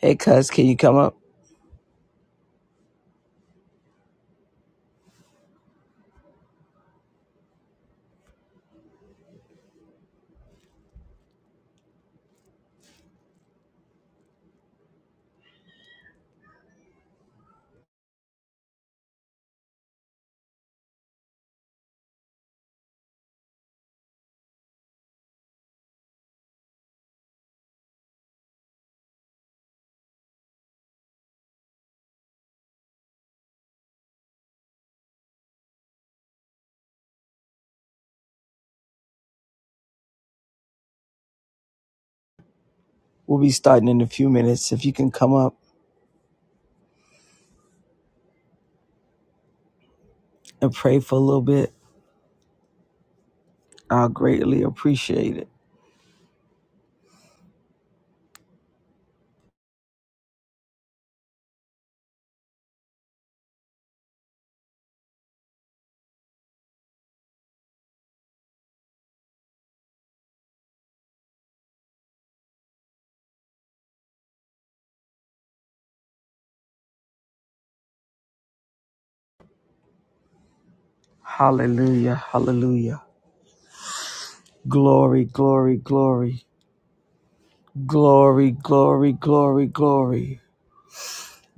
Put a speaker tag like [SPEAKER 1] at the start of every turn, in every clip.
[SPEAKER 1] Hey, cuz, can you come up? We'll be starting in a few minutes. If you can come up and pray for a little bit, I'll greatly appreciate it. Hallelujah, hallelujah. Glory, glory, glory. Glory, glory, glory, glory.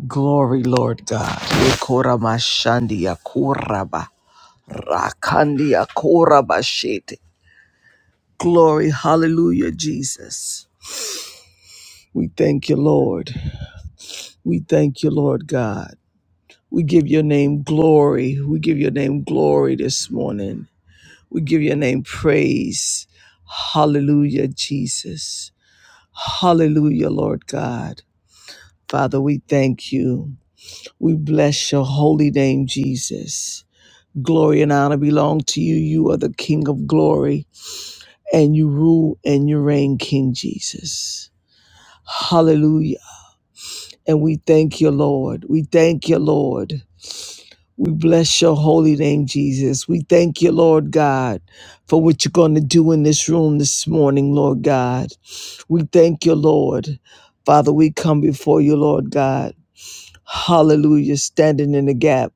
[SPEAKER 1] Glory, Lord God. Ekoramashandia koraba, rakandia koraba Glory, hallelujah, Jesus. We thank you, Lord. We thank you, Lord God. We give your name glory. We give your name glory this morning. We give your name praise. Hallelujah, Jesus. Hallelujah, Lord God. Father, we thank you. We bless your holy name, Jesus. Glory and honor belong to you. You are the King of glory, and you rule and you reign, King Jesus. Hallelujah. And we thank you, Lord. We thank you, Lord. We bless your holy name, Jesus. We thank you, Lord God, for what you're going to do in this room this morning, Lord God. We thank you, Lord. Father, we come before you, Lord God. Hallelujah, standing in the gap.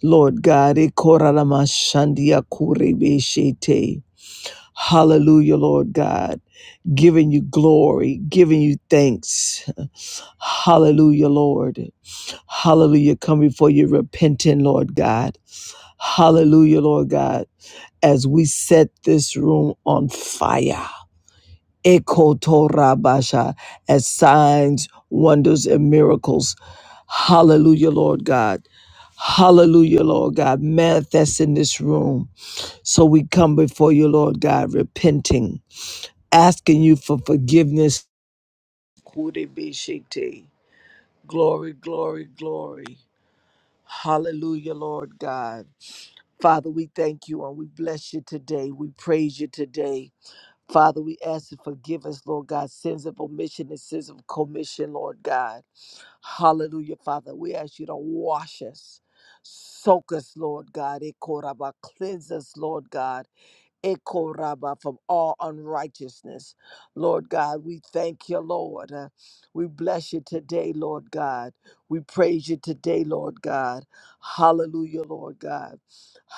[SPEAKER 1] Lord God, Ekoraramashandia hallelujah, Lord God, giving you glory, giving you thanks. Hallelujah, Lord. Hallelujah, come before you repenting, Lord God. Hallelujah, Lord God, as we set this room on fire. Ekotorabasha, as signs, wonders, and miracles. Hallelujah, Lord God. Hallelujah, Lord God. Manifest in this room. So we come before you, Lord God, repenting, asking you for forgiveness. Kudibishite. Glory, glory, glory. Hallelujah, Lord God. Father, we thank you and we bless you today. We praise you today. Father, we ask you to forgive us, Lord God, sins of omission and sins of commission, Lord God. Hallelujah, Father. We ask you to wash us, soak us, Lord God. Ekoraba, Cleanse us, Lord God. Ekoraba from all unrighteousness. Lord God, we thank you, Lord. Uh, We bless you today, Lord God. We praise you today, Lord God. Hallelujah, Lord God.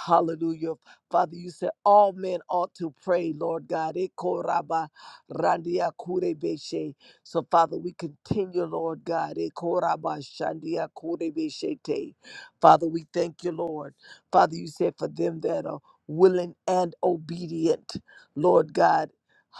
[SPEAKER 1] Hallelujah. Father, you said all men ought to pray, Lord God. Ekoraba randia kurebeshe. So, Father, we continue, Lord God. Ekoraba shandia kurebeshe te. Father, we thank you, Lord. Father, you said for them that are willing and obedient, Lord God.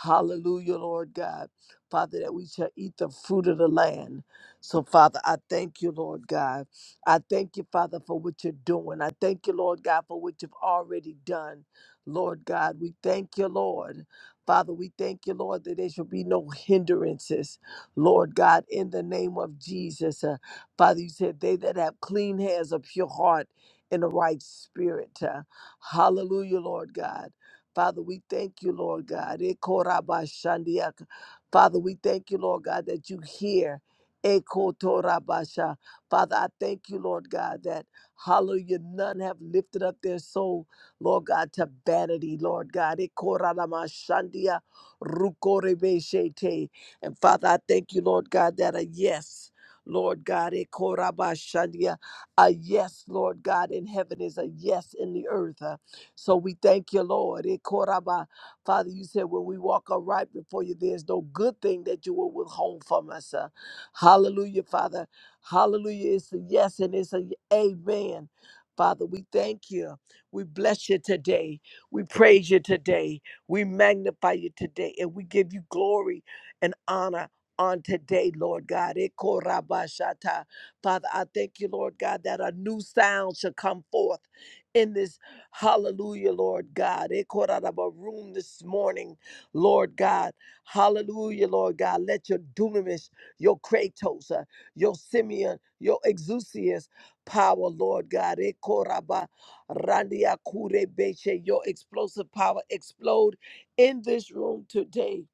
[SPEAKER 1] Hallelujah, Lord God. Father, that we shall eat the fruit of the land. So, Father, I thank you, Lord God. I thank you, Father, for what you're doing. I thank you, Lord God, for what you've already done. Lord God, we thank you, Lord. Father, we thank you, Lord, that there shall be no hindrances. Lord God, in the name of Jesus. Uh, Father, you said, They that have clean hands, a pure heart, and a right spirit. Uh, Hallelujah, Lord God. Father, we thank you, Lord God. Ekorabashandiak. Father, we thank you, Lord God, that you hear. Ekotorabasha. Father, I thank you, Lord God, that hallelujah, none have lifted up their soul, Lord God, to vanity, Lord God. Ekoramashandia rukorebeshete. And Father, I thank you, Lord God, that a yes, Lord God, a yes, Lord God, in heaven is a yes in the earth. Uh, So we thank you, Lord. Eh, koraba. Father, you said when we walk upright before you, there's no good thing that you will withhold from us. Uh, Hallelujah, Father. Hallelujah. It's a yes and it's a y- amen. Father, we thank you. We bless you today. We praise you today. We magnify you today. And we give you glory and honor on today, Lord God. Eh, koraba shata. Father, I thank you, Lord God, that a new sound shall come forth in this hallelujah, Lord God. It caught out of a room this morning, Lord God. Hallelujah, Lord God. Let your dunamis, your kratos, uh, your Simeon, your exousias power, Lord God. It caught out by Randia Kure Beche, Your explosive power explode in this room today.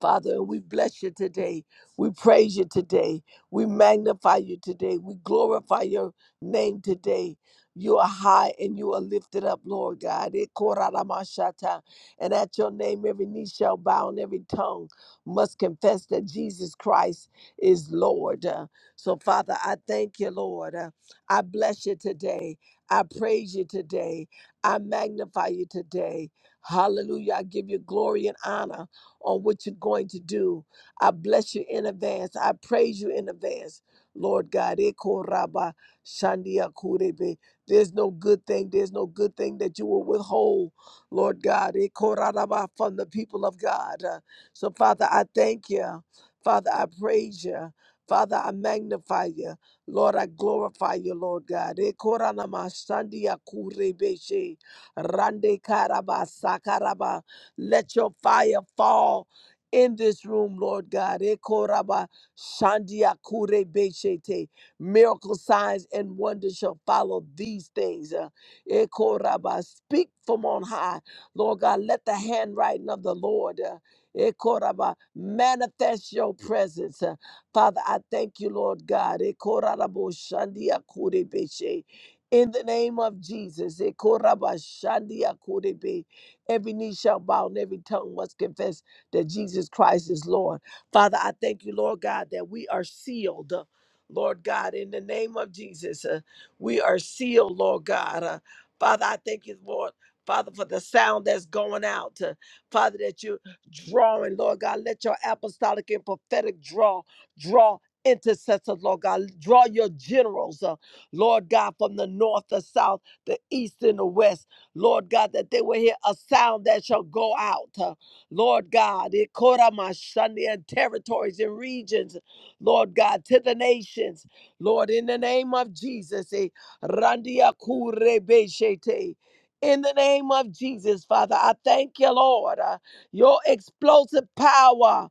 [SPEAKER 1] Father, we bless you today. We praise you today. We magnify you today. We glorify your name today. You are high and you are lifted up, Lord God. Eh, koraramashata. And at your name, every knee shall bow and every tongue must confess that Jesus Christ is Lord. Uh, So, Father, I thank you, Lord. Uh, I bless you today. I praise you today. I magnify you today. Hallelujah. I give you glory and honor on what you're going to do. I bless you in advance. I praise you in advance. Lord God, Eko Rabba Shandia Kurebe. There's no good thing. There's no good thing that you will withhold, Lord God, Eko Rabba, from the people of God. Uh, So, Father, I thank you. Father, I praise you. Father, I magnify you. Lord, I glorify you, Lord God. Eko Rana Shandia Kurebe She. Rande Karaba Sakaraba. Let your fire fall in this room, Lord God. Ekoraba shandia kure beshete. Miracle signs and wonders shall follow these things. Uh, Ekoraba, speak from on high, Lord God. Let the handwriting of the Lord. Uh, Ekoraba, manifest your presence. Uh, Father, I thank you, Lord God. Ekorarabo shandia kure beshe. In the name of Jesus, Ekoraba shandia kure be. Every knee shall bow and every tongue must confess that Jesus Christ is Lord. Father, I thank you, Lord God, that we are sealed. uh, Lord God, in the name of Jesus, uh, we are sealed, Lord God. Uh, Father, I thank you, Lord. Father, for the sound that's going out. uh, Father, that you're drawing, Lord God. Let your apostolic and prophetic draw, draw intercessors, Lord God. Draw your generals, uh, Lord God, from the north, the south, the east, and the west. Lord God, that they will hear a sound that shall go out. uh, Lord God, it caught on Sunday and territories and regions, Lord God, to the nations. Lord, in the name of Jesus, eh, Randia Kurebeshete. in the name of Jesus, Father, I thank you, Lord, uh, your explosive power.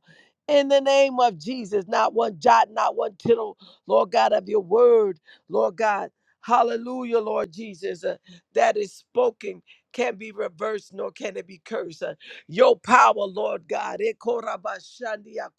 [SPEAKER 1] In the name of Jesus, not one jot, not one tittle, Lord God, of your word, Lord God. Hallelujah, Lord Jesus that is spoken can be reversed nor can it be cursed. Uh, Your power, Lord God. eh, korabashandia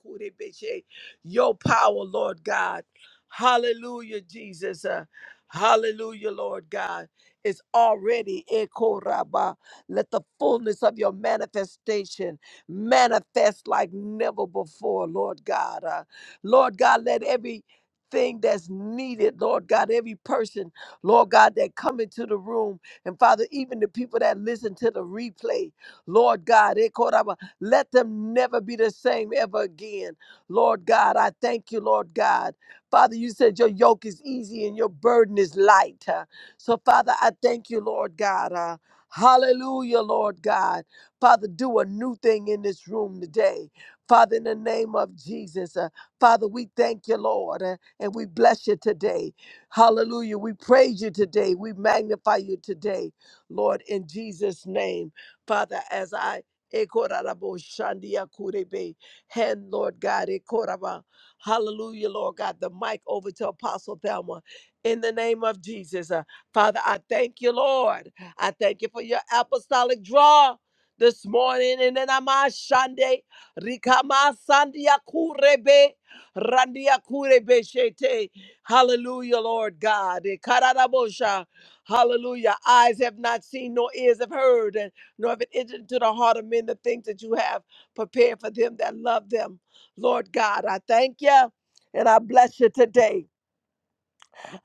[SPEAKER 1] Your power, Lord God. Hallelujah, Jesus. Uh, hallelujah, Lord God. It's already eh, koraba. let the fullness of your manifestation manifest like never before, Lord God. Uh, Lord God, let every thing that's needed, Lord God, every person, Lord God, that come into the room. And Father, even the people that listen to the replay, Lord God, eh, Koraba, let them never be the same ever again. Lord God, I thank you, Lord God. Father, you said your yoke is easy and your burden is light. huh? So, Father, I thank you, Lord God. uh, Hallelujah, Lord God. Father, do a new thing in this room today. Father, in the name of Jesus, uh, Father, we thank you, Lord, uh, and we bless you today. Hallelujah. We praise you today. We magnify you today, Lord, in Jesus' name. Father, as I Ekoraraboshandiakurebe. hand, Lord God, Ekoraba. hallelujah, Lord God, the mic over to Apostle Thelma. In the name of Jesus, uh, Father, I thank you, Lord. I thank you for your apostolic draw this morning. In the name of Shande, Rikama Sandia Kurebe, Randia Kurebe Shete. Hallelujah, Lord God. Eh, karadabosha. Hallelujah. Eyes have not seen, nor ears have heard, and nor have it entered into the heart of men the things that you have prepared for them that love them. Lord God, I thank you and I bless you today.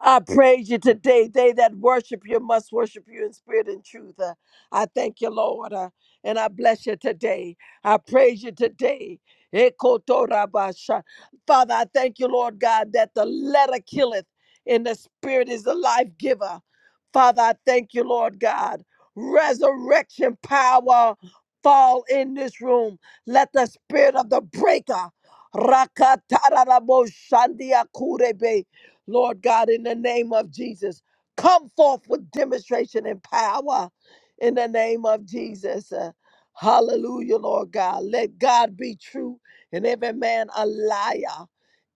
[SPEAKER 1] I praise you today. They that worship you must worship you in spirit and truth. Uh, I thank you, Lord, uh, and I bless you today. I praise you today. Ekotorabasha. Father, I thank you, Lord God, that the letter killeth and the spirit is the life giver. Father, I thank you, Lord God. Resurrection power fall in this room. Let the spirit of the breaker. Rakataraboshandiakurebe. Lord God, in the name of Jesus, come forth with demonstration and power in the name of Jesus. Uh, hallelujah, Lord God. Let God be true and every man a liar.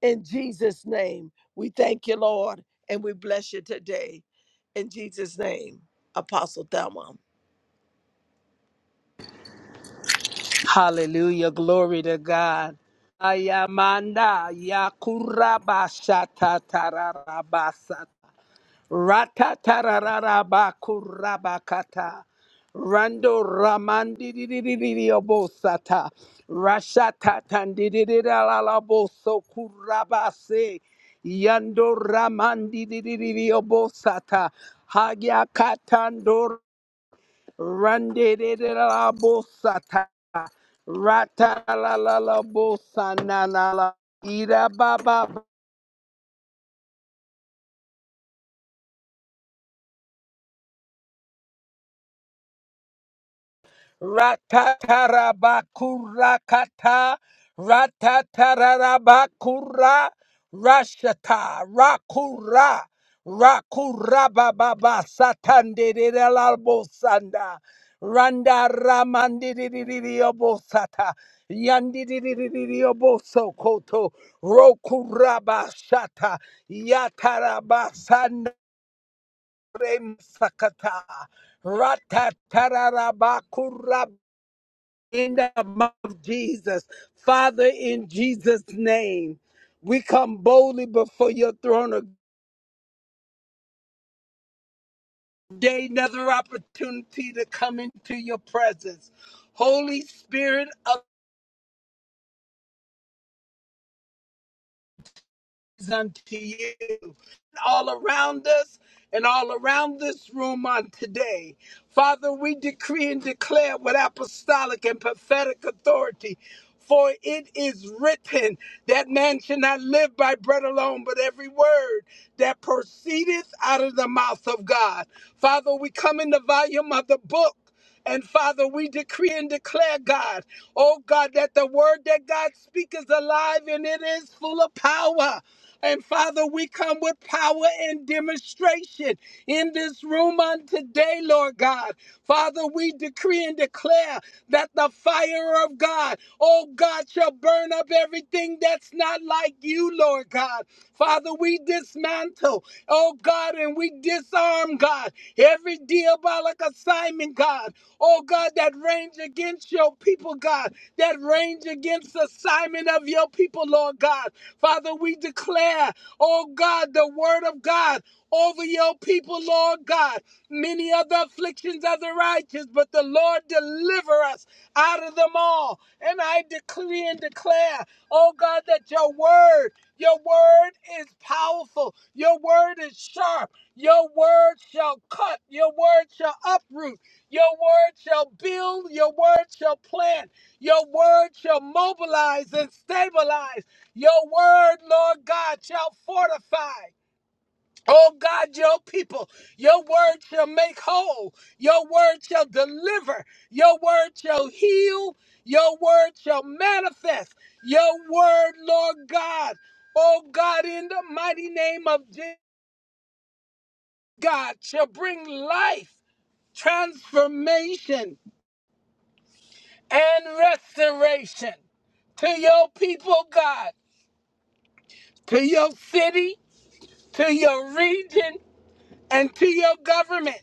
[SPEAKER 1] In Jesus' name, we thank you, Lord, and we bless you today. In Jesus' name, Apostle Thelma.
[SPEAKER 2] Hallelujah. Glory to God. Ayamanda yakurabashatatarabarabasa. Ratatararabakurabakata. Rando ramandiririririobosata. Rashatatandiririralaboso kurabase. Yando ramandiririririobosata. Hagyakatando Randirabosata. Rata la la la bosa na la la. Ira ba ba Ratatarabakurakata, ratatarabakura, rashata, rakura, rakurabababa, satandiriralabosanda, randa ramandiriririobosata, yandiriririobosokoto, rokurabashata, yatarabasanda remsakata, ratatarabakura in the mouth of Jesus. Father, in Jesus' name, we come boldly before your throne of day, another opportunity to come into your presence. Holy Spirit, up is unto you, all around us and all around this room on today. Father, we decree and declare with apostolic and prophetic authority For it is written that man should not live by bread alone, but every word that proceedeth out of the mouth of God. Father, we come in the volume of the book. And Father, we decree and declare, God, oh God, that the word that God speaks is alive and it is full of power. And Father, we come with power and demonstration in this room on today, Lord God. Father, we decree and declare that the fire of God, oh God, shall burn up everything that's not like you, Lord God. Father, we dismantle, oh God, and we disarm, God God. Every diabolic assignment, God. Oh, God, that range against your people, God. That range against assignment of your people, Lord God. Father, we declare, oh, God, the word of God over your people, Lord God. Many are the afflictions of the righteous, but the Lord deliver us out of them all. And I decree and declare, oh God, that your word, your word is powerful. Your word is sharp. Your word shall cut, your word shall uproot, your word shall build, your word shall plant, your word shall mobilize and stabilize. Your word, Lord God, shall fortify. Oh God, your people, your word shall make whole, your word shall deliver, your word shall heal, your word shall manifest, your word, Lord God. Oh God, in the mighty name of Jesus. God shall bring life, transformation, and restoration to your people, God, to your city, to your region, and to your government,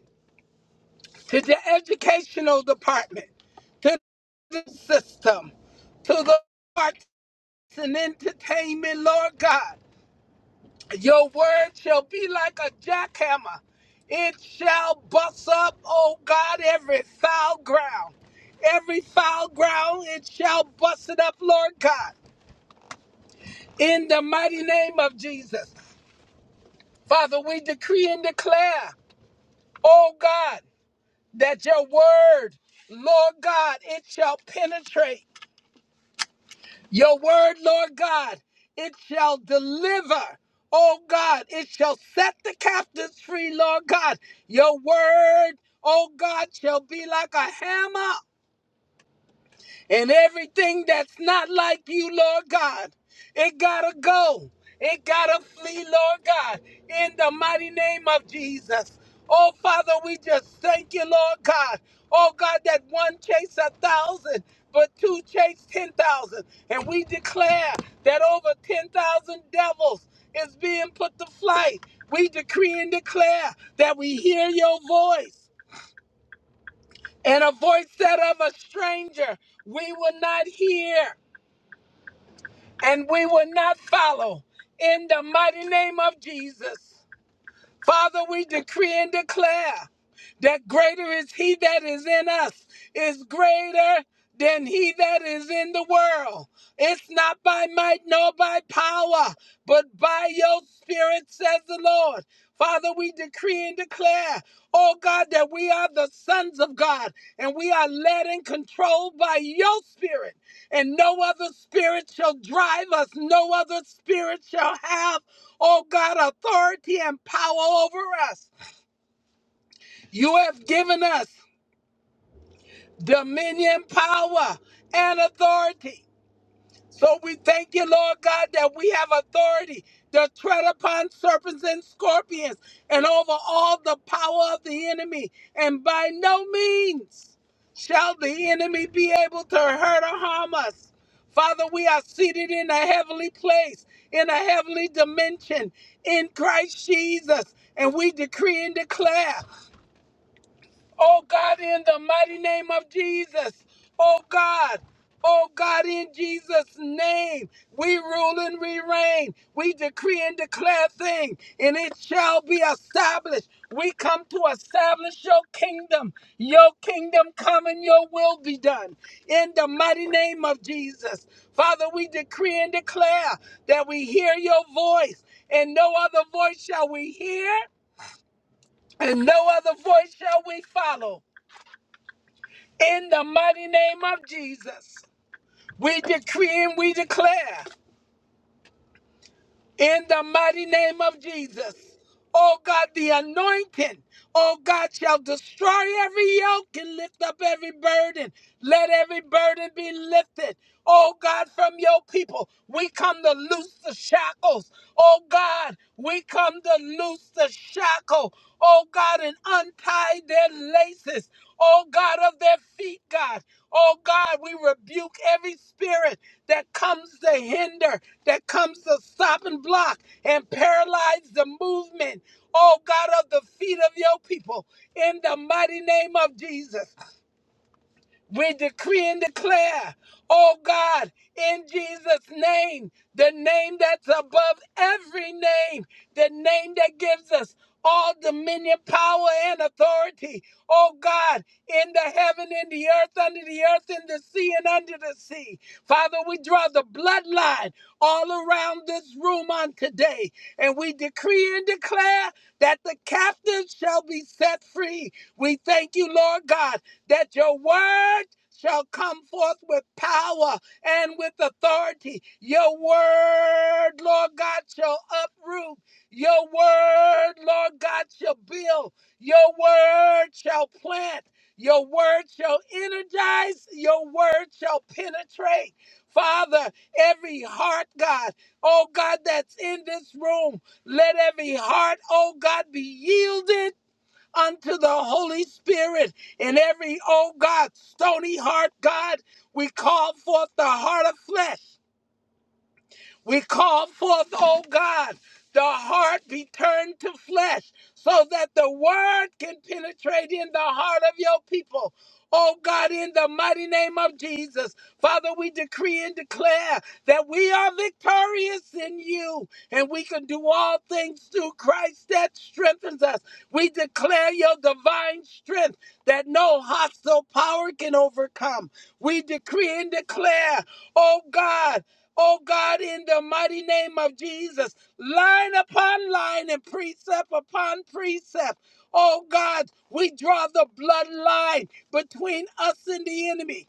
[SPEAKER 2] to the educational department, to the system, to the arts and entertainment, Lord God. Your word shall be like a jackhammer. It shall bust up, oh God, every foul ground. Every foul ground, it shall bust it up, Lord God. In the mighty name of Jesus. Father, we decree and declare, oh God, that your word, Lord God, it shall penetrate. Your word, Lord God, it shall deliver. Oh God, it shall set the captives free, Lord God. Your word, oh God, shall be like a hammer and everything that's not like you, Lord God, it gotta go. It gotta flee, Lord God, in the mighty name of Jesus. Oh, Father, we just thank you, Lord God. Oh, God, that one chased a thousand, but two chased 10,000. And we declare that over 10,000 devils is being put to flight. We decree and declare that we hear your voice and a voice that of a stranger we will not hear. and we will not follow in the mighty name of Jesus. Father, we decree and declare that greater is he that is in us, is greater than he that is in the world. It's not by might nor by power, but by your spirit, says the Lord. Father, we decree and declare, oh God, that we are the sons of God and we are led and controlled by your spirit. And no other spirit shall drive us, no other spirit shall have oh God, authority and power over us. You have given us dominion, power, and authority. So we thank you, Lord God, that we have authority to tread upon serpents and scorpions and over all the power of the enemy. And by no means shall the enemy be able to hurt or harm us. Father, we are seated in a heavenly place, in a heavenly dimension, in Christ Jesus. And we decree and declare. Oh God, in the mighty name of Jesus. Oh God. Oh God, in Jesus' name, we rule and we reign. We decree and declare things, and it shall be established. We come to establish your kingdom. Your kingdom come and your will be done. In the mighty name of Jesus. Father, we decree and declare that we hear your voice, and no other voice shall we hear, and no other voice shall we follow. In the mighty name of Jesus, we decree and we declare in the mighty name of Jesus. Oh God, the anointing, oh God, shall destroy every yoke and lift up every burden. Let every burden be lifted. Oh God, from your people, we come to loose the shackles. Oh God, we come to loose the shackle. Oh God, and untie their laces. Oh God, of their feet, God. Oh God, we rebuke every spirit that comes to hinder that comes to stop and block and paralyze the movement, oh God, of the feet of your people in the mighty name of Jesus. We decree and declare, oh God, in Jesus' name, the name that's above every name, the name that gives us all dominion, power, and authority, oh God, in the heaven, in the earth, under the earth, in the sea, and under the sea. Father, we draw the bloodline all around this room on today, and we decree and declare that the captives shall be set free. We thank you, Lord God that your word shall come forth with power and with authority. Your word, Lord God, shall uproot. Your word, Lord God, shall build. Your word shall plant. Your word shall energize. Your word shall penetrate. Father, every heart, God, oh God, that's in this room, let every heart, oh God, be yielded unto the Holy Spirit. In every, oh God, stony heart, God, we call forth the heart of flesh. We call forth, O God, the heart be turned to flesh so that the word can penetrate in the heart of your people. Oh God, in the mighty name of Jesus, Father, we decree and declare that we are victorious in you and we can do all things through Christ that strengthens us. We declare your divine strength that no hostile power can overcome. We decree and declare, oh God, Oh God, in the mighty name of Jesus, line upon line and precept upon precept. Oh God, we draw the bloodline between us and the enemy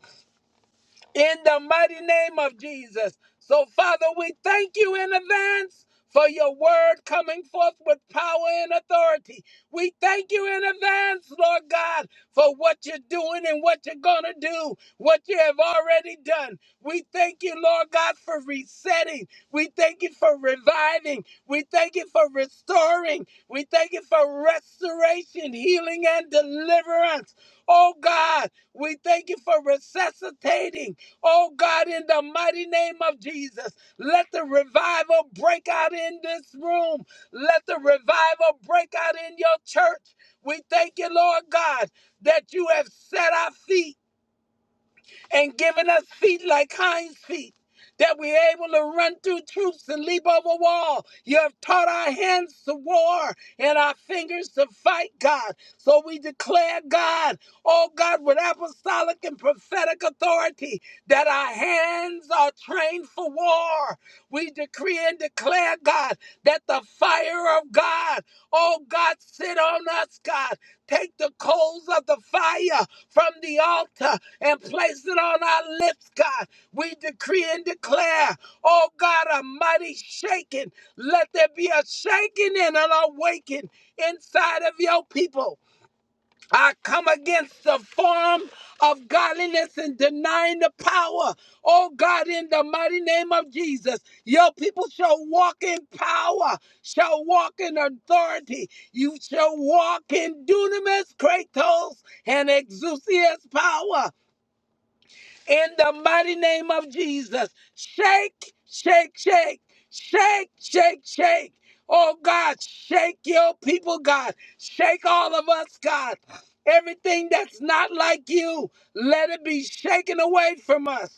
[SPEAKER 2] in the mighty name of Jesus. So, Father, we thank you in advance for your word coming forth with power and authority. We thank you in advance, Lord God, for what you're doing and what you're going to do, what you have already done. We thank you, Lord God, for resetting. We thank you for reviving. We thank you for restoring. We thank you for restoration, healing, and deliverance. Oh God, we thank you for resuscitating. Oh God, in the mighty name of Jesus, let the revival break out in this room. Let the revival break out in your church. We thank you, Lord God, that you have set our feet and giving us feet like hinds feet, that we're able to run through troops and leap over wall. You have taught our hands to war and our fingers to fight, God. So we declare, God, oh God, with apostolic and prophetic authority, that our hands are trained for war. We decree and declare, God, that the fire of God, oh God, sit on us, God. Take the coals of the fire from the altar and place it on our lips, God. We decree and declare, oh God, a mighty shaking. Let there be a shaking and an awakening inside of your people. I come against the form of godliness and denying the power. Oh God, in the mighty name of Jesus, your people shall walk in power, shall walk in authority. You shall walk in dunamis, kratos, and exousias power in the mighty name of Jesus. Shake, shake, shake, shake, shake, shake. Oh God, shake your people, God. Shake all of us, God. Everything that's not like you, let it be shaken away from us.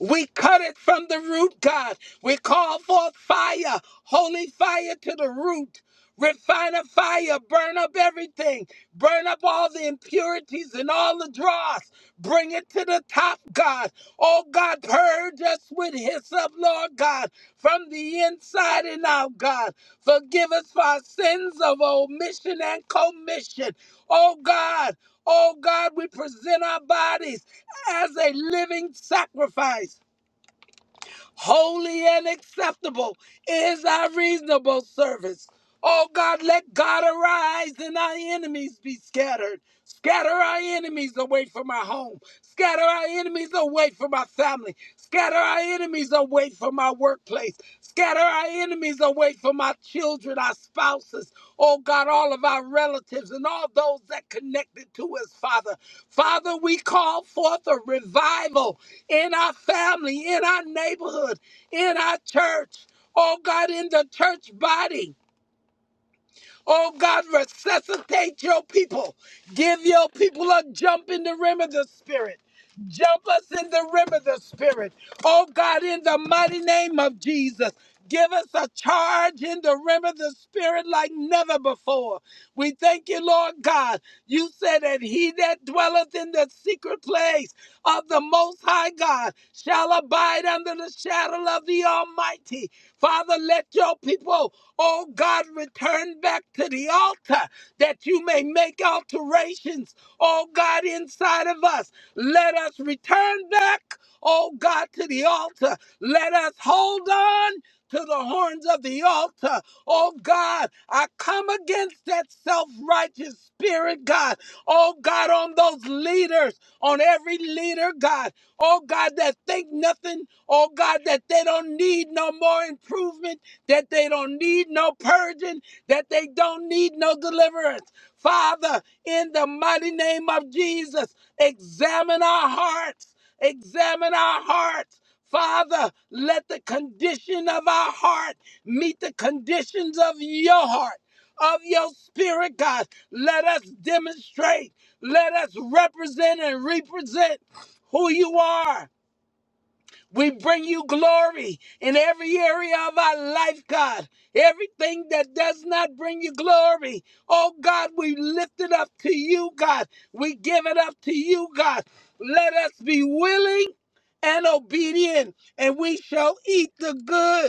[SPEAKER 2] We cut it from the root, God. We call forth fire, holy fire to the root. Refine a fire, burn up everything, burn up all the impurities and all the dross. Bring it to the top, God. Oh God, purge us with hyssop, Lord God, from the inside and out, God. Forgive us for our sins of omission and commission. Oh God, oh God, we present our bodies as a living sacrifice holy and acceptable is our reasonable service. Oh God, let God arise and our enemies be scattered. Scatter our enemies away from our home. Scatter our enemies away from our family. Scatter our enemies away from our workplace. Scatter our enemies away from our children, our spouses. Oh God, all of our relatives and all those that connected to us, Father. Father, we call forth a revival in our family, in our neighborhood, in our church, oh God, in the church body. Oh God, resuscitate your people. Give your people a jump in the rim of the Spirit. Jump us in the rim of the Spirit. Oh God, in the mighty name of Jesus. Give us a charge in the rim of the Spirit like never before. We thank you, Lord God. You said that he that dwelleth in the secret place of the Most High God shall abide under the shadow of the Almighty. Father, let your people Oh God, return back to the altar that you may make alterations. Oh God, inside of us, let us return back, oh God, to the altar. Let us hold on to the horns of the altar. Oh God, I come against that self righteous spirit, God. Oh God, on those leaders, on every leader, God. Oh God, that think nothing. Oh God, that they don't need no more improvement that they don't need no purging, that they don't need no deliverance. Father, in the mighty name of Jesus, examine our hearts, examine our hearts. Father, let the condition of our heart meet the conditions of your heart, of your spirit, God. Let us demonstrate, let us represent and represent who you are we bring you glory in every area of our life, God. Everything that does not bring you glory, oh God, we lift it up to you, God. We give it up to you, God. Let us be willing and obedient, and we shall eat the good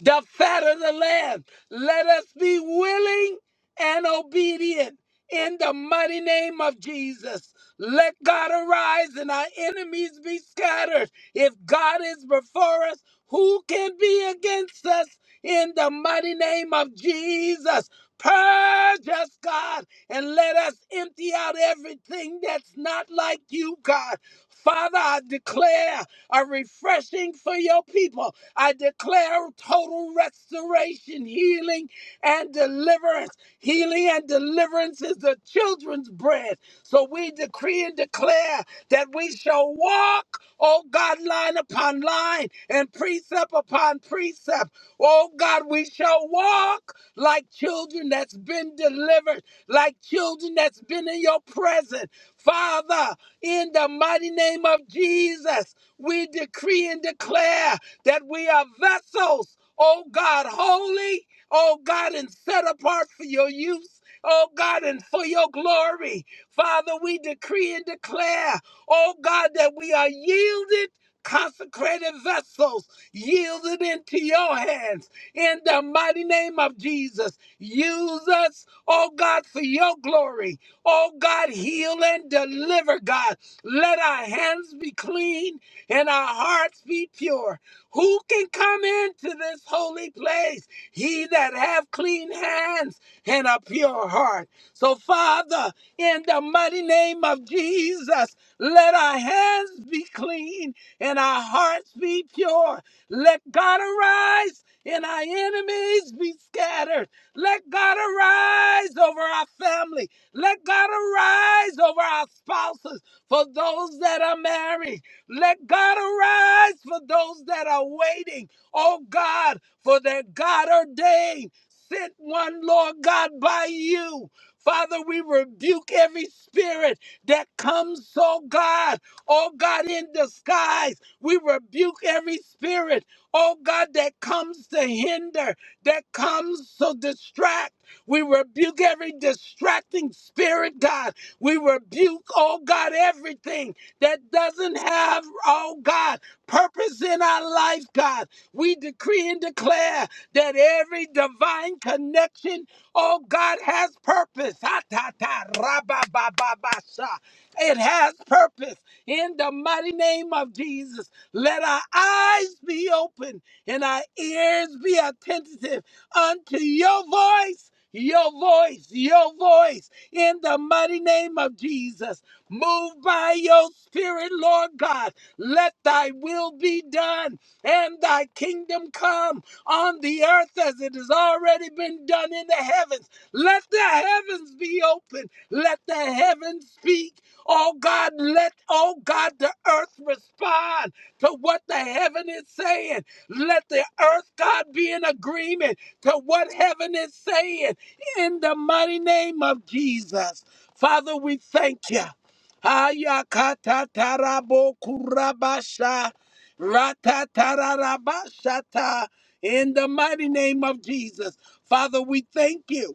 [SPEAKER 2] the fat of the land. Let us be willing and obedient in the mighty name of Jesus. Let God arise and our enemies be scattered. If God is before us, who can be against us in the mighty name of Jesus? Purge us, God, and let us empty out everything that's not like you, God. Father, I declare a refreshing for your people. I declare total restoration, healing, and deliverance. Healing and deliverance is the children's bread. So we decree and declare that we shall walk, oh God, line upon line and precept upon precept. Oh God, we shall walk like children that's been delivered, like children that's been in your presence. Father, in the mighty name of Jesus. We decree and declare that we are vessels, oh God, holy, oh God, and set apart for your use. Oh God, and for your glory, Father, we decree and declare, oh God, that we are yielded, consecrated vessels, yielded into your hands in the mighty name of Jesus. Use us, oh God, for your glory. Oh God, heal and deliver, God. Let our hands be clean and our hearts be pure. Who can come into this holy place? He that have clean hands and a pure heart. So, Father, in the mighty name of Jesus, let our hands be clean and our hearts be pure. Let God arise and our enemies be scattered. Let God arise over our family. Let God arise over our spouses for those that are married. Let God arise for those that are waiting. Oh God, for that God ordained. Sent one, Lord God, by you. Father, we rebuke every spirit that comes, oh God, oh God, in disguise. We rebuke every spirit, oh God, that comes to hinder, that comes to distract. We rebuke every distracting spirit, God. We rebuke, oh God, everything that doesn't have, oh God, purpose in our life, God. We decree and declare that every divine connection, oh God, has purpose. Ha, ta, ta, ra, ba, ba, ba, ba, sha. It has purpose in the mighty name of Jesus. Let our eyes be open and our ears be attentive unto your voice, your voice, your voice in the mighty name of Jesus. Move by your spirit, Lord God. Let thy will be done and thy kingdom come on the earth as it has already been done in the heavens. Let the heavens be open. Let the heavens speak. Oh God, let, oh God, the earth respond to what the heaven is saying. Let the earth, God, be in agreement to what heaven is saying in the mighty name of Jesus. Father, we thank you. Ayakatarabo kurabasha ratatarabashata in the mighty name of Jesus. Father, we thank you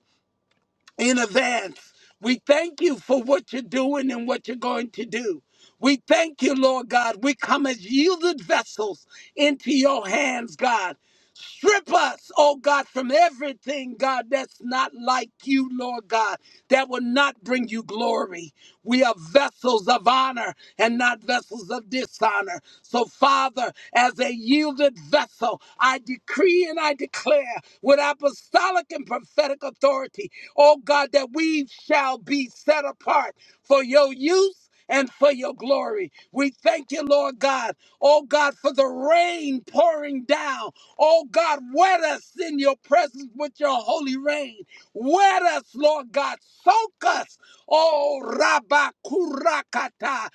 [SPEAKER 2] in advance. We thank you for what you're doing and what you're going to do. We thank you, Lord God. We come as yielded vessels into your hands, God. Strip us, oh God, from everything, God, that's not like you, Lord God, that will not bring you glory. We are vessels of honor and not vessels of dishonor. So, Father, as a yielded vessel, I decree and I declare with apostolic and prophetic authority oh God, that we shall be set apart for your use and for your glory. We thank you, Lord God, oh God, for the rain pouring down. Oh God, wet us in your presence with your holy rain. Wet us, Lord God, soak us, oh Rabakurakata.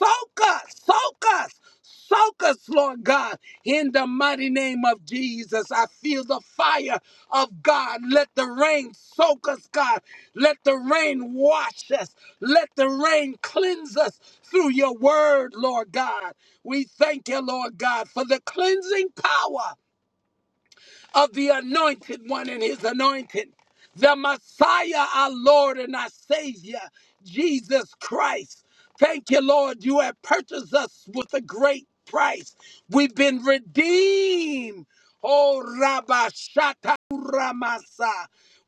[SPEAKER 2] Kurakata, soak us, soak us. Soak us, Lord God, in the mighty name of Jesus. I feel the fire of God. Let the rain soak us, God. Let the rain wash us. Let the rain cleanse us through your word, Lord God. We thank you, Lord God, for the cleansing power of the anointed one and his anointing, the Messiah, our Lord and our Savior, Jesus Christ. Thank you, Lord. You have purchased us with a great price. We've been redeemed. Oh, Rabba Shata Ramasa.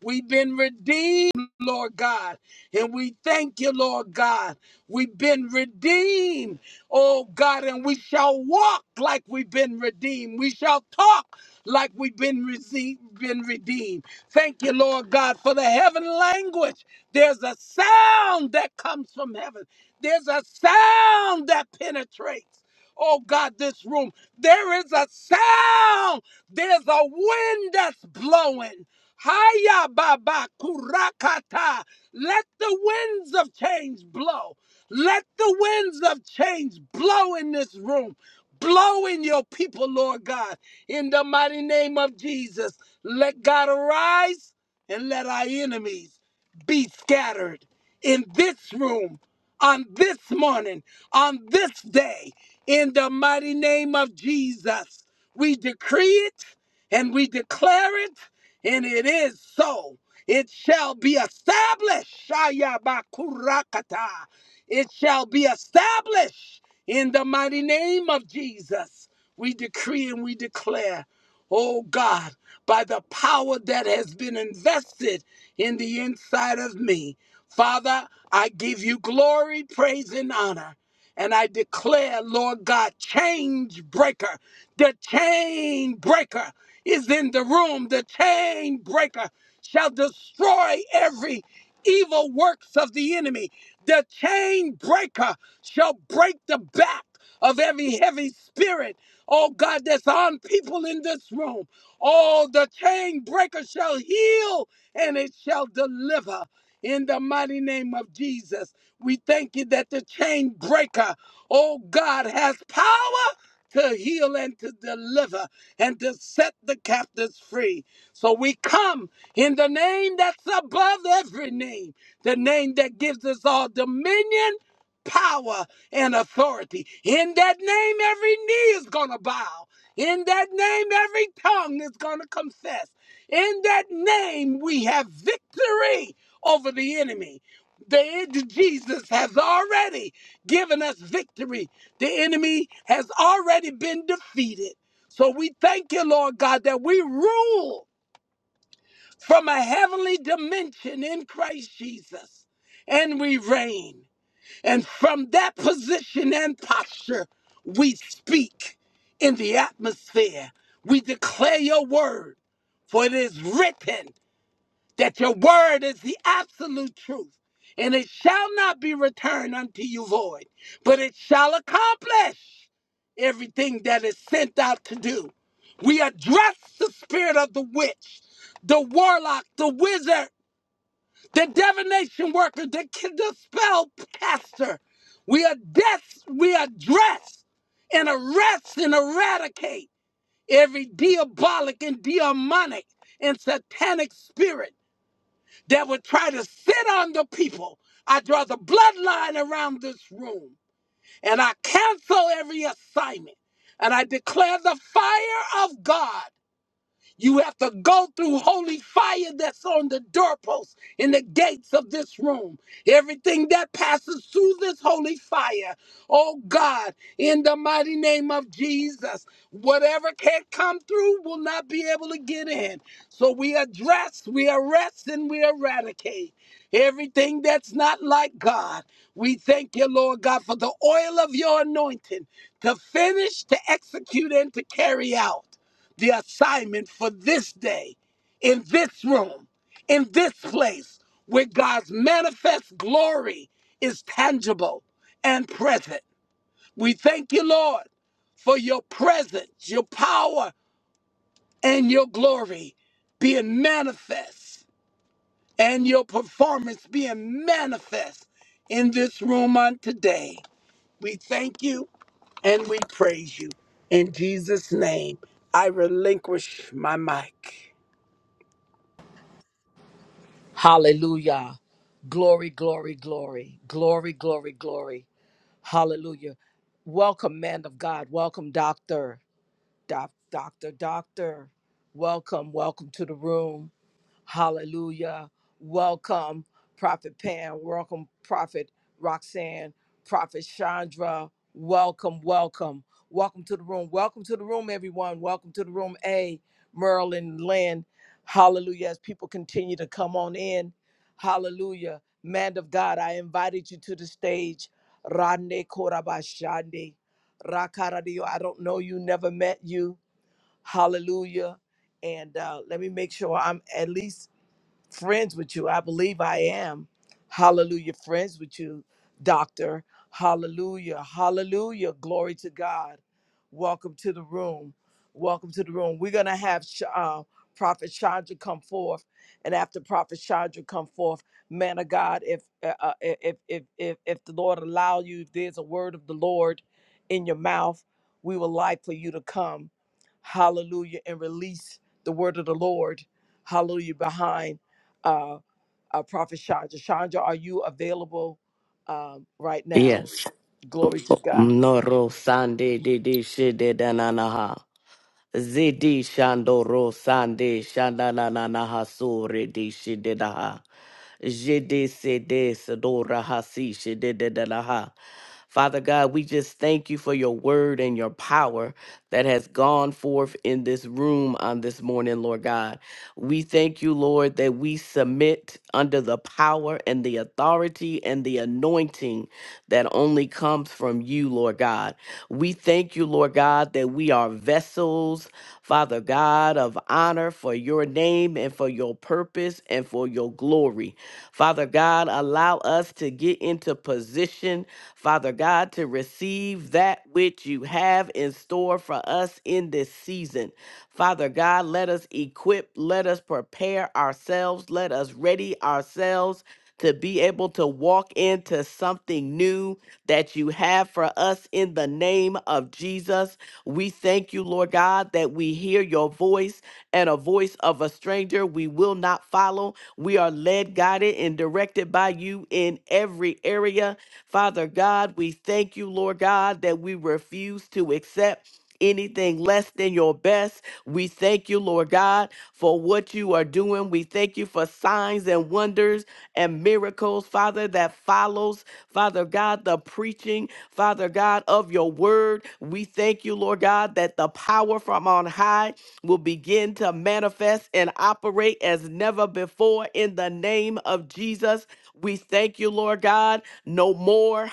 [SPEAKER 2] We've been redeemed, Lord God. And we thank you, Lord God. We've been redeemed, oh God, and we shall walk like we've been redeemed. We shall talk like we've been, rece- been redeemed. Thank you, Lord God, for the heaven language. There's a sound that comes from heaven, there's a sound that penetrates. Oh God, this room. There is a sound. There's a wind that's blowing. Haya baba kurakata. Let the winds of change blow. Let the winds of change blow in this room. Blow in your people, Lord God. In the mighty name of Jesus, let God arise and let our enemies be scattered in this room, on this morning, on this day. In the mighty name of Jesus, we decree it and we declare it, and it is so. It shall be established. Shayabakurakata. It shall be established in the mighty name of Jesus. We decree and we declare, oh God, by the power that has been invested in the inside of me, Father, I give you glory, praise, and honor. And I declare, Lord God, change breaker. The chain breaker is in the room. The chain breaker shall destroy every evil works of the enemy. The chain breaker shall break the back of every heavy spirit oh God, that's on people in this room. Oh, the chain breaker shall heal and it shall deliver. In the mighty name of Jesus, we thank you that the chain breaker, oh God, has power to heal and to deliver and to set the captives free. So we come in the name that's above every name, the name that gives us all dominion, power, and authority. In that name, every knee is going to bow. In that name, every tongue is going to confess. In that name, we have victory over the enemy. The Jesus has already given us victory. The enemy has already been defeated. So we thank you, Lord God, that we rule from a heavenly dimension in Christ Jesus and we reign. And from that position and posture, we speak in the atmosphere. We declare your word, for it is written that your word is the absolute truth, and it shall not be returned unto you void, but it shall accomplish everything that is sent out to do. We address the spirit of the witch, the warlock, the wizard the divination worker, the, ki- the spell caster. We address, we address and arrest and eradicate every diabolic and demonic and satanic spirit that would try to sit on the people. I draw the bloodline around this room and I cancel every assignment and I declare the fire of God you have to go through holy fire that's on the doorposts and the gates of this room. Everything that passes through this holy fire, oh God, in the mighty name of Jesus, whatever can't come through will not be able to get in. So we address, we arrest, and we eradicate everything that's not like God. We thank you, Lord God, for the oil of your anointing to finish, to execute, and to carry out the assignment for this day in this room, in this place where God's manifest glory is tangible and present. We thank you, Lord, for your presence, your power, and your glory being manifest and your performance being manifest in this room on today. We thank you and we praise you. In Jesus' name, I relinquish my mic.
[SPEAKER 1] Hallelujah. Glory, glory, glory. Glory, glory, glory. Hallelujah. Welcome, man of God. Welcome, doctor. Doc, doctor, doctor, welcome, welcome to the room. Hallelujah. Welcome, Prophet Pam. Welcome, Prophet Roxanne, Prophet Chandra. Welcome, welcome. Welcome to the room. Welcome to the room, everyone. Welcome to the room, A, Merlin, Lynn. Hallelujah. As people continue to come on in, hallelujah. Man of God, I invited you to the stage. Rande Korabashande. Rakaradio, I don't know you, never met you. Hallelujah. And uh, let me make sure I'm at least friends with you. I believe I am. Hallelujah. Friends with you, doctor. Hallelujah. Hallelujah. Glory to God. Welcome to the room. Welcome to the room. We're going to have Sh- uh, Prophet Chandra come forth. And after Prophet Chandra come forth, man of God, if, uh, uh, if, if, if, if the Lord allow you, if there's a word of the Lord in your mouth, we would like for you to come. Hallelujah. And release the word of the Lord. Hallelujah. Behind uh, uh, Prophet Chandra. Chandra, are you available um, right now?
[SPEAKER 3] Yes.
[SPEAKER 1] Glory to God.
[SPEAKER 3] Noro sande de de shide dananaha. Zidi shandoro sande shandananaha sore de shide daha. Jide sede de sedora hasi shide de danaha. Father God, we just thank you for your word and your power that has gone forth in this room on this morning, Lord God. We thank you, Lord, that we submit under the power and the authority and the anointing that only comes from you, Lord God. We thank you, Lord God, that we are vessels, Father God, of honor for your name and for your purpose and for your glory. Father God, allow us to get into position, Father God, to receive that which you have in store for us in this season. Father God, let us equip, let us prepare ourselves, let us ready ourselves to be able to walk into something new that you have for us in the name of Jesus. We thank you, Lord God, that we hear your voice and a voice of a stranger we will not follow. We are led, guided, and directed by you in every area. Father God, we thank you, Lord God, that we refuse to accept anything less than your best. We thank you, Lord God, for what you are doing. We thank you for signs and wonders and miracles, Father, that follows, Father God, the preaching, Father God, of your word. We thank you, Lord God, that the power from on high will begin to manifest and operate as never before in the name of Jesus. We thank you, Lord God. No more.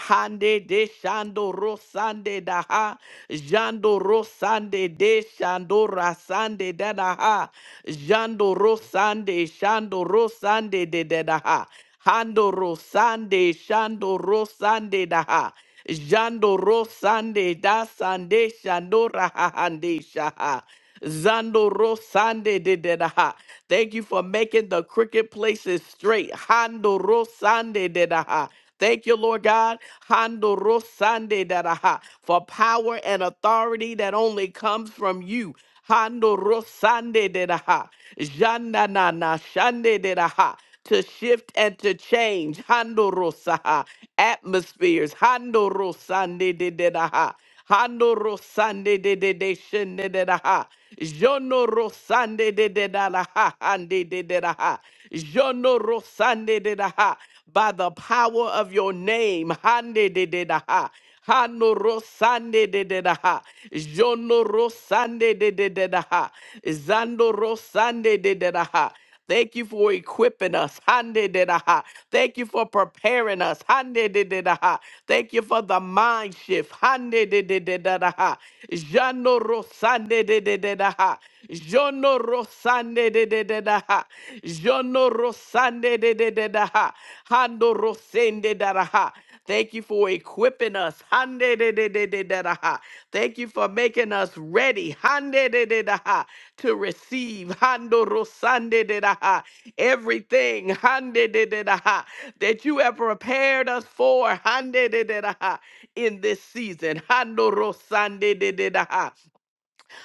[SPEAKER 3] Shando Rosande Daha, Jando Rosande De Shando Rasande Dadaha, Jando Rosande, Shando Rosande De Dadaha, Hando Rosande, Shando Rosande Daha. Jando Rosande da Sande Shando Rahahande Shaha. Zando Rosande de Dedaha. Thank you for making the crooked places straight. Hando Rosande Dedaha. Thank you, Lord God, Hando Rosande Daraha, for power and authority that only comes from you. Hando Rosande Daraha, Jandanana Shande Daraha, to shift and to change. Hando Rosaha, atmospheres. Hando Rosande Daraha. Hando Rosande de de de shende de da ha. Jono Rosande de de da la ha hande de de da ha. Jono Rosande de da ha by the power of your name. Hande de de da ha. Hano rosande de de da ha. Jono rosande de de de da ha. Zando rosande de de da ha. Thank you for equipping us. Hande de da ha. Thank you for preparing us. Hande de de da ha. Thank you for the mind shift. Hande de de de da da ha. Jano rosande de de de da ha. Jono rosande de de de da ha. Jono rosande de de de da ha. Hando rosende da da ha. Thank you for equipping us. Hande de de de de da da ha. Thank you for making us ready. Hande de de da ha. To receive. Hando rosande de da ha. Everything. Hande de de da ha. That you have prepared us for. Hande de de da ha. In this season. Hando rosande de de da ha.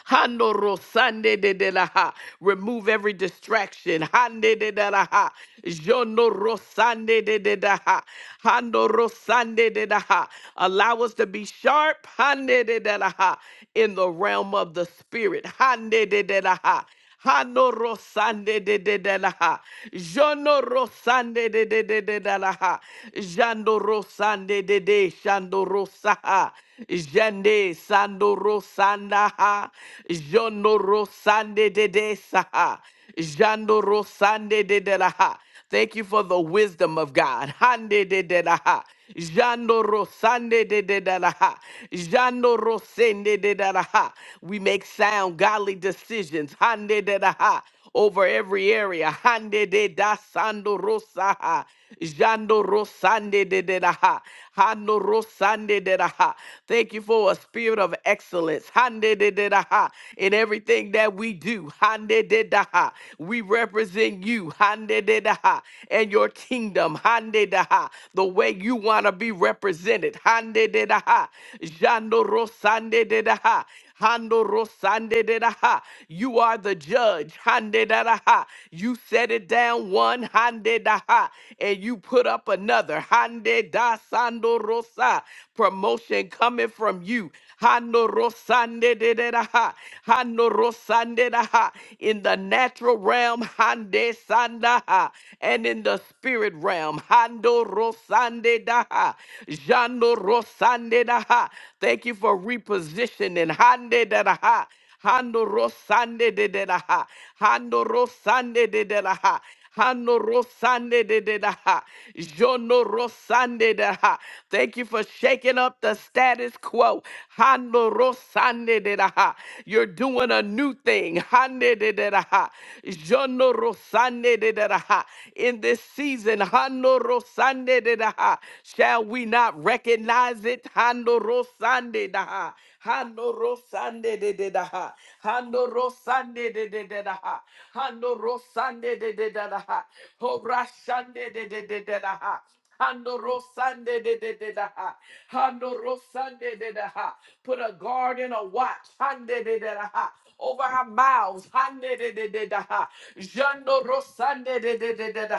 [SPEAKER 3] Hando rosande de de la ha. Remove every distraction. Hande de de la ha. Jono rosande de de da ha. Hando rosande de da ha. Allow us to be sharp. Hande de de la ha. In the realm of the spirit. Hande de de la ha. Hano rosande de de de la ha. Jono rosande de de de de de la ha. Jando rosande de de shando rosaha. Jande sando rosanda ha. Jono rosande de de saha. Jando rosande de de la ha. Thank you for the wisdom of God. Hande de de da ha. Jando rosande de de da da ha. Jando rosende de da da ha. We make sound, godly decisions. Hande de da ha. Over every area. Hande de da sando rosa ha. Jando Rosande de de da ha. Hando Rosande de da ha. Thank you for a spirit of excellence. Hande de de da ha. In everything that we do. Hande de da ha. We represent you. Hande de da ha. And your kingdom. Hande da ha. The way you want to be represented. Hande de da ha. Jando Rosande de da ha. Hando rosande de da ha. You are the judge. Hande da da ha. You set it down one hande da ha, and you put up another. Hande da sando rosa. Promotion coming from you. Hando rosande de de da ha. Hando rosande da ha. In the natural realm, hande sanda ha, and in the spirit realm, hando rosande da ha. Jando rosande da ha. Thank you for repositioning positioning. Hande da da ha. Hando rosande de de da ha. Hando rosande de de da ha. Hando rosande de de da ha. Jono rosande da ha. Thank you for shaking up the status quo. Hando rosande de da ha. You're doing a new thing. Hande de de da ha. Jono rosande de de da ha. In this season, Hando rosande de da ha. Shall we not recognize it? Hando rosande da ha. Hando rosande de de da ha. Hando rosande de de de da ha. Hando rosande de de da da ha. Ho rashande de de de de da ha. Hando rosande de de de da ha. Hando rosande de da ha. Put a guard and a watch. Hande de de da ha over our mouths. Ha-ne-de-de-de-da-ha. Jando rosande de de de de da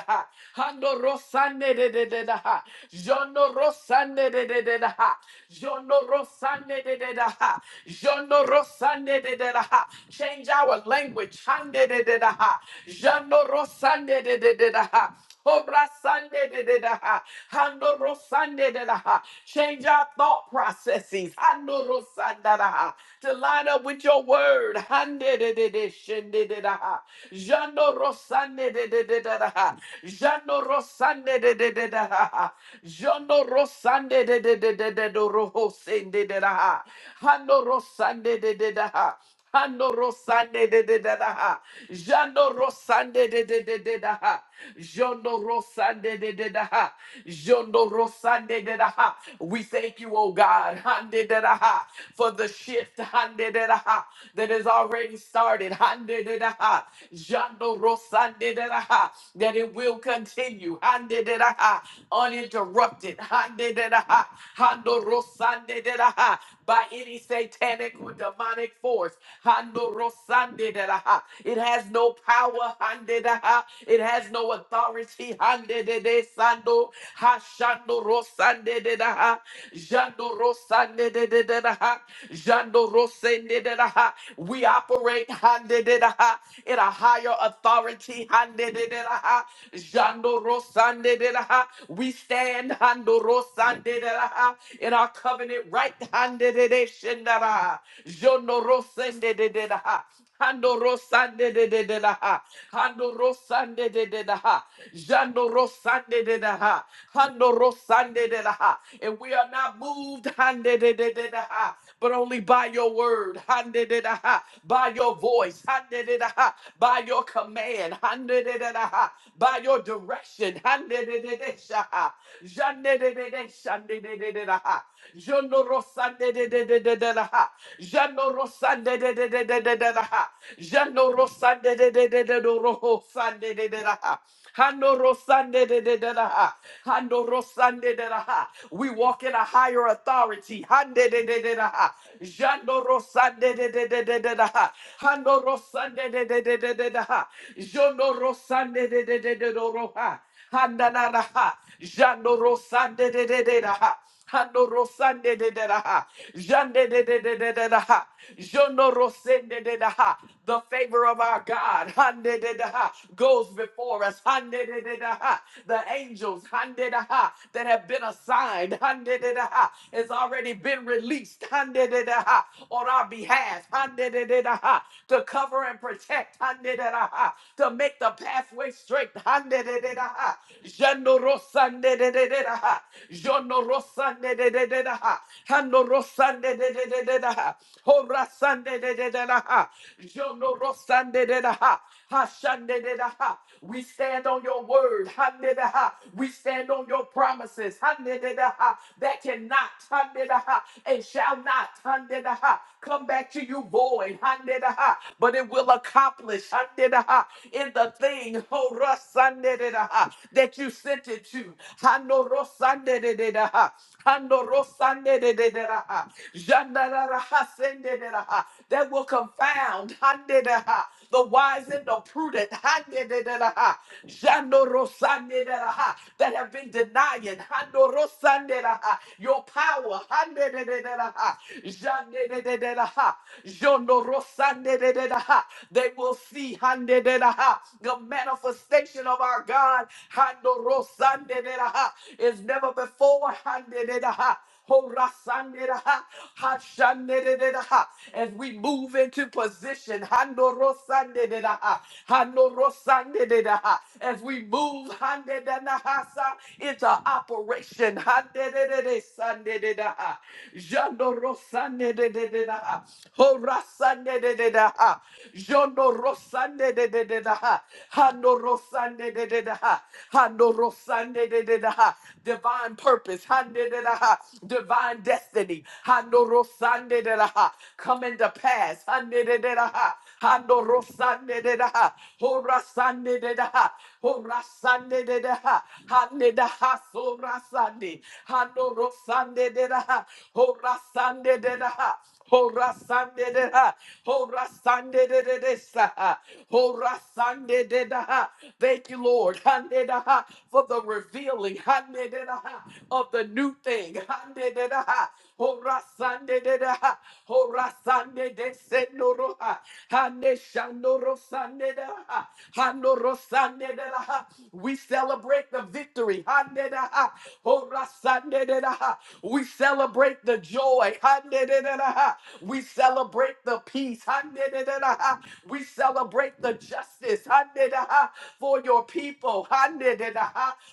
[SPEAKER 3] Hando rosande de de de da ha. rosande de de de da ha. rosande de de da ha. rosande de de da Change our language. Hande de de da ha. rosande de de de da Obra sande de de da Hando rosande de da Change our thought processes. Hando rosanda da To line up with your word word. Handedededeshendededaha. Jando rosandedededadaha. Jando rosandedededadaha. Jando rosandedededededorohosendedadaha. Hando rosandedededadaha. Hando rosandedededadaha. Jando rosandedededadaha. Jondo Rosande de de da ha. Jondo Rosande de da ha. We thank you, oh God, Hande de da ha, for the shift Hande de da ha, that has already started. Hande de da ha. Jondo Rosande de da ha, that it will continue Hande de da ha, uninterrupted Hande de da ha. Hando Rosande de da ha, by any satanic or demonic force. Hando Rosande de da ha. It has no power handedaha. It has no authority. handedede sando, hashando rosandededaha, jando rosandedededaha, jando rosendededaha. We operate handededaha, in a higher authority. handedededaha, jando rosandededaha. We stand hando rosandededaha, in our covenant right. handedede shendadaha, jondo rosendedededaha. Handorosande de de de la ha. Handorosande de de la ha. Jandorosande de la ha. Handorosande de la ha. And we are not moved, hande de de de la ha, but only by your word, hande de la ha, by your voice, hande de la ha, by your command, hande de de la ha, by your direction, hande de de de sha ha. Jande de de de shande de de de la ha. Jandorosande de de de de de la ha de de de de de de de da ha. Jano rosan de de de de de do roho san de de de da ha. Hano rosan de de de de da ha. Hano rosan de de da ha. We walk in a higher authority. Han de de de de da ha. Jano rosan de de de de de de da ha. Hano rosan de de de de de de da ha. Jono rosan de de de de de do ro ha. Hananaraha. Jandorosande de de de raha. Handorosande de de raha. Jande de de de de de raha. Jondorosende de raha. The favor of our God hande de de raha, goes before us. Hande de de raha. The angels hande de raha, that have been assigned hande de de raha, has already been released hande de de raha, on our behalf hande de de raha, to cover and protect hande de de raha, to make the pathway straight hande de de da ha. Jano rosa ne de de de da ha. Jono rosa ne de de de da ha. Hano rosa ne de de de de da ha. Ho rasa ne de de de da ha. Jono rosa ne de da ha. Ha shan de de da ha. We stand on your word. Ha ne da ha. We stand on your promises. Ha ne de da ha. That cannot ha ne da ha. and shall not ha ne da ha. come back to you void. Ha ne da ha. But it will accomplish ha ne da ha. in the thing. No Rasandededaha, that you sent it to. Hando Rosandedededaha, Hando Rosandedededaha, Jandararaha Sendededaha, That will confound Handedaha, the wise and the prudent. Handedededaha, Jando Rosandededaha, That have been denying Hando Rosandededaha, your power. Handedededaha, Jandedededaha, Jondo Rosandedededaha, They will see The manifestation of our God Handorosanderaha, is never before. Handeraha, Horasanderaha, Hashanderaha. As we move into position, Handorosanderaha, Handorosanderaha. as we move Handedanahasa, into operation, Handereresanderaha, Jandorosanderaha, Horasanderaha, Sande de de de da ha. Handoro Sande de de da ha. Handoro Sande de de da ha. Divine purpose. Hande de da ha. Divine destiny. Handoro Sande de da ha. Come into pass. Hande de de da ha. Handoro Sande de da ha. Hora de da ha. Hora de da ha. Hande da ha. Sora Sande. Handoro de da ha. Hora de da ha. Hora sande de ha, hora sande de de de sa ha, hora sande de da ha. Thank you, Lord, hande da ha, for the revealing hande de da ha, of the new thing. Hande de da ha, hora sande de da ha, hora sande de se no ro ha, hande shando ro sande de da ha, hando ro sande de da ha. We celebrate the victory. Hande da ha, hora sande de da ha. We celebrate the joy. Hande de we celebrate the peace. We celebrate the justice for your people,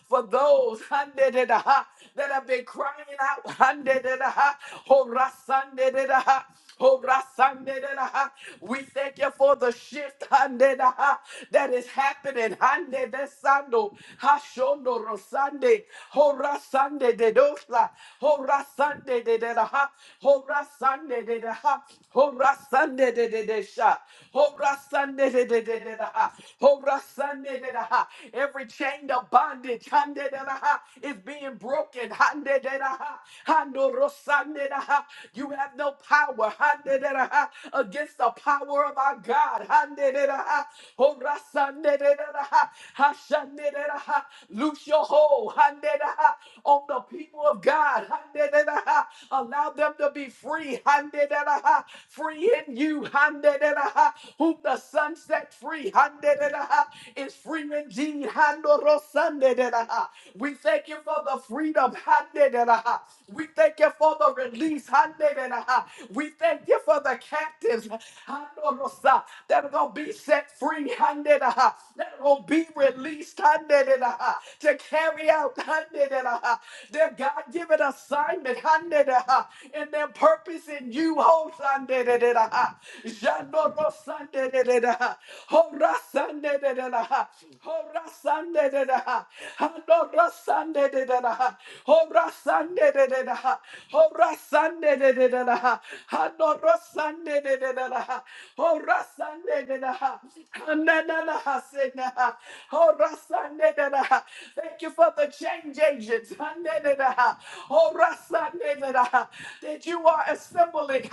[SPEAKER 3] for those that have been crying out. Oh, Rasandedaha. We thank you for the shift Handedaha, that is happening. Hande Handedesando, Hashondo Rosande, Oh, Rasande de Dosla, Oh, Rasande de Dedaha, Oh, Rasande de Dedaha. Hora Sunday de de de sha. Hora Sunday de de de de da ha. Hora Sunday de da ha. Every chain of bondage hande de da ha, is being broken. Hande de da ha. Hando ro Sunday da ha. You have no power hande de da ha, against the power of our God. Hande de da ha. Hora Sunday de da da ha. Hashande de da ha. Loose your hold hande de da ha, on the people of God. Hande de da ha. Allow them to be free handedadaha, free in you, handedadaha, whom the sun set free, handedadaha, is free indeed, handorosandedadaha. We thank you for the freedom, handedadaha. We thank you for the release, handedadaha. We thank you for the captives, handorosa, that are going to be set free, handedadaha, that are going to be released, handedadaha, to carry out, handedadaha, their God-given assignment, handedadaha, in their purpose purpose in you. Ho Sunday da da da ha. Jando ro Sunday da da da ha. Ho ra Sunday da da da ha. Ho ra Sunday da da ha. Hando ra Sunday da da da ha. Ho ra Sunday da da da ha. Ho ra Sunday da da da da ha. Hando ra Sunday da da da da ha. Ho ra Sunday da da ha. Handa da da ha se na ha. Ho ra Sunday da da ha. Thank you for the change agents. Handa da da ha. Oh, Rasandedaha that you are assembling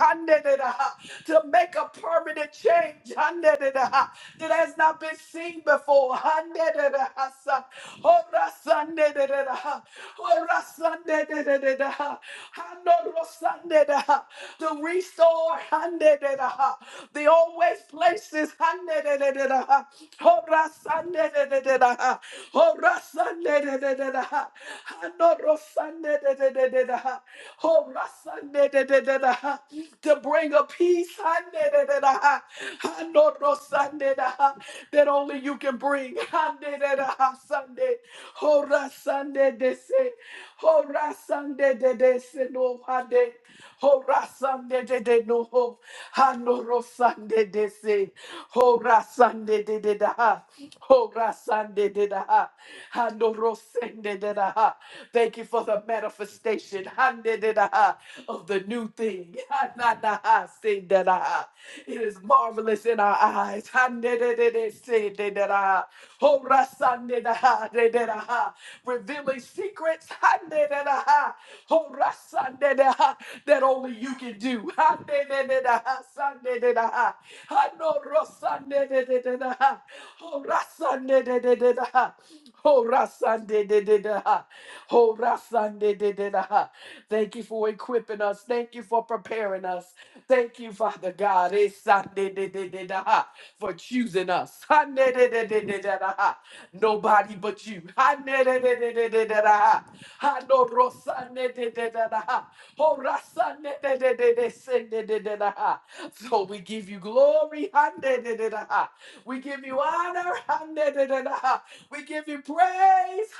[SPEAKER 3] to make a permanent change that has not been seen before. Handedaha, son. Ora Sandedaha, Ora Sandedaha, Hanoro Sandedaha, to restore Handedaha, the always places Handedaha, Ora Sandedaha, Ora Sandedaha, Hanoro Sandedaha. Oh, my son, da, da, da, da, da, ha, to bring a peace ha, da, da, da, da, ha, ha, no, no, son, da, da, ha, that only you can bring. Ha, da, da, da, ha, Sunday. Oh, ra, Sunday, they say. Oh, ra, Sunday, they, they say, no, ha, de. Oh, ra, Sunday, they, they, no, ho. Ha, no, ro, Sunday, they say. Oh, ra, Sunday, they, they, da, da, ha. Oh, ra, Sunday, they, da, da, ha. Ha, no, ro, Sunday, they, da, da, ha. Thank you for the manifestation manifestation handedadaha, of the new thing. Hanadaha, sindadaha. It is marvelous in our eyes. Handedadada, sindadaha. Horasandadaha, dadadaha. Revealing secrets handedadaha. Horasandadaha, that only you can do. Handedadadaha, sandadadaha. Hanorosandadadadaha. Horasandadadadaha. Horasandadadaha. Shandididida. Thank you for equipping us. Thank you for preparing us. Thank you, Father God, Esandidididida, for choosing us. Handididididida. Nobody but you. Handididididida. Handorosanidididida. Horasanidididididididida. So we give you glory. Handidididida. We give you honor. Handidididida. We give you praise.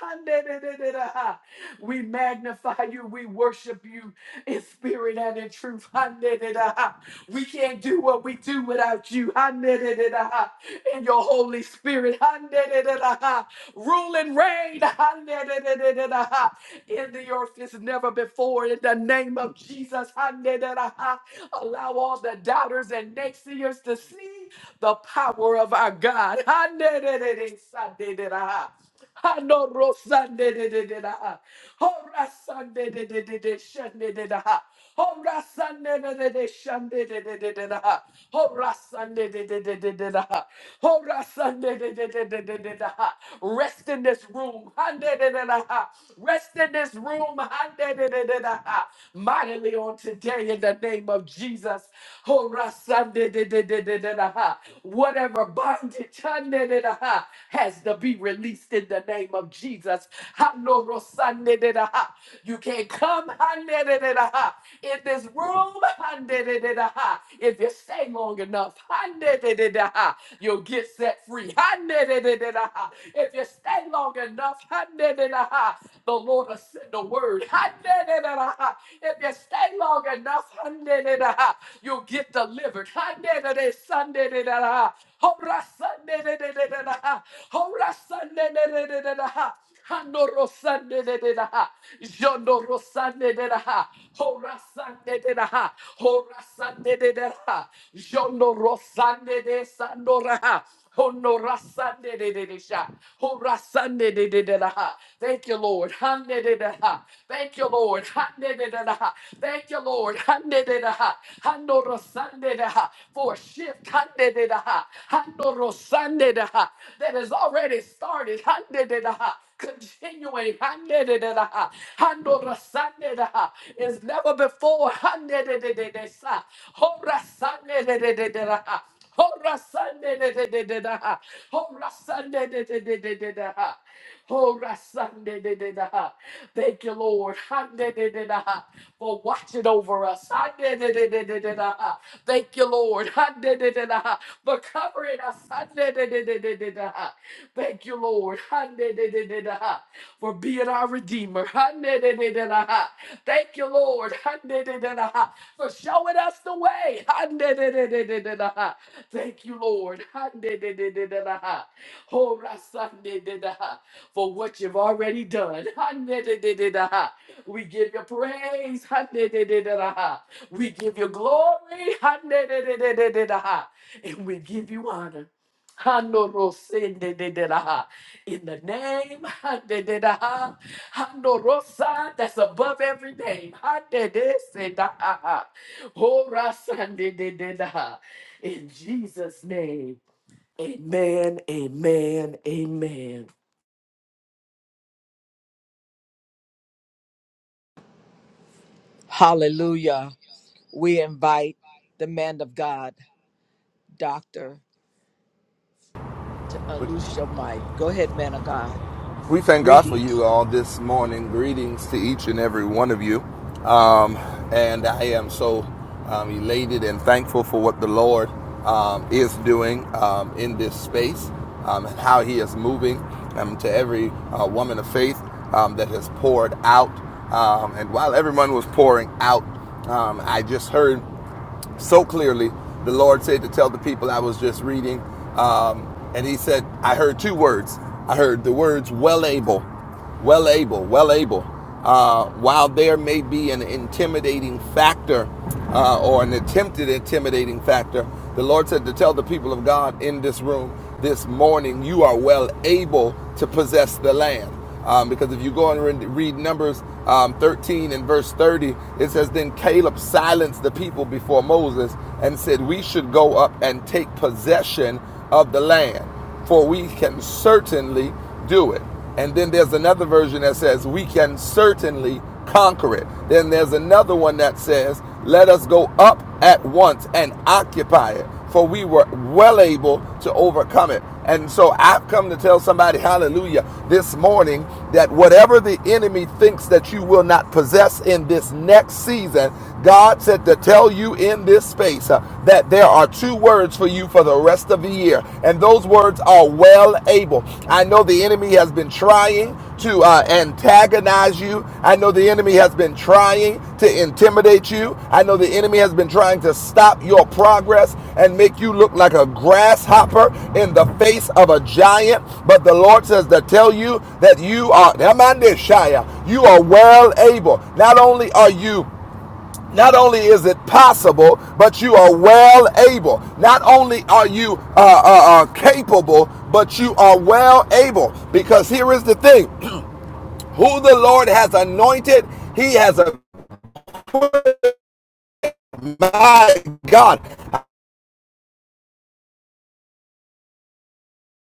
[SPEAKER 3] We magnify you. We worship you in spirit and in truth. ha ha We can't do what we do without you. ha ha In your Holy Spirit. ha ha Rule and reign. ha ha In the earth as never before. In the name of Jesus. ha ha Allow all the doubters and naysayers to see the power of our God. ha ne de de de sa Rest in this room. ha Rest in this room. ha Mightily on today in the name of Jesus. Oh, Rasande de de de de de da ha. Whatever bondage hande de da ha, has to be released in the name of Jesus. Hano Rosande de da ha. You can't come hande de de da ha, in this room hande de de da ha. if you stay long enough. hande de de da ha, You'll get set free. Hande de de de da ha. If you stay long enough, hande de da ha, the Lord will send a word. Hande de de da ha. If you stay stay long enough, Handelida, you'll get delivered. Handelida, Sundelida, Hora Sundelida, Hora Sundelida, Handoro Sundelida, Jondoro Sundelida, Hora Sundelida, Hora Sundelida, Jondoro Sundelida, Hono rasande de de de sha. Ho rasande de de de da ha. Thank you, Lord. Hande de de ha. Thank you, Lord. Hande de de da ha. Thank you, Lord. Hande de de ha. Hando rasande de ha. For a shift. Hande de de ha. Hando rasande de ha. That has already started. Hande de de ha. Continuing, hande de de de ha. Hando rasande de ha. is never before. Hande de de de de sa. Ho rasande de de de de la. ha. Hora Sunday, da da da da da ha. Hora Sunday, da da da da da da ha. Hora Sunday, da da da ha. Thank you, Lord, Ha, da da da da ha. for watching over us. Ha, da da da da da da ha. Thank you, Lord, Ha, da da da da ha. for covering us. Thank you, Lord, for being our Redeemer. Thank you, Lord, for showing us the way. Thank you, Lord, Oh, Rasandededeha, for what you've already done. Handedededeha. We give you praise. Handedededeha. We give you glory. Handedededeha. And we give you honor. Hanorosendededelaha. In the name hadededaha, Hanorosa that's above every name. Hadedesedaha. Horasandedededaha. In Jesus' name. Amen. Amen. Amen.
[SPEAKER 1] Hallelujah. We invite the man of God, Doctor, to unloose your mic. Go ahead, man of God.
[SPEAKER 4] We thank God for
[SPEAKER 1] Greetings.
[SPEAKER 4] you all this morning. Greetings to each and every one of you. Um, and I am so um, elated and thankful for what the Lord um, is doing um, in this space um, and how He is moving um, to every uh, woman of faith um, that has poured out. Um, and while everyone was pouring out, um, I just heard so clearly. The Lord said to tell the people I was just reading, um, and He said, I heard two words. I heard the words well able, well able, well able. Uh, while there may be an intimidating factor uh, or an attempted intimidating factor, the Lord said to tell the people of God in this room this morning, you are well able to possess the land. Um, because if you go and read Numbers um, 13 and verse 30, it says, Then Caleb silenced the people before Moses and said, We should go up and take possession of the land, for we can certainly do it. And then there's another version that says, We can certainly conquer it. Then there's another one that says, Let us go up at once and occupy it, for we were well able to overcome it. And so I've come to tell somebody, hallelujah, this morning that whatever the enemy thinks that you will not possess in this next season, God said to tell you in this space uh, that there are two words for you for the rest of the year. And those words are well able. I know the enemy has been trying to uh, antagonize you. I know the enemy has been trying to intimidate you. I know the enemy has been trying to stop your progress and make you look like a grasshopper in the face of a giant. But the Lord says to tell you that you are, Shia, you are well able. Not only are you not only is it possible, but you are well able. Not only are you uh, uh, uh, capable, but you are well able. Because here is the thing who the Lord has anointed, he has a my God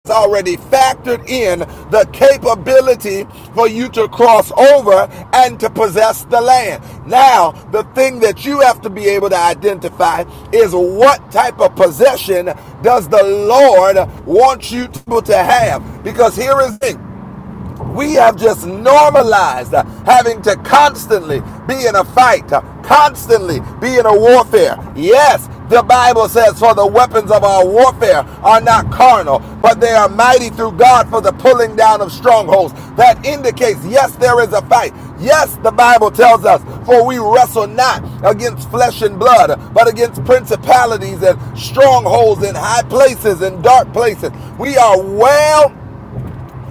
[SPEAKER 4] has already factored in the capability for you to cross over and to possess the land. Now, the thing that you have to be able to identify is what type of possession does the Lord want you to have? Because here is it. We have just normalized uh, having to constantly be in a fight, uh, constantly be in a warfare. Yes, the Bible says, For the weapons of our warfare are not carnal, but they are mighty through God for the pulling down of strongholds. That indicates, yes, there is a fight. Yes, the Bible tells us, For we wrestle not against flesh and blood, but against principalities and strongholds in high places and dark places. We are well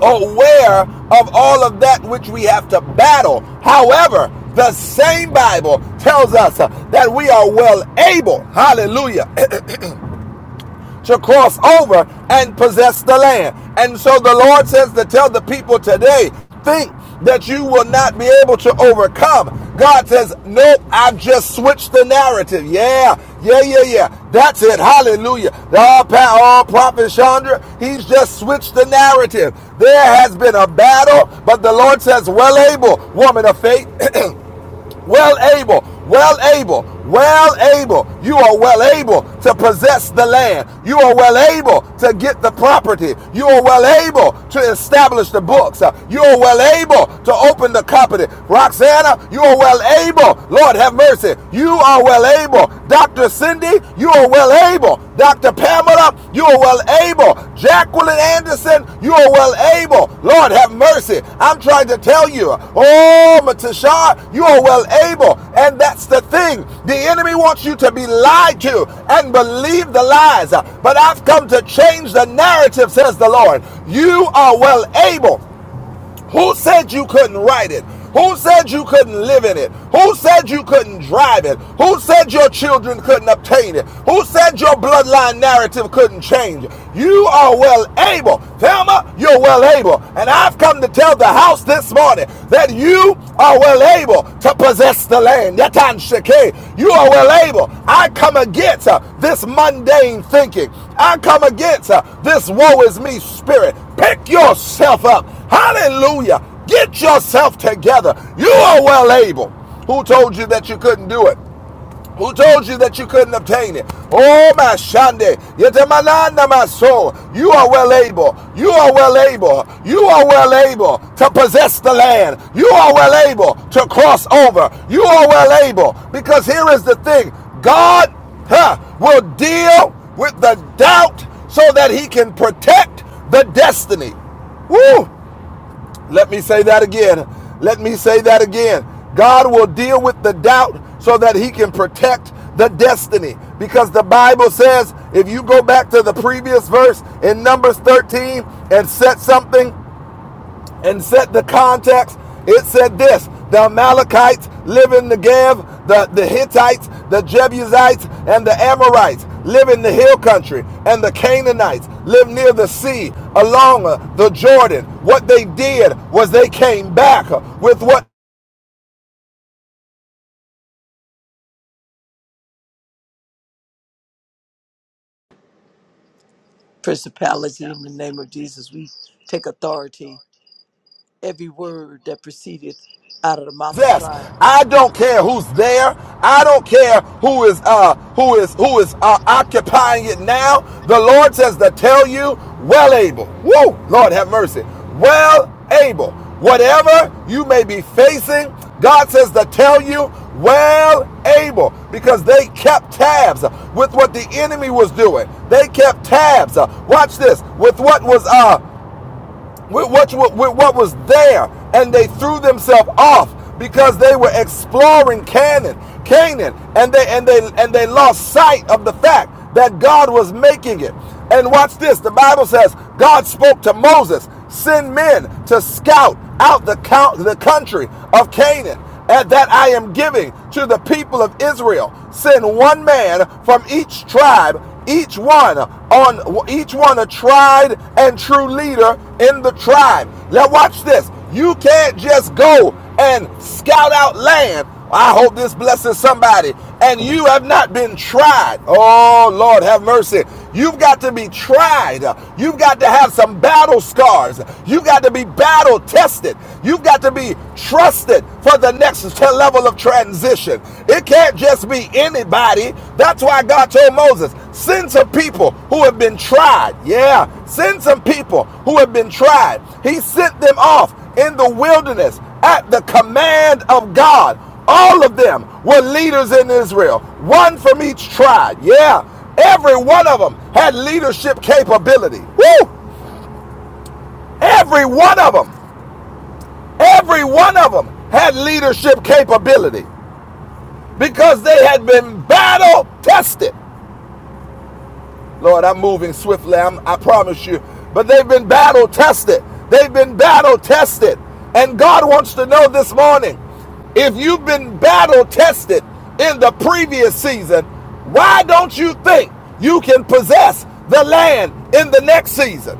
[SPEAKER 4] aware of all of that which we have to battle. However, the same Bible tells us uh, that we are well able, hallelujah, to cross over and possess the land. And so the Lord says to tell the people today, think that you will not be able to overcome. God says, Nope, I've just switched the narrative. Yeah, yeah, yeah, yeah. That's it. Hallelujah. The all, pa- all prophet Chandra, he's just switched the narrative. There has been a battle, but the Lord says, Well able, woman of faith. well able, well able, well able. You are well able to possess the land. You are well able to get the property. You are well able to establish the books. Uh, You are well able to open the company. Roxana, you are well able. Lord have mercy. You are well able. Dr. Cindy, you are well able. Dr. Pamela, you are well able. Jacqueline Anderson, you are well able. Lord, have mercy. I'm trying to tell you. Oh, Matashar, you are well able. And that's the thing. The enemy wants you to be lied to and believe the lies. But I've come to change the narrative, says the Lord. You are well able. Who said you couldn't write it? Who said you couldn't live in it? Who said you couldn't drive it? Who said your children couldn't obtain it? Who said your bloodline narrative couldn't change? You are well able. Thelma, you're well able. And I've come to tell the house this morning that you are well able to possess the land. Yatan Sheke, you are well able. I come against uh, this mundane thinking. I come against uh, this woe is me spirit. Pick yourself up Hallelujah. Get yourself together. You are well able. Who told you that you couldn't do it? Who told you that you couldn't obtain it? Oh, my Shande. Yetemananda, my soul. You are well able. You are well able. You are well able to possess the land. You are well able to cross over. You are well able. Because here is the thing God huh, will deal with the doubt so that he can protect the destiny. Woo! Let me say that again. Let me say that again. God will deal with the doubt so that he can protect the destiny. Because the Bible says, if you go back to the previous verse in Numbers 13 and set something and set the context, it said this the Amalekites live in Negev, the, the Hittites, the Jebusites, and the Amorites live in the hill country, and the Canaanites live near the sea, along uh, the Jordan. What they did was they came back uh, with what
[SPEAKER 1] Principality in the name of Jesus. We take authority. Every word that proceedeth out of the mouth of
[SPEAKER 4] possess.
[SPEAKER 1] God.
[SPEAKER 4] I don't care who's there. I don't care who is uh who is who is uh, occupying it now. The Lord says to tell you, well able. Woo! Lord have mercy. Well able. Whatever you may be facing, God says to tell you, well able, because they kept tabs with what the enemy was doing. They kept tabs. uh, watch this with what was uh with what, with what was there, and they threw themselves off because they were exploring Canaan, Canaan, and they and they and they lost sight of the fact that God was making it. And watch this: the Bible says God spoke to Moses, "Send men to scout out the count, the country of Canaan." And that I am giving to the people of Israel. Send one man from each tribe each one on each one a tried and true leader in the tribe. Now watch this. You can't just go and scout out land. I hope this blesses somebody. And you have not been tried. Oh Lord, have mercy. You've got to be tried. You've got to have some battle scars. You've got to be battle tested. You've got to be trusted for the next level of transition. It can't just be anybody. That's why God told Moses, send some people who have been tried. Yeah, send some people who have been tried. He sent them off in the wilderness at the command of God. All of them were leaders in Israel, one from each tribe. Yeah. Every one of them had leadership capability. Woo! Every one of them, every one of them had leadership capability because they had been battle tested. Lord, I'm moving swiftly, I'm, I promise you. But they've been battle tested. They've been battle tested. And God wants to know this morning if you've been battle tested in the previous season, why don't you think you can possess the land in the next season?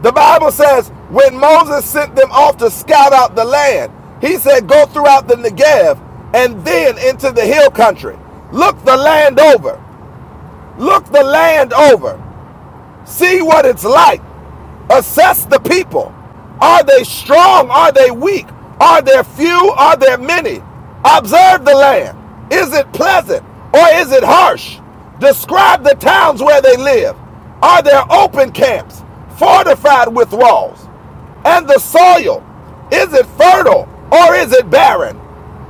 [SPEAKER 4] The Bible says when Moses sent them off to scout out the land, he said, Go throughout the Negev and then into the hill country. Look the land over. Look the land over. See what it's like. Assess the people. Are they strong? Are they weak? Are there few? Are there many? Observe the land. Is it pleasant or is it harsh? Describe the towns where they live. Are there open camps, fortified with walls? And the soil, is it fertile or is it barren?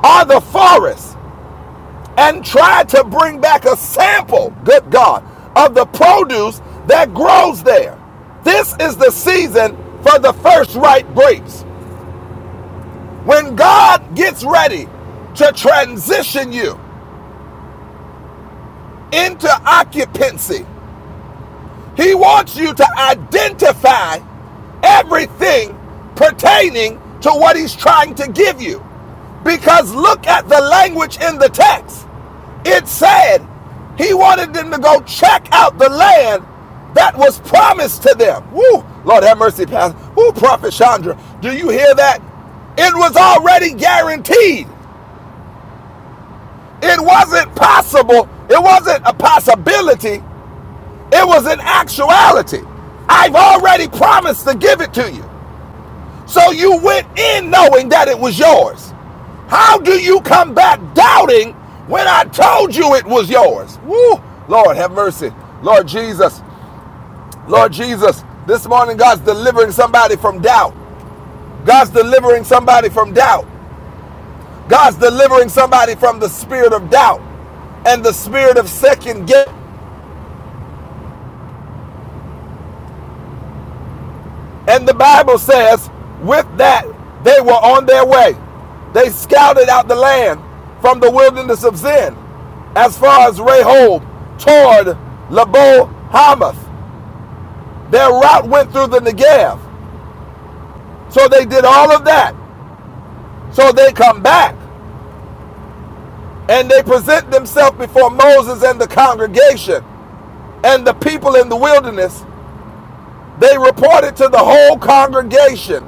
[SPEAKER 4] Are the forests and tried to bring back a sample, good God, of the produce that grows there. This is the season for the first ripe grapes. When God gets ready to transition you into occupancy He wants you to identify everything pertaining to what he's trying to give you. Because look at the language in the text. It said he wanted them to go check out the land that was promised to them. Woo! Lord have mercy, Pastor. Woo, Prophet Chandra. Do you hear that? It was already guaranteed. It wasn't possible. It wasn't a possibility. It was an actuality. I've already promised to give it to you. So you went in knowing that it was yours. How do you come back doubting when I told you it was yours? Woo! Lord, have mercy. Lord Jesus. Lord Jesus. This morning, God's delivering somebody from doubt. God's delivering somebody from doubt. God's delivering somebody from the spirit of doubt and the spirit of second guess And the Bible says, with that, they were on their way. They scouted out the land from the wilderness of Zin as far as Rehob toward Labo Hamath. Their route went through the Negev. So they did all of that. So they come back and they present themselves before Moses and the congregation and the people in the wilderness. They reported to the whole congregation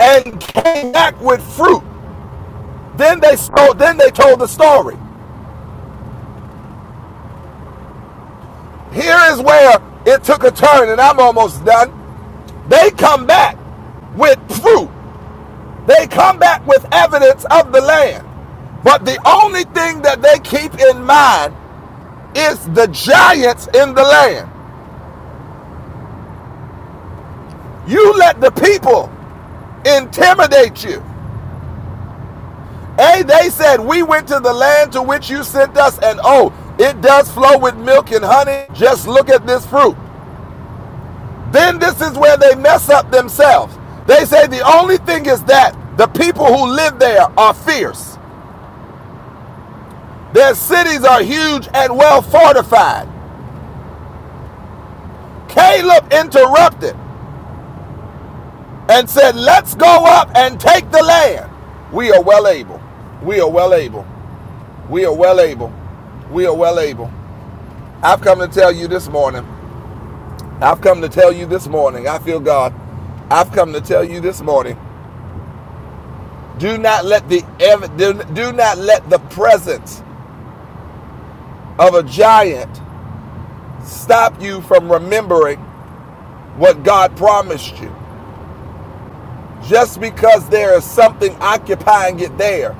[SPEAKER 4] and came back with fruit Then they told, then they told the story. Here is where it took a turn, and I'm almost done. They come back with proof. They come back with evidence of the land. But the only thing that they keep in mind is the giants in the land. You let the people intimidate you. A, they said, We went to the land to which you sent us, and oh, it does flow with milk and honey. Just look at this fruit. Then this is where they mess up themselves. They say the only thing is that the people who live there are fierce. Their cities are huge and well fortified. Caleb interrupted and said, Let's go up and take the land. We are well able. We are well able. We are well able. We are well able. I've come to tell you this morning. I've come to tell you this morning. I feel God. I've come to tell you this morning. Do not let the do not let the presence of a giant stop you from remembering what God promised you. Just because there is something occupying it there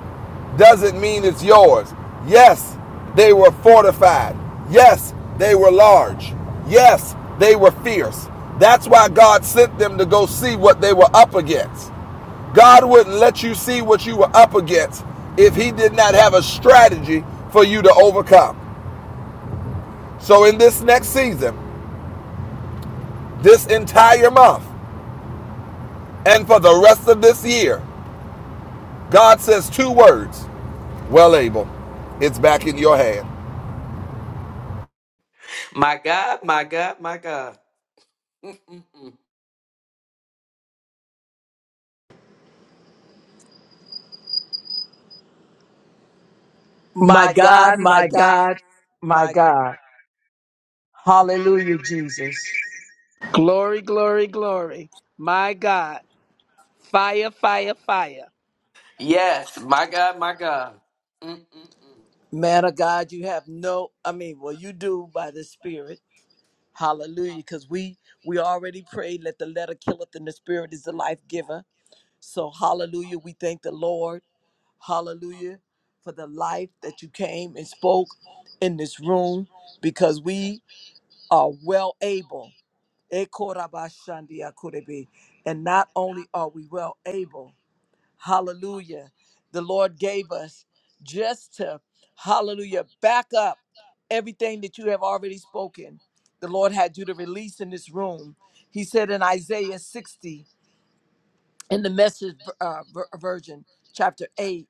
[SPEAKER 4] doesn't mean it's yours. Yes, they were fortified. Yes, they were large. Yes, they were fierce. That's why God sent them to go see what they were up against. God wouldn't let you see what you were up against if He did not have a strategy for you to overcome. So, in this next season, this entire month and for the rest of this year, God says two words Well, Abel, it's back in your hand.
[SPEAKER 3] My,
[SPEAKER 1] My
[SPEAKER 5] My
[SPEAKER 1] God,
[SPEAKER 5] God,
[SPEAKER 1] my
[SPEAKER 5] my
[SPEAKER 1] God,
[SPEAKER 5] God, my
[SPEAKER 1] my
[SPEAKER 5] God. Hallelujah, Jesus.
[SPEAKER 2] Glory, glory, glory. My God. Fire, fire, fire.
[SPEAKER 3] yes, my God, my God. Mm-mm-mm.
[SPEAKER 1] man of God, you have no, I mean, well, you do by the Spirit. Hallelujah. Because we we already prayed, let the letter killeth and the spirit is the life giver. So hallelujah. We thank the Lord. Hallelujah. For the life that you came and spoke in this room. Because we are well able. Ekorabashandiakurebe. And not only are we well able. Hallelujah. The Lord gave us just to, hallelujah, back up everything that you have already spoken. The Lord had you to release in this room. He said in Isaiah 60, in the message uh, ver- version, chapter 8,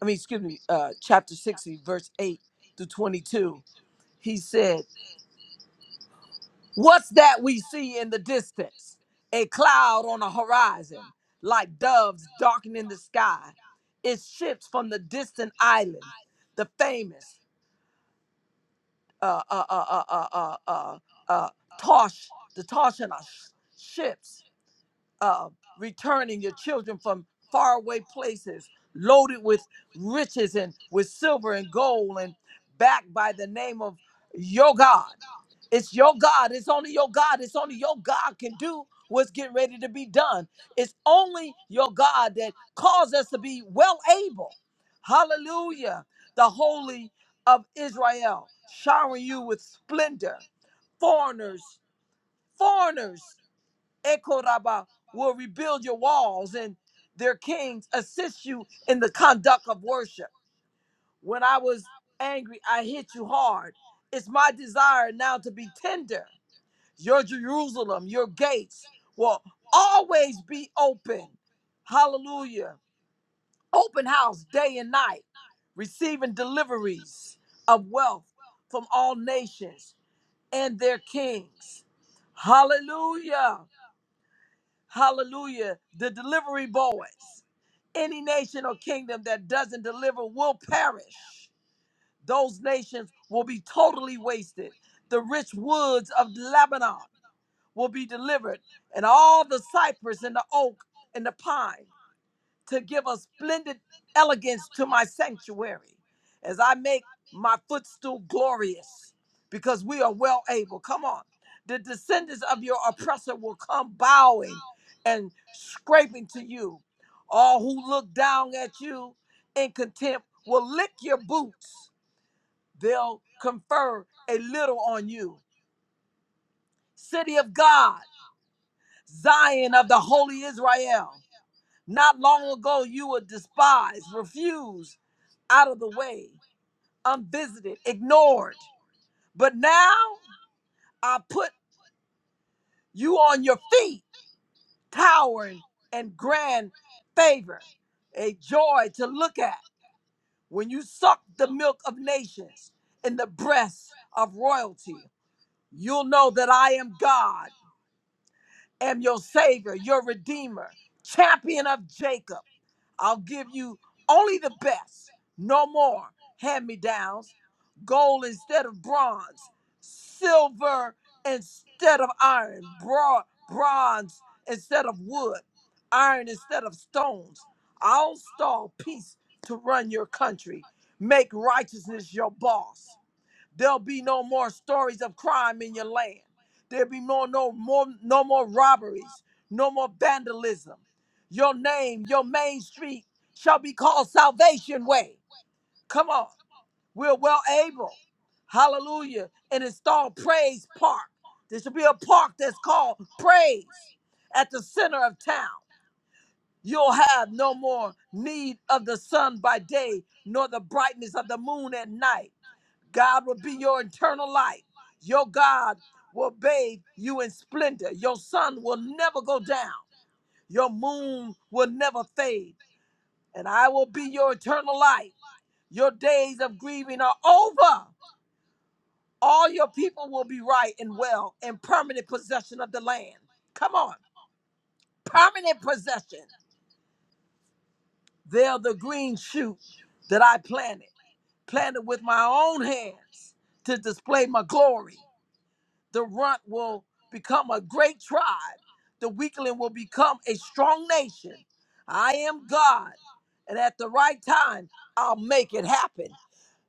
[SPEAKER 1] I mean, excuse me, uh, chapter 60, verse 8 through 22, he said, What's that we see in the distance? A cloud on the horizon, like doves darkening the sky. It's ships from the distant island, the famous uh, uh, uh, uh, uh, uh, uh, uh, uh, Tosh, the Toshana ships, uh, returning your children from faraway places, loaded with riches and with silver and gold, and backed by the name of your God. It's your God. It's only your God. It's only your God can do what's getting ready to be done. It's only your God that caused us to be well able. Hallelujah. The Holy of Israel, showering you with splendor. Foreigners, foreigners, Ekoraba, will rebuild your walls and their kings assist you in the conduct of worship. When I was angry, I hit you hard. It's my desire now to be tender your Jerusalem, your gates will always be open. Hallelujah. Open house day and night, receiving deliveries of wealth from all nations and their kings. Hallelujah. Hallelujah. The delivery boys. Any nation or kingdom that doesn't deliver will perish. Those nations will be totally wasted. The rich woods of Lebanon will be delivered, and all the cypress and the oak and the pine to give a splendid elegance to my sanctuary as I make my footstool glorious, because we are well able. Come on. The descendants of your oppressor will come bowing and scraping to you. All who look down at you in contempt will lick your boots. They'll confer a little on you. City of God Zion of the holy Israel. Not long ago, you were despised, refused, out of the way, unvisited, ignored. But now I put you on your feet, towering and grand favor, a joy to look at when you suck the milk of nations in the breast of royalty. You'll know that I am God, am your Savior, your Redeemer, champion of Jacob. I'll give you only the best, no more hand me downs, gold instead of bronze, silver instead of iron, bro- bronze instead of wood, iron instead of stones. I'll stall peace to run your country, make righteousness your boss. There'll be no more stories of crime in your land. There'll be no no more no more robberies, no more vandalism. Your name, your main street shall be called Salvation Way. Come on. We're well able. Hallelujah. And install Praise Park. There should be a park that's called Praise at the center of town. You'll have no more need of the sun by day, nor the brightness of the moon at night. God will be your eternal light. Your God will bathe you in splendor. Your sun will never go down. Your moon will never fade. And I will be your eternal light. Your days of grieving are over. All your people will be right and well in permanent possession of the land. Come on, permanent possession. They're the green shoot that I planted, planted with my own hands to display my glory. the runt will become a great tribe. The weakling will become a strong nation. I am God, and at the right time, I'll make it happen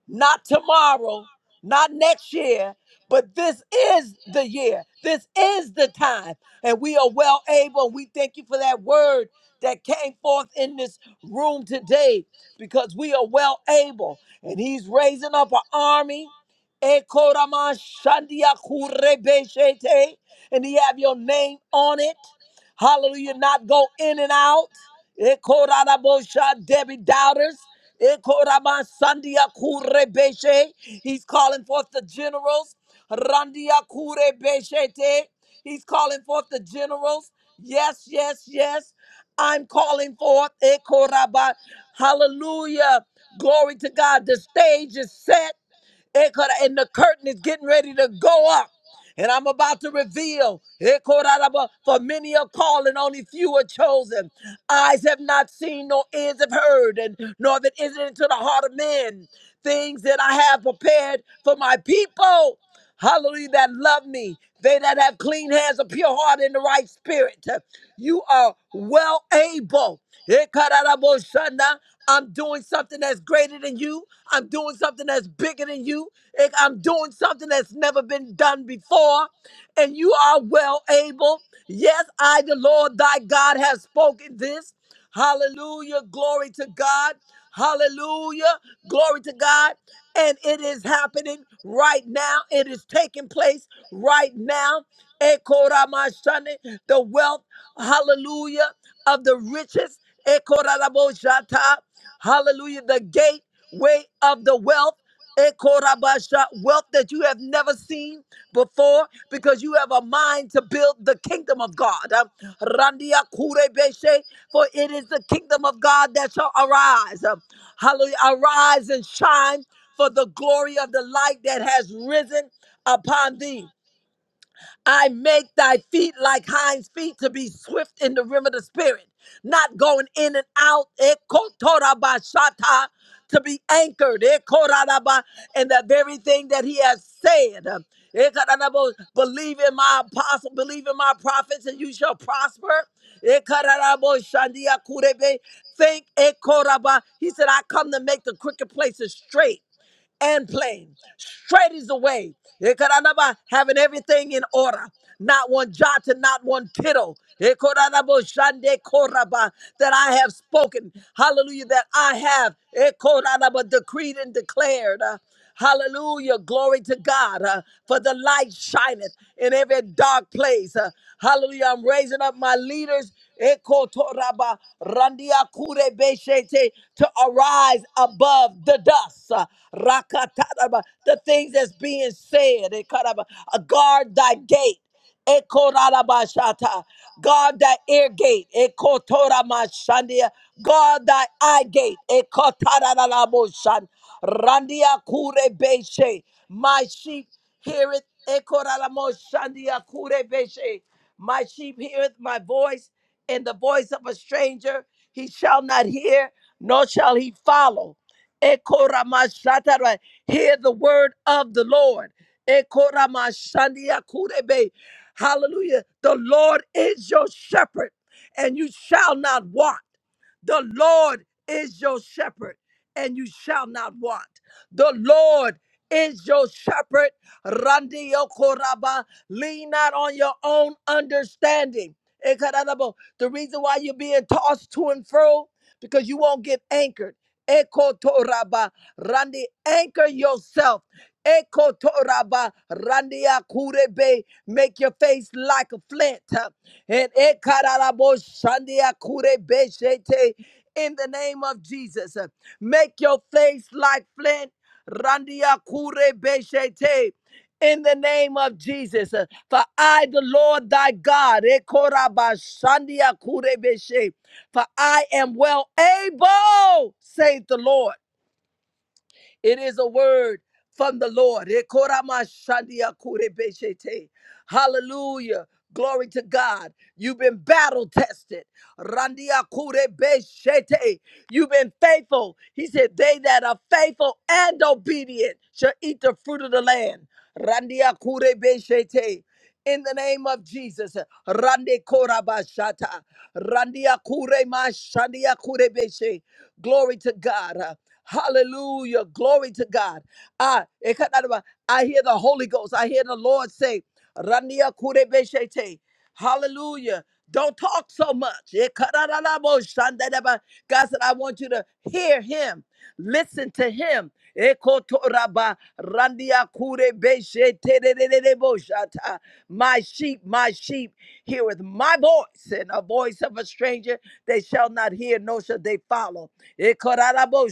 [SPEAKER 1] not tomorrow, not next year, but this is the year. This is the time. And we are well able. We thank you for that word that came forth in this room today because we are well able. And he's raising up an army. Ekorama shandia kurebeshete. And he have your name on it. Hallelujah. Not go in and out. Ekorarabosha Debbie doubters. Ekorabansandia kurebeshe. He's calling forth the generals. Randia kurebeshete. He's calling forth the generals. Yes, yes, yes. I'm calling forth. Ekoraba. Hallelujah. Glory to God. The stage is set. And the curtain is getting ready to go up. And I'm about to reveal, for many are called and only few are chosen. Eyes have not seen, nor ears have heard, and nor that is it into the heart of men. Things that I have prepared for my people. Hallelujah, that love me. They that have clean hands, a pure heart, and the right spirit. You are well able. Ekarabosana. I'm doing something that's greater than you. I'm doing something that's bigger than you. Ek- I'm doing something that's never been done before. And you are well able. Yes, I, the Lord thy God, have spoken this. Hallelujah. Glory to God. Hallelujah. Glory to God. And it is happening right now. It is taking place right now. Ekoramashane, The wealth, hallelujah, of the riches. Ekoraraboshata, Hallelujah. The gateway of the wealth. Ekorabasha, wealth that you have never seen before because you have a mind to build the kingdom of God. Um, Randia kurebeshe, For it is the kingdom of God that shall arise. Um, Hallelujah. Arise and shine for the glory of the light that has risen upon thee. I make thy feet like hinds feet to be swift in the rim of the spirit, not going in and out. Ekotorabashata, To be anchored Ekoraraba, in the very thing that he has said. Ekarabo, Believe in my apostle, believe in my prophets, and you shall prosper. Ekarabo shandia kurebe. Think ekoraba. He said, I come to make the crooked places straight and plain. Straight is the way. Ekaranaba, Having everything in order. Not one jot and not one tittle. Ekoranabo shande koraba, That I have spoken. Hallelujah. That I have. Ekoranaba, Decreed and declared. Hallelujah. Glory to God. uh, for the light shineth in every dark place. Uh, hallelujah. I'm raising up my leaders. Eko toraba randia kure beshete, To arise above the dust. Uh, rakataraba, The things that's being said. Ekaraba, uh, Guard thy gate. Ekorarabashata. God, thy ear gate. Ekotoramashandia. God, thy eye gate. Ekotararaboshan. Randia kure My sheep heareth. Ekoraraboshandia kure My sheep heareth my voice, and the voice of a stranger he shall not hear, nor shall he follow. Ekoramashatara. Hear the word of the Lord. Ekoramashandia kure Hallelujah. The Lord is your shepherd, and you shall not want. The Lord is your shepherd, and you shall not want. The Lord is your shepherd. Randi Yokoraba. Lean not on your own understanding. Ekarabo. The reason why you're being tossed to and fro, because you won't get anchored. Ekotoraba. Randi, anchor yourself. Ekotoraba randia kurebe. Make your face like a flint. huh? And ekararabo shandia kurebe shete. In the name of Jesus, huh? make your face like flint. Randia kurebe shete. In the name of Jesus, huh? for I, the Lord thy God, ekoraba shandia kurebe she. for I am well able, saith the Lord it is a word from the Lord. Ekoramashandiakurebeshete. Hallelujah. Glory to God. You've been battle tested. Randiakurebeshete. You've been faithful. He said, They that are faithful and obedient shall eat the fruit of the land. Randiakurebeshete. In the name of Jesus. Rande korabashata. Randiakuremashandiakurebeshe. Glory to God. Hallelujah. Glory to God. Ah, ekataraba. I hear the Holy Ghost. I hear the Lord say, Rania kurebeshete. Hallelujah. Don't talk so much. Ekatarabo shandaraba. God said, I want you to hear him, listen to him. Ekotoraba randia kure beshe terererebo My sheep, my sheep heareth my voice, and a voice of a stranger they shall not hear, nor shall they follow. Ekorarabo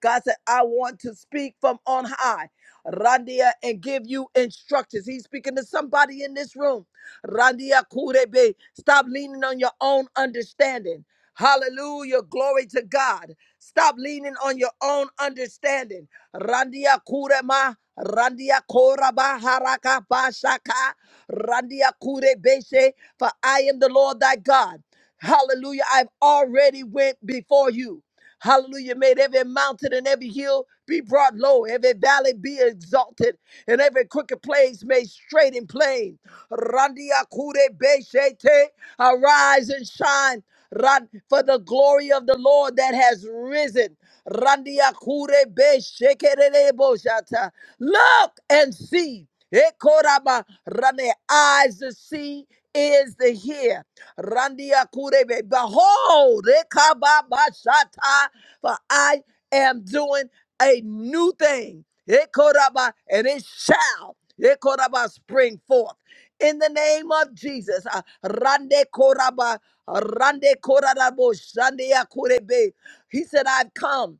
[SPEAKER 1] God said, I want to speak from on high. Randia and give you instructions. He's speaking to somebody in this room. Randia Kurebe. Stop leaning on your own understanding. Hallelujah. Glory to God. Stop leaning on your own understanding. Randia Kurema. Randia Koraba Haraka Bashaka. Randia Kurebeshe. For I am the Lord thy God. Hallelujah. I've already went before you. Hallelujah. Made every mountain and every hill be brought low, every valley be exalted, and every crooked place made straight and plain. Randia kure beshete, arise and shine. Ran- for the glory of the Lord that has risen. Randia kure beshekerebo shata. Look and see. Ekoraba rane eyes to see, ears to hear. Randia kurebe. Behold, ekababashata, for I am doing a new thing. Ekoraba, and it shall ekoraba spring forth. In the name of Jesus. Ah, Rande koraba, rande korarabo, shandia kurebe. He said, I've come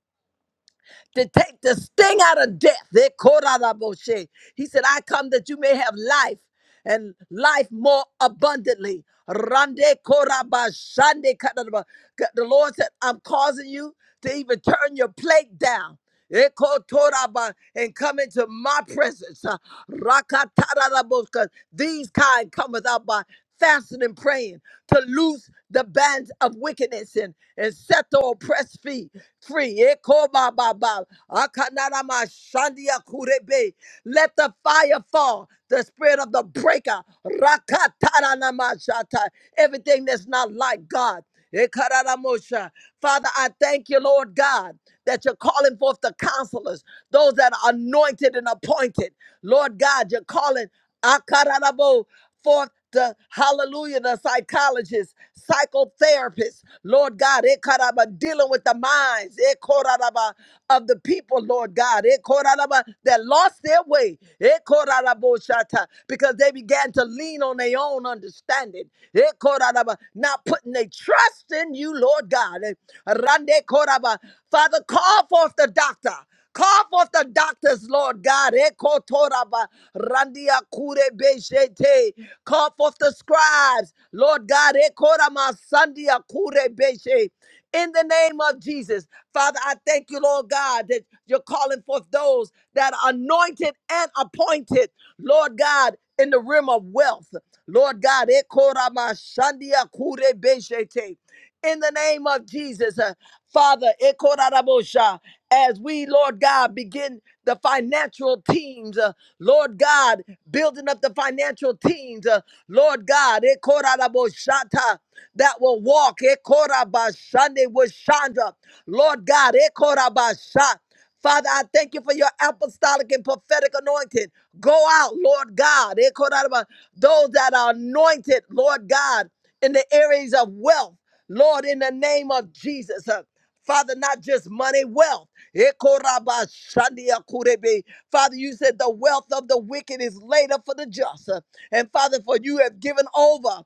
[SPEAKER 1] to take the sting out of death. Eh, koraraboshe. He said, I come that you may have life and life more abundantly. Rande korabashande kadaraba. The Lord said, I'm causing you to even turn your plate down. Ekotoraba, and come into my presence. Uh, Rakatarabosca. These kind cometh out by fasting and praying to loose the bands of wickedness and, and set the oppressed free. free. Ekobababa. Akanarama shandia kurebe. Let the fire fall, the spirit of the breaker. Rakataranamashata. Everything that's not like God. Ekararamusha. Father, I thank you, Lord God, that you're calling forth the counselors, those that are anointed and appointed. Lord God, you're calling akararabo, forth the hallelujah, the psychologists, psychotherapists, Lord God, ekaraba, dealing with the minds ekoraraba, of the people, Lord God, ekoraraba, that lost their way. Ekoraraboshata, Because they began to lean on their own understanding. Ekoraraba, Not putting their trust in you, Lord God. Eh, Rande koraba, Father, call forth the doctor. Call forth the doctors, Lord God. Ekotoraba, randiakurebeshete. Call forth the scribes, Lord God. Ekorama, sandiakurebeshe in the name of Jesus. Father, I thank you, Lord God, that you're calling forth those that are anointed and appointed, Lord God, in the realm of wealth. Lord God, ekoramashandia kurebeshete. in the name of Jesus, uh, Father, ekorarabosha, as we, Lord God, begin the financial teams, uh, Lord God building up the financial teams, uh, Lord God, eh, koraraboshata, that will walk eh, korabashande with Chandra. Lord God, eh, korabasha. Father, I thank you for your apostolic and prophetic anointing. Go out, Lord God. eh, korarabah, Those that are anointed, Lord God, in the areas of wealth, Lord, in the name of Jesus. uh, Father, not just money, wealth. Eh, korabashande akurebe. Father, you said the wealth of the wicked is laid up for the just. And Father, for you have given over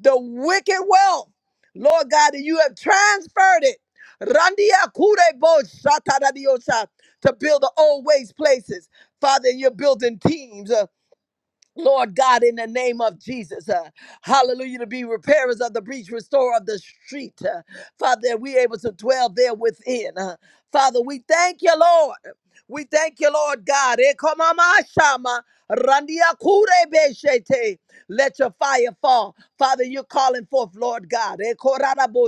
[SPEAKER 1] the wicked wealth, Lord God, that you have transferred it to build the old waste places. Father, you're building teams. uh, Lord God, in the name of Jesus, uh, hallelujah, to be repairers of the breach, restorer of the street. uh, Father, that we able to dwell there within. uh. Father, we thank you, Lord. We thank you, Lord God. Eh, koma shama, randia kure be Let your fire fall. Father, you're calling forth, Lord God. Eh, korara bo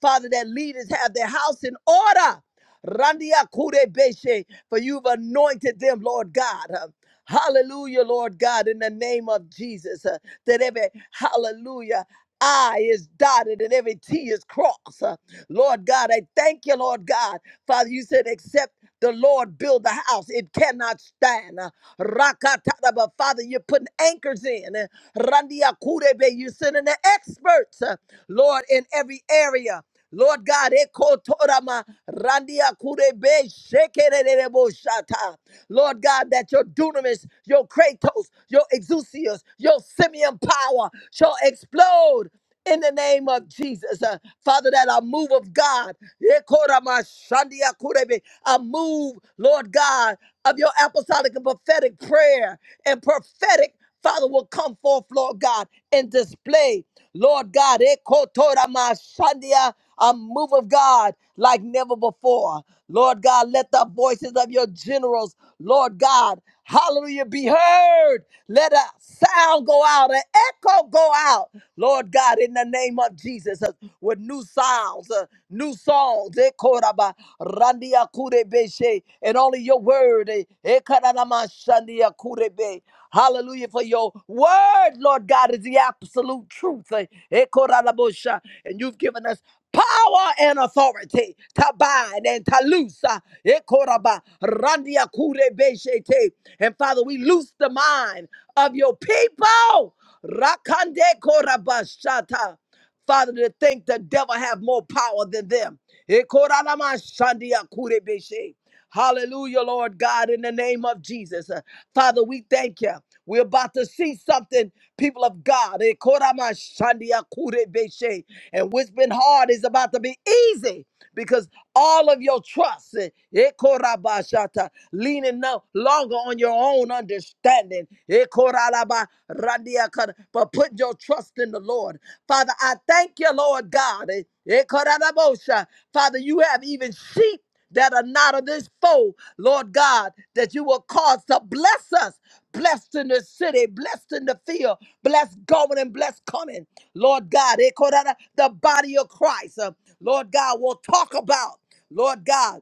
[SPEAKER 1] Father, that leaders have their house in order. Randia kure beshe, for you've anointed them, Lord God. Uh, Hallelujah, Lord God, in the name of Jesus, uh, that every hallelujah. I is dotted and every T is crossed. Uh, Lord God, I thank you, Lord God. Father, you said, except the Lord build the house, it cannot stand. Uh, Rakatata, but Father, you're putting anchors in. Uh, Randia Kurebe, you're sending the experts, uh, Lord, in every area. Lord God, ekotorama randia kurebe shekererebo shata. Lord God, that your dunamis, your kratos, your exousios, your simian power shall explode in the name of Jesus. Uh, Father, that a move of God, ekorama shandia kurebe, a move, Lord God, of your apostolic and prophetic prayer and prophetic, Father, will come forth, Lord God, and display. Lord God, ekotoramashandia, a move of God like never before. Lord God, let the voices of your generals, Lord God, hallelujah, be heard. Let a sound go out, an echo go out, Lord God, in the name of Jesus, uh, with new sounds, uh, new songs. Ekoraba, randia kurebe she, And only your word. eh, ekaranama shandia kurebe. Hallelujah for your word, Lord God, is the absolute truth. Eh, eh, korabosha. And you've given us power and authority to bind and to loose. ah, eh, koraba, randia kurebeshete. And Father, we loose the mind of your people. Rakande korabashata. Father, to think the devil have more power than them. Ekoramashandiakurebeshe. Hallelujah, Lord God, in the name of Jesus. Uh, Father, we thank you. We're about to see something, people of God. Ekoramashandiakurebeshe. And what's been hard is about to be easy because all of your trust, eh, ekorabashata, leaning no longer on your own understanding understanding. But put your trust in the Lord. Father, I thank you, Lord God. Father, you have even sheep that are not of this foe, Lord God, that you will cause to bless us. Blessed in the city, blessed in the field, blessed going and blessed coming. Lord God, the body of Christ, uh, Lord God, will talk about, Lord God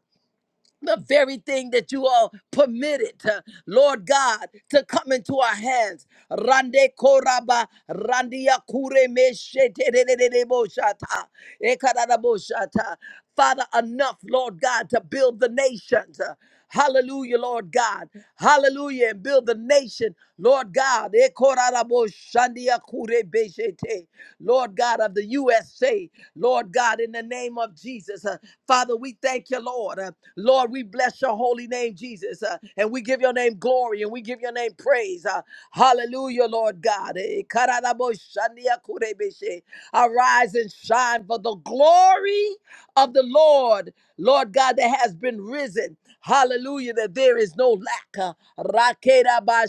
[SPEAKER 1] the very thing that you are permitted, uh, Lord God, to come into our hands. Rande koraba, randia kure me shete de de de de bo shata, ekada da bo shata. Father, enough, Lord God, to build the nations. uh, Hallelujah, Lord God. Hallelujah. And build the nation, Lord God. Ekorarabo shandia kure beshete. Lord God of the USA, Lord God, in the name of Jesus. Uh, Father, we thank you, Lord. Uh, Lord, we bless your holy name, Jesus. Uh, and we give your name glory and we give your name praise. Uh, hallelujah, Lord God. Ekararabo shandia kure beshe. Arise and shine for the glory of the Lord, Lord God, that has been risen. Hallelujah, that there is no lack. Uh, Rakeda ba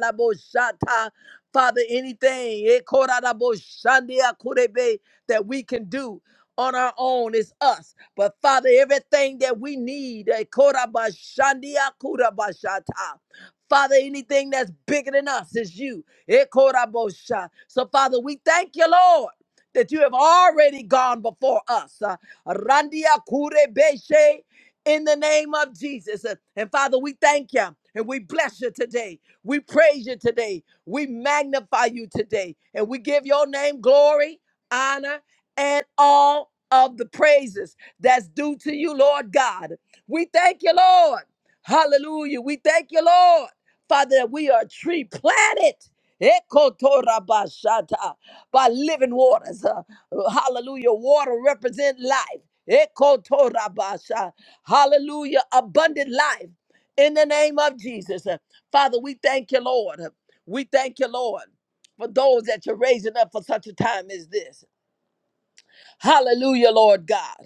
[SPEAKER 1] la bo Father, anything eh, kora la kurebe, that we can do on our own is us. But Father, everything that we need, eh, kora ba Father, anything that's bigger than us is you. Eh, kora So, Father, we thank you, Lord, that you have already gone before us. Uh, Randia kure in the name of Jesus. And Father, we thank you and we bless you today. We praise you today. We magnify you today. And we give your name glory, honor, and all of the praises that's due to you, Lord God. We thank you, Lord. Hallelujah. We thank you, Lord. Father, that we are a tree planted. Ekotorabashata by living waters. Uh, hallelujah. Water represent life. Ekotorabasha. Hallelujah. Abundant life in the name of Jesus. Uh, Father, we thank you, Lord. huh? We thank you, Lord, for those that you're raising up for such a time as this. Hallelujah, Lord God.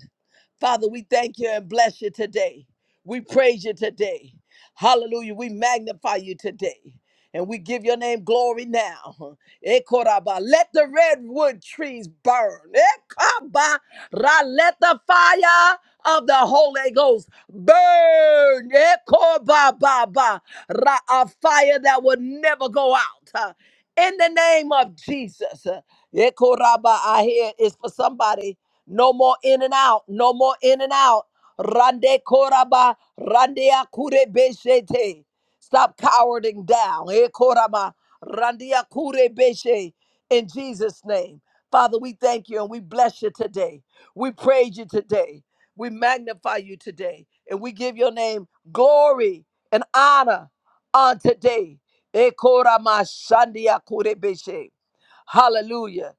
[SPEAKER 1] Father, we thank you and bless you today. We praise you today. Hallelujah. We magnify you today. And we give your name glory now. Ekoraba. Let the redwood trees burn. Ekaba. Ra. Let the fire of the Holy Ghost burn. Ekobababa. Ra. A fire that will never go out. huh? In the name of Jesus. Ekoraba. I hear is for somebody. No more in and out. No more in and out. Rande koraba, rande akure beshete. Stop cowering down. Eh, koraba, randia kure beshe, In Jesus' name. Father, we thank you and we bless you today. We praise you today. We magnify you today. And we give your name glory and honor on today. Eh, korama, shandia kure beshe. Hallelujah.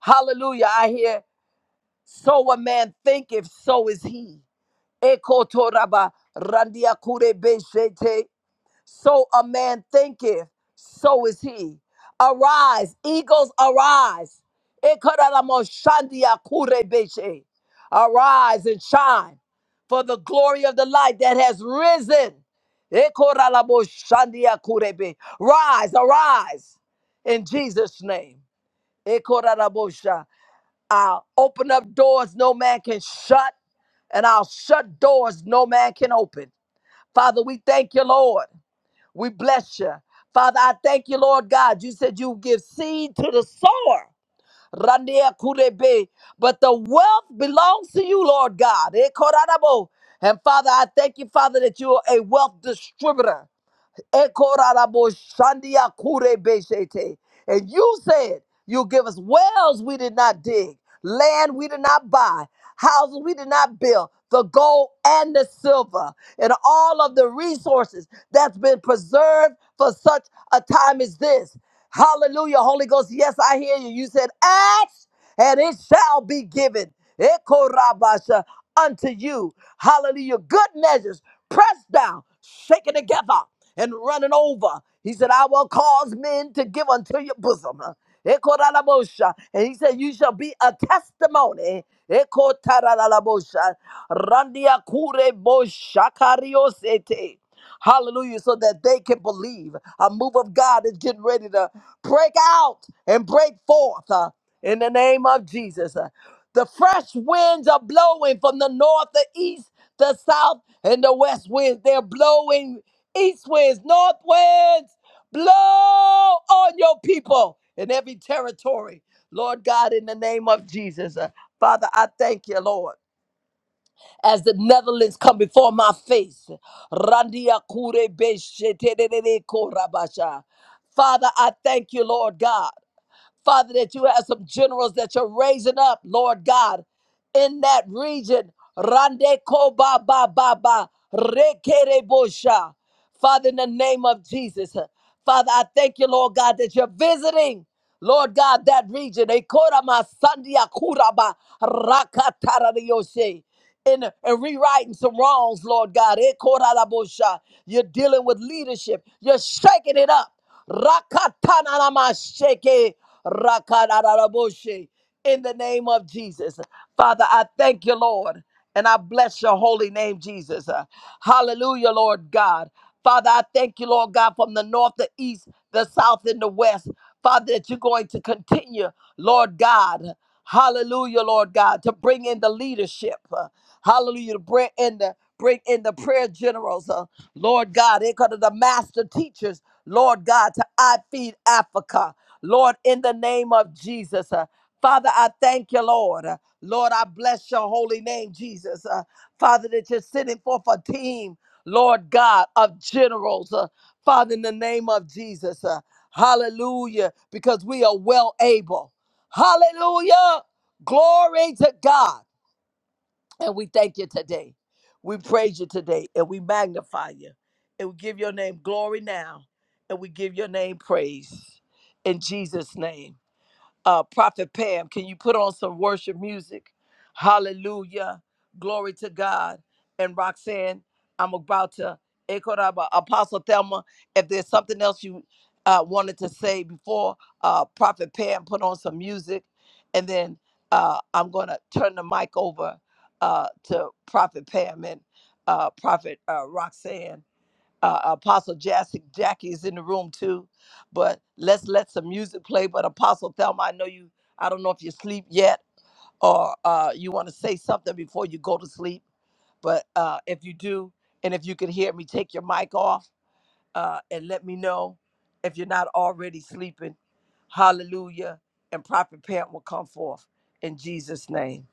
[SPEAKER 1] Hallelujah. I hear, so a man thinketh, so is he. Ekotoraba randia kure so a man thinketh, so is he. Arise, eagles, arise. Ikararamashandia kurebeshe. Arise and shine, for the glory of the light that has risen. Ikoraraboshandia kurebe. Rise, arise in Jesus' name. Ikorarabosha. I'll open up doors no man can shut, and I'll shut doors no man can open. Father, we thank you, Lord. We bless you. Father, I thank you, Lord God. You said you give seed to the sower. Randia kurebe. But the wealth belongs to you, Lord God. Eh, koranabo. And Father, I thank you, Father, that you are a wealth distributor. Ekoraraboshandia kurebeshete. And you said you'll give us wells we did not dig, land we did not buy, houses we did not build, the gold and the silver, and all of the resources that's been preserved for such a time as this. Hallelujah, Holy Ghost. Yes, I hear you. You said, Ask and it shall be given. Ekorabasha unto you. Hallelujah. Good measures, pressed down shaken together and running over. He said, I will cause men to give unto your bosom. Ekoralabosha. And he said, You shall be a testimony. Ekotaralabosha. Randiakure boshakariosete. Hallelujah. So that they can believe. A move of God is getting ready to break out and break forth uh, in the name of Jesus. Uh, the fresh winds are blowing from the north, the east, the south, and the west winds. They're blowing east winds, north winds. Blow on your people in every territory. Lord God, in the name of Jesus. Uh, Father, I thank you, Lord as the Netherlands come before my face. Randia kure beshe tererere korabasha. Father, I thank you, Lord God. Father, that you have some generals that you're raising up, Lord God, in that region. Rande ko ba ba ba ba. Rekere bosha. Father, in the name of Jesus. uh, Father, I thank you, Lord God, that you're visiting, Lord God, that region. Ekora ma sandia kura ba rakatara de yoshe. And, and rewriting some wrongs, Lord God. Ekora la bosha. You're dealing with leadership. You're shaking it up. Rakatanamashake, rakadaraboshe. In the name of Jesus. Father, I thank you, Lord, and I bless your holy name, Jesus. Uh, Hallelujah, Lord God. Father, I thank you, Lord God, from the north, the east, the south, and the west. Father, that you're going to continue, Lord God. Hallelujah, Lord God, to bring in the leadership. uh, hallelujah, to bring in the bring in the prayer generals. uh, Lord God, it could the master teachers. Lord God, to I feed Africa. Lord, in the name of Jesus. uh, Father, I thank you, Lord. Uh, Lord, I bless your holy name, Jesus. Uh, Father, that you're sending forth a team, Lord God, of generals. uh, Father, in the name of Jesus. uh, hallelujah, because we are well able. Hallelujah. Glory to God. And we thank you today. We praise you today and we magnify you. And we give your name glory now. And we give your name praise in Jesus' name uh, Prophet Pam, can you put on some worship music? Hallelujah. Glory to God. And Roxanne, I'm about to echo that, but Apostle Thelma. If there's something else you uh, wanted to say before uh, Prophet Pam put on some music, and then uh, I'm going to turn the mic over uh, to Prophet Pam and uh, Prophet uh, Roxanne uh, Apostle Jassy, Jackie is in the room too. But let's let some music play. But Apostle Thelma, I know you. I don't know if you sleep yet or uh, you want to say something before you go to sleep. But uh, if you do, and if you can hear me, take your mic off uh, and let me know if you're not already sleeping. Hallelujah. And Prophet Pam will come forth in Jesus' name.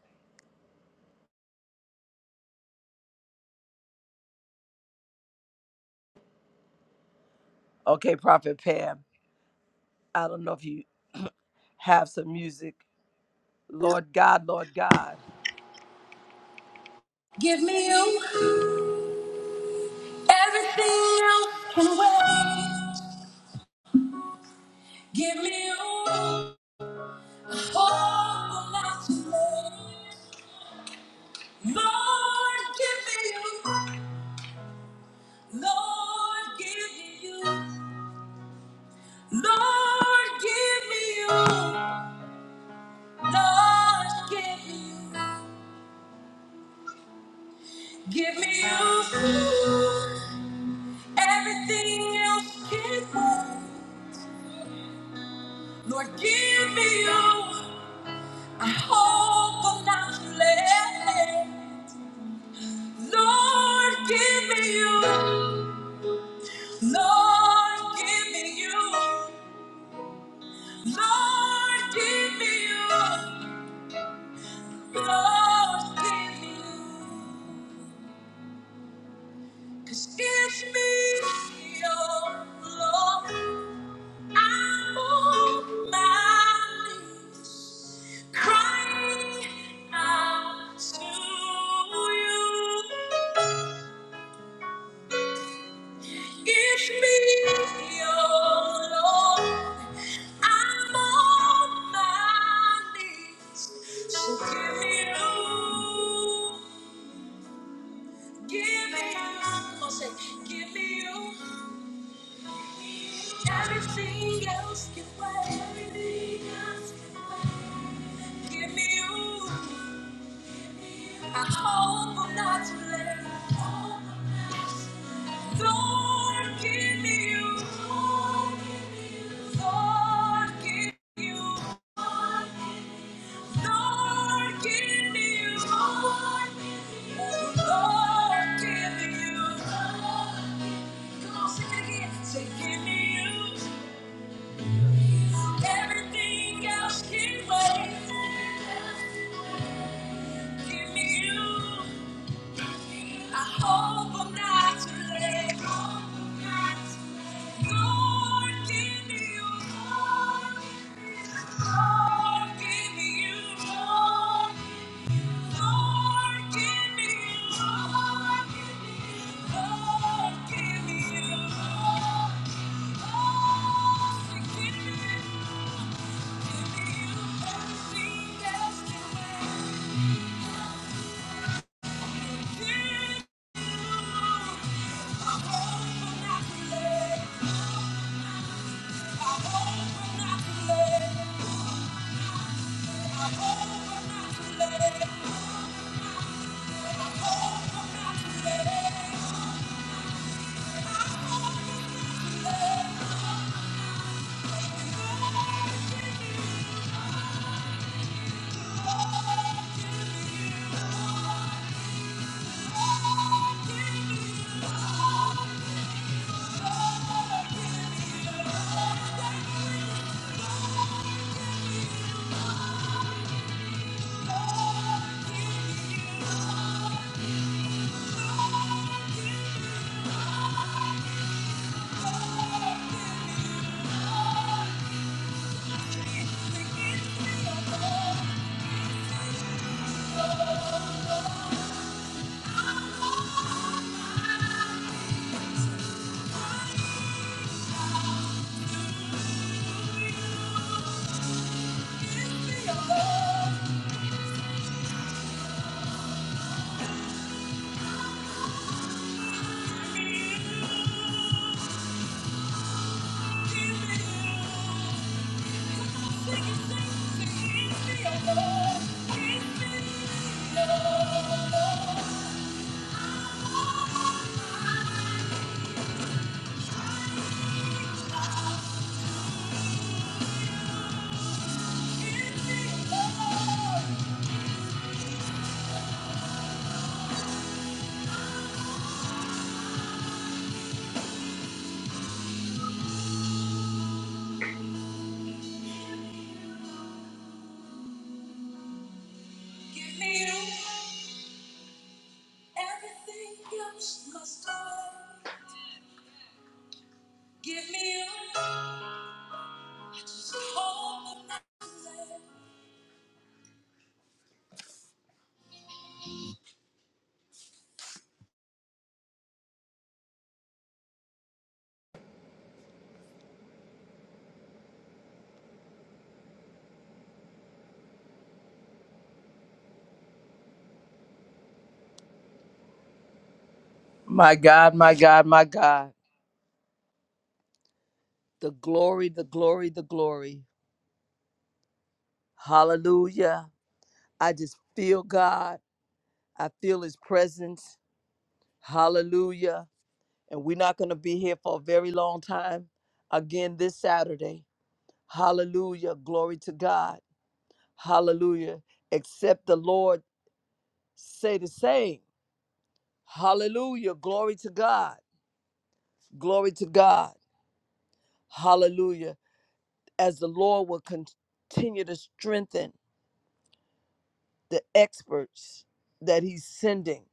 [SPEAKER 1] Okay, Prophet Pam, I don't know if you have some music. Lord God, Lord God.
[SPEAKER 6] Give me you. Everything else can wait. Give me you. All that you made. Lord, give me you. Lord, give me you. Lord, give me you. Lord, give me you. Give me you. Everything else can wait. Lord, give me you. I hope I'm not too late. Lord, give me you. Lord, give me you. Lord, give me you. Lord, give me You. 'Cause it's me, your Lord. I'm on my knees, crying out to you. Give me your love. I'm on my knees. So give me you. Give me you. Come on, say, give me you. Everything else can wait. Everything else can wait. Give me you. I hope I'm not too late. I hope I'm not too late. Lord, give me you. Lord, give me you. Lord, give you one. Lord, give me you. one. Lord, give me you. one. Come on, sing it again. Say, give me you. Everything else can wait. Give me you. I hope I'm not too late. Lord, give me you. Lord, give me you. Lord, give me you. Lord, give me you. Lord, give me you. Give me you every destiny. Thank you. Give me you. Everything else must go. Give me your love. I just hope I'm not too late.
[SPEAKER 1] My God, my God, my God. The glory, the glory, the glory. Hallelujah. I just feel God. I feel his presence. Hallelujah. And we're not going to be here for a very long time again this Saturday. Hallelujah. Glory to God. Hallelujah. Except the Lord say the same. Hallelujah. Glory to God. Glory to God. Hallelujah. As the Lord will continue to strengthen the experts that he's sending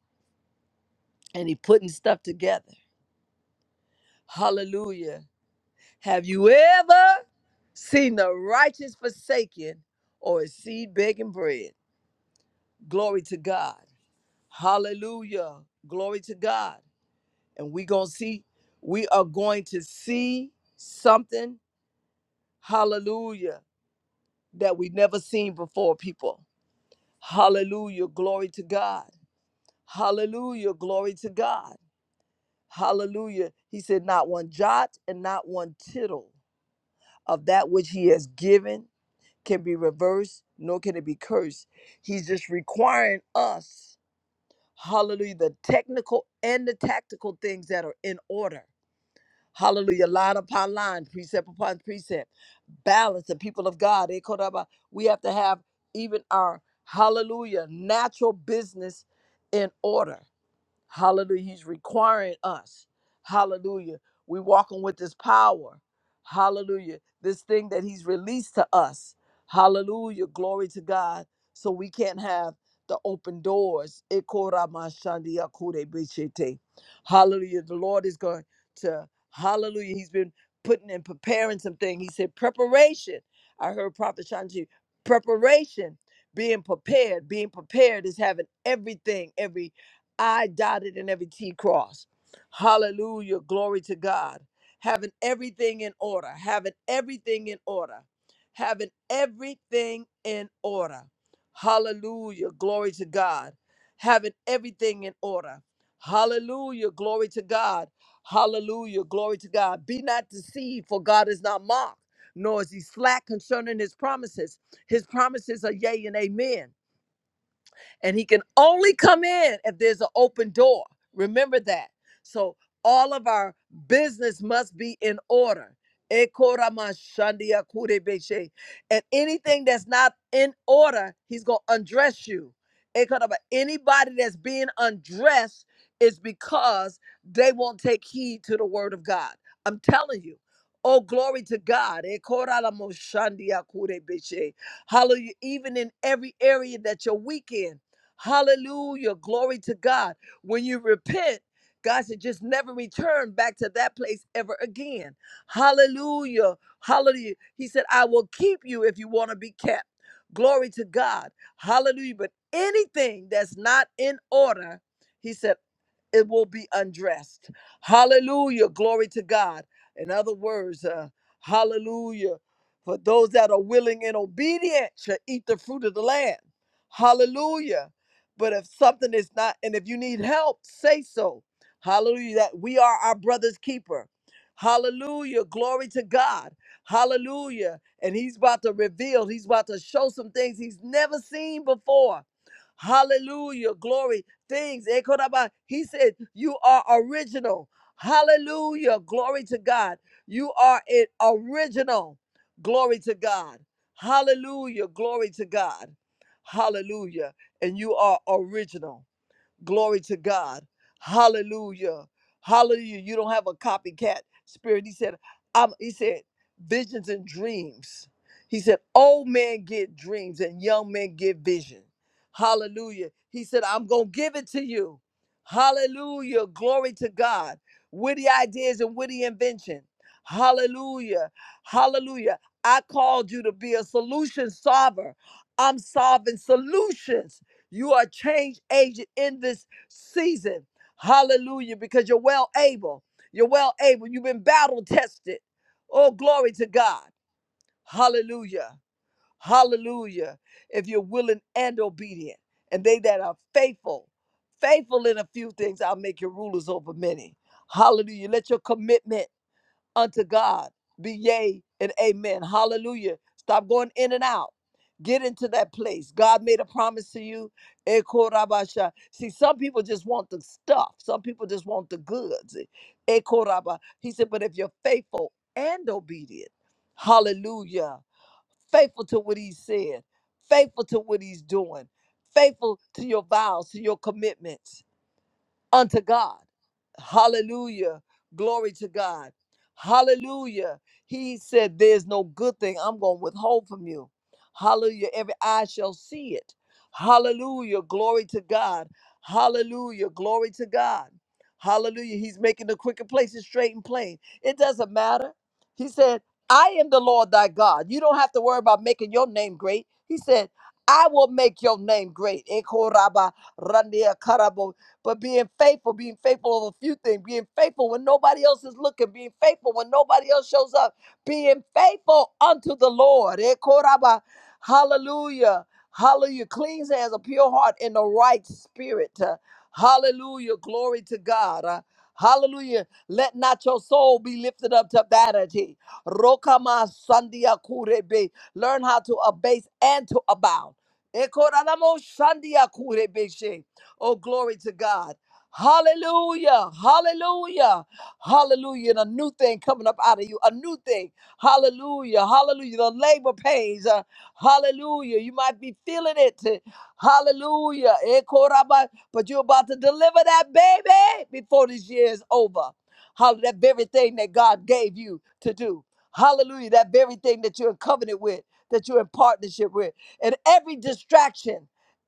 [SPEAKER 1] and he putting stuff together. Hallelujah. Have you ever seen the righteous forsaken or a seed begging bread? Glory to God. Hallelujah. Glory to God. And we going to see we are going to see something hallelujah that we never seen before people. Hallelujah. Glory to God. Hallelujah. Glory to God. Hallelujah. He said, Not one jot and not one tittle of that which he has given can be reversed, nor can it be cursed. He's just requiring us, hallelujah, the technical and the tactical things that are in order. Hallelujah. Line upon line, precept upon precept. Balance the people of God. eh, Koraba. We have to have even our hallelujah natural business in order. Hallelujah. He's requiring us. Hallelujah. We walking with his power. Hallelujah. This thing that he's released to us. Hallelujah. Glory to God. So we can't have the open doors. Ekoramashandiakurebishete. Hallelujah. The Lord is going to, hallelujah. He's been putting and preparing some things. He said, preparation. I heard Prophet Shanti, preparation, being prepared. Being prepared is having everything, every I dotted in every T cross. Hallelujah. Glory to God. Having everything in order. Having everything in order. Having everything in order. Hallelujah. Glory to God. Having everything in order. Hallelujah. Glory to God. Hallelujah. Glory to God. Be not deceived, for God is not mocked, nor is he slack concerning his promises. His promises are yea and amen and he can only come in if there's an open door. Remember that. So all of our business must be in order. Ekoramashandiakurebeshe. And anything that's not in order, he's gonna undress you. Ekoraba- Anybody that's being undressed is because they won't take heed to the word of God. I'm telling you. Oh, glory to God. Ekoralamashandiakurebeshe. Hallelujah. Even in every area that you're weak in. Hallelujah. Glory to God. When you repent, God said, just never return back to that place ever again. Hallelujah. Hallelujah. He said, I will keep you if you want to be kept. Glory to God. Hallelujah. But anything that's not in order, he said it will be undressed. Hallelujah. Glory to God. In other words, uh, hallelujah. For those that are willing and obedient shall eat the fruit of the land. Hallelujah. But if something is not, and if you need help, say so. Hallelujah. That we are our brother's keeper. Hallelujah. Glory to God. Hallelujah. And he's about to reveal, he's about to show some things he's never seen before. Hallelujah. Glory things. Ekoraba, He said, You are original. Hallelujah. Glory to God. You are it original. Glory to God. Hallelujah. Glory to God. Hallelujah. And you are original. Glory to God. Hallelujah. Hallelujah. You don't have a copycat spirit. He said, I'm, he said, visions and dreams. He said, old men get dreams and young men get vision. Hallelujah. He said, I'm going to give it to you. Hallelujah. Glory to God. Witty ideas and witty invention. Hallelujah. Hallelujah. I called you to be a solution solver. I'm solving solutions. You are change agent in this season. Hallelujah. Because you're well able. You're well able. You've been battle tested. Oh, glory to God. Hallelujah. Hallelujah. If you're willing and obedient, and they that are faithful, faithful in a few things, I'll make you rulers over many. Hallelujah. Let your commitment unto God be yea and amen. Hallelujah. Stop going in and out. Get into that place. God made a promise to you. Eko rabasha. See, some people just want the stuff. Some people just want the goods. Eko raba. He said, but if you're faithful and obedient, hallelujah, faithful to what he said, faithful to what he's doing, faithful to your vows, to your commitments unto God. Hallelujah. Glory to God. Hallelujah. He said, There's no good thing I'm going to withhold from you. Hallelujah. Every eye shall see it. Hallelujah. Glory to God. Hallelujah. Glory to God. Hallelujah. He's making the crooked places straight and plain. It doesn't matter. He said, I am the Lord thy God. You don't have to worry about making your name great. He said, I will make your name great. Ekoraba randia karabo but being faithful, being faithful over a few things, being faithful when nobody else is looking, being faithful when nobody else shows up, being faithful unto the Lord. Eh, koraba. Hallelujah. Hallelujah. Clean hands, a pure heart, and the right spirit. Uh, Hallelujah. Glory to God. Uh, Hallelujah. Let not your soul be lifted up to vanity. Rokama sandia kurebe. Learn how to abase and to abound. Ekoralamo sandia kurebe. Oh, glory to God. Hallelujah. Hallelujah. Hallelujah. And a new thing coming up out of you. A new thing. Hallelujah. Hallelujah. The labor pains. uh, hallelujah. You might be feeling it. Hallelujah. Eh, koraba- But you're about to deliver that baby before this year is over. Hallelujah. That very thing that God gave you to do. Hallelujah. That very thing that you're in covenant with, that you're in partnership with. And every distraction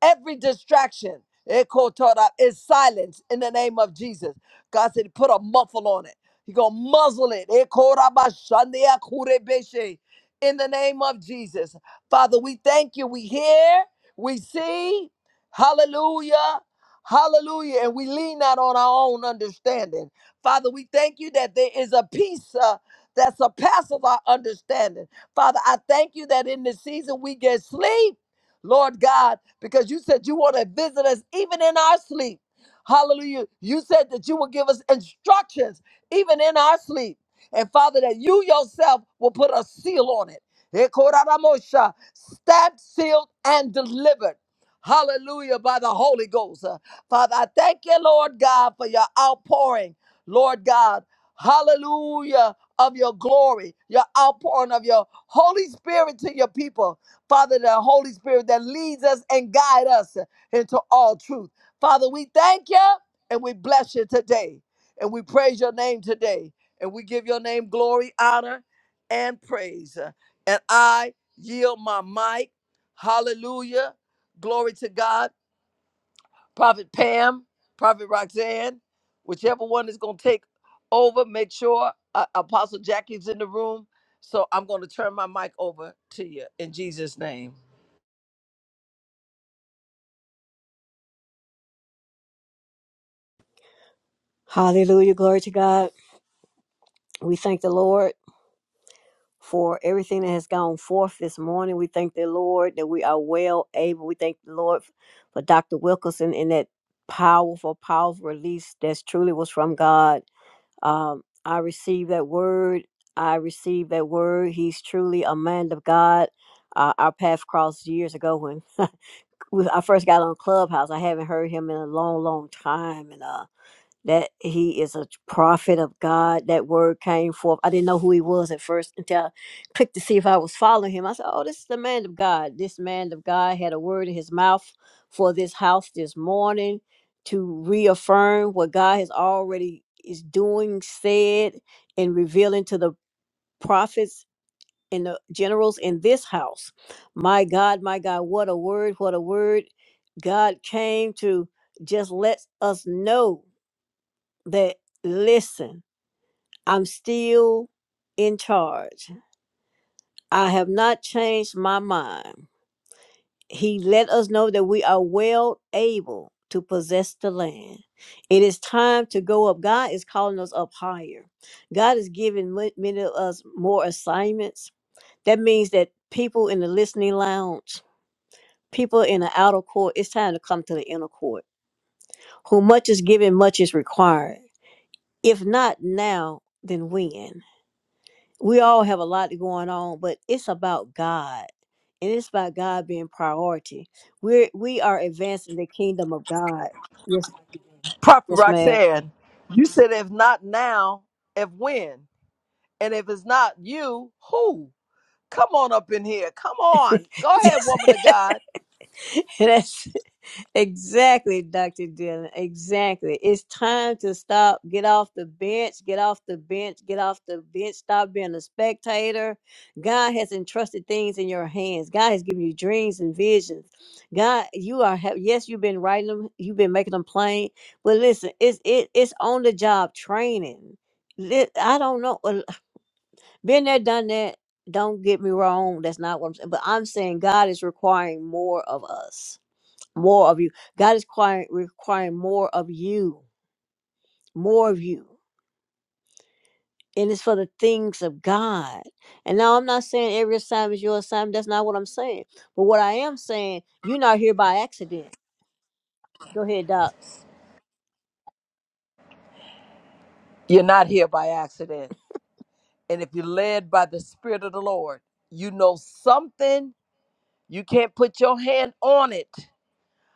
[SPEAKER 1] every distraction Eko Torah, is silenced in the name of Jesus. God said, put a muffle on it. He gonna muzzle it. Eko Rabba Shandia Kurebeshe. In the name of Jesus. Father, we thank you. We hear, we see. Hallelujah. Hallelujah. And we lean not on our own understanding. Father, we thank you that there is a peace uh, that surpasses our understanding. Father, I thank you that in this season we get sleep. Lord God, because you said you want to visit us even in our sleep. Hallelujah. You said that you will give us instructions even in our sleep. And Father, that you yourself will put a seal on it. Ekoraramosha, Stamped, sealed, and delivered. Hallelujah, by the Holy Ghost. Uh, Father, I thank you, Lord God, for your outpouring, Lord God. Hallelujah, of your glory, your outpouring of your Holy Spirit to your people. Father, the Holy Spirit that leads us and guide us into all truth. Father, we thank you and we bless you today. And we praise your name today. And we give your name glory, honor, and praise. And I yield my mic. Hallelujah. Glory to God. Prophet Pam, Prophet Roxanne, whichever one is going to take over, make sure uh, Apostle Jackie's in the room. So I'm going to turn my mic over to you in Jesus' name.
[SPEAKER 7] Hallelujah. Glory to God. We thank the Lord for everything that has gone forth this morning. We thank the Lord that we are well able. We thank the Lord for Dr. Wilkerson and that powerful, powerful release that's truly was from God. Um, I received that word. I received that word. He's truly a man of God. Uh, our path crossed years ago when we- I first got on Clubhouse. I haven't heard him in a long, long time. And uh, that he is a prophet of God. That word came forth. I didn't know who he was at first until I clicked to see if I was following him. I said, Oh, this is the man of God. This man of God had a word in his mouth for this house this morning to reaffirm what God has already is doing, said, and revealing to the prophets and the generals in this house. My God, my God, what a word, what a word. God came to just let us know that listen, I'm still in charge. I have not changed my mind. He let us know that we are well able to possess the land. It is time to go up. God is calling us up higher. God is giving ma- many of us more assignments. That means that people in the listening lounge, people in the outer court, it's time to come to the inner court. Who much is given, much is required. If not now, then when? we all have a lot going on, but it's about God. And it's about God being priority. We're we are advancing the kingdom of God. Yes, Dr. Jane.
[SPEAKER 1] Prophet
[SPEAKER 7] yes, ma'am.
[SPEAKER 1] Roxanne, you said if not now, if when? And if it's not you, who? Come on up in here. Come on. Go ahead, woman of God.
[SPEAKER 7] Yes. Exactly, Dr. Dillon. Exactly. It's time to stop, get off the bench, get off the bench, get off the bench, stop being a spectator. God has entrusted things in your hands. God has given you dreams and visions. God, you are have yes, you've been writing them, you've been making them plain, but listen, it's it it's on the job training. Li- I don't know. uh, Been there, done that. Don't get me wrong. That's not what I'm saying. But I'm saying God is requiring more of us more of you. God is requiring, requiring more of you, more of you. And it's for the things of God. And now I'm not saying every assignment is your assignment. That's not what I'm saying. But what I am saying, you're not here by accident. Go ahead, Doc.
[SPEAKER 1] You're not here by accident. And if you're led by the Spirit of the Lord, you know something. You can't put your hand on it.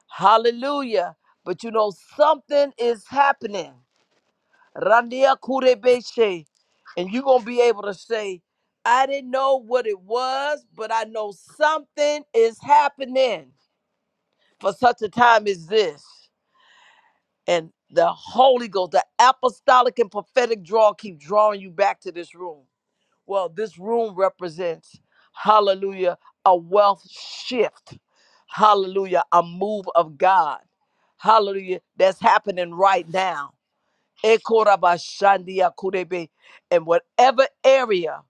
[SPEAKER 1] Hallelujah. But you know something is happening. Randia Kurebeshe. And you're going to be able to say, I didn't know what it was, but I know something is happening for such a time as this. And the Holy Ghost, the apostolic and prophetic draw keep drawing you back to this room. Well, this room represents, hallelujah, a wealth shift. Hallelujah, a move of God. Hallelujah, that's happening right now. Ekorabashandia kurebe. In whatever area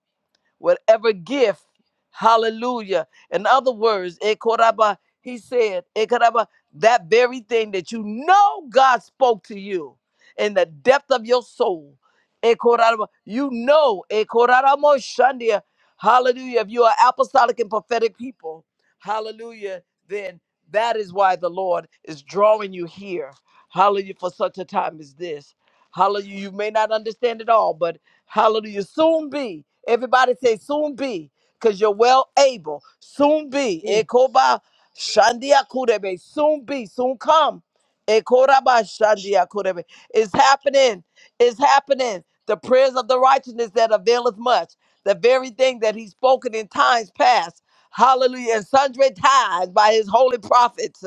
[SPEAKER 1] whatever gift. Hallelujah. In other words, Ekoraba, he said, Ekoraba, that very thing that you know God spoke to you in the depth of your soul. Ekoraba, you know, Ekoraramo Shandia, hallelujah. If you are apostolic and prophetic people, hallelujah, then that is why the Lord is drawing you here. Hallelujah, for such a time as this. Hallelujah. You may not understand it all, but Hallelujah. Soon be. Everybody say soon be, because you're well able. Soon be.
[SPEAKER 7] Mm.
[SPEAKER 1] Ekoba shandia kurebe. Soon be. Soon come. Ekoraba shandia kurebe. It's happening. It's happening. The prayers of the righteousness that availeth much. The very thing that he's spoken in times past. Hallelujah. And sundry times by his holy prophets.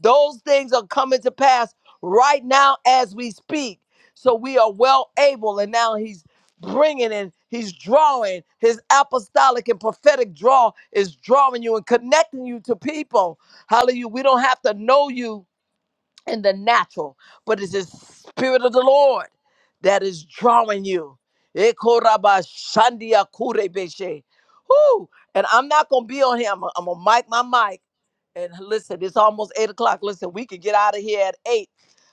[SPEAKER 1] Those things are coming to pass right now as we speak. So we are well able. And now he's bringing and he's drawing his apostolic and prophetic draw is drawing you and connecting you to people hallelujah we don't have to know you in the natural, but it's the Spirit of the Lord that is drawing you. Ekorabashandiakurebeshe. Whoo! And I'm not going to be on here. I'm going to mic my mic. And listen, it's almost 8 o'clock. Listen, we could get out of here at 8.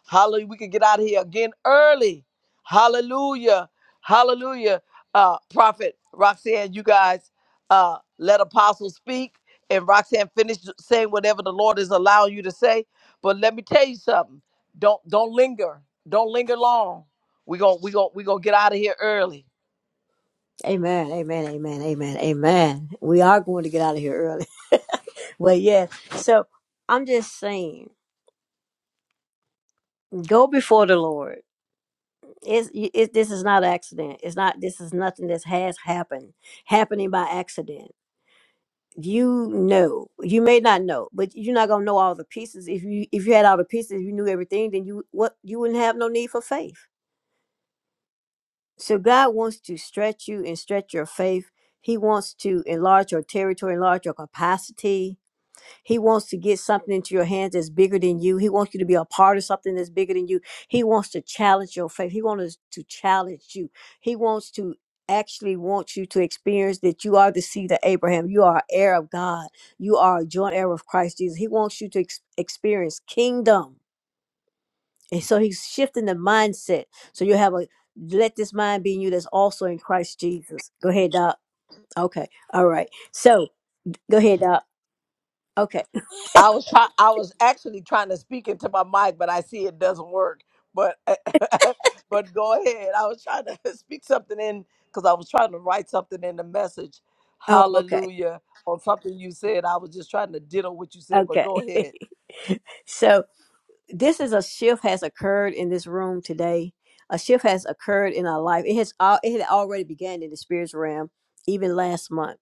[SPEAKER 1] Hallelujah. We could get out of here again early. Hallelujah. Hallelujah. Uh, Prophet Roxanne, you guys uh, let Apostle speak. And Roxanne, finish saying whatever the Lord is allowing you to say but let me tell you something. Don't don't linger. Don't linger long. We gon' we gon' we gonna get out of here early.
[SPEAKER 7] Amen. Amen. Amen. Amen. Amen. We are going to get out of here early. Well, yeah. So I'm just saying, go before the Lord. It's, it, this is not an accident. It's not. This is nothing that has happened, happening by accident. you know you may not know but you're not gonna know all the pieces if you if you had all the pieces you knew everything then you what you wouldn't have no need for faith so god wants to stretch you and stretch your faith he wants to enlarge your territory enlarge your capacity he wants to get something into your hands that's bigger than you. He wants you to be a part of something that's bigger than you. He wants to challenge your faith. He wants to challenge you. He wants to actually want you to experience that you are the seed of Abraham. You are heir of God. You are a joint heir of Christ Jesus. He wants you to ex- experience kingdom. And so he's shifting the mindset. So you have a let this mind be in you that's also in Christ Jesus. Go ahead, Doc. Okay. All right. So go ahead, Doc. Okay.
[SPEAKER 1] I was try- I was actually trying to speak into my mic, but I see it doesn't work. But but go ahead. I was trying to speak something in because I was trying to write something in the message.
[SPEAKER 7] Oh, okay.
[SPEAKER 1] Hallelujah on something you said. I was just trying to ditto what you said, but
[SPEAKER 7] Okay.
[SPEAKER 1] go ahead.
[SPEAKER 7] So this is a shift has occurred in this room today. A shift has occurred in our life. It has all it had already began in the spiritual realm, even last month,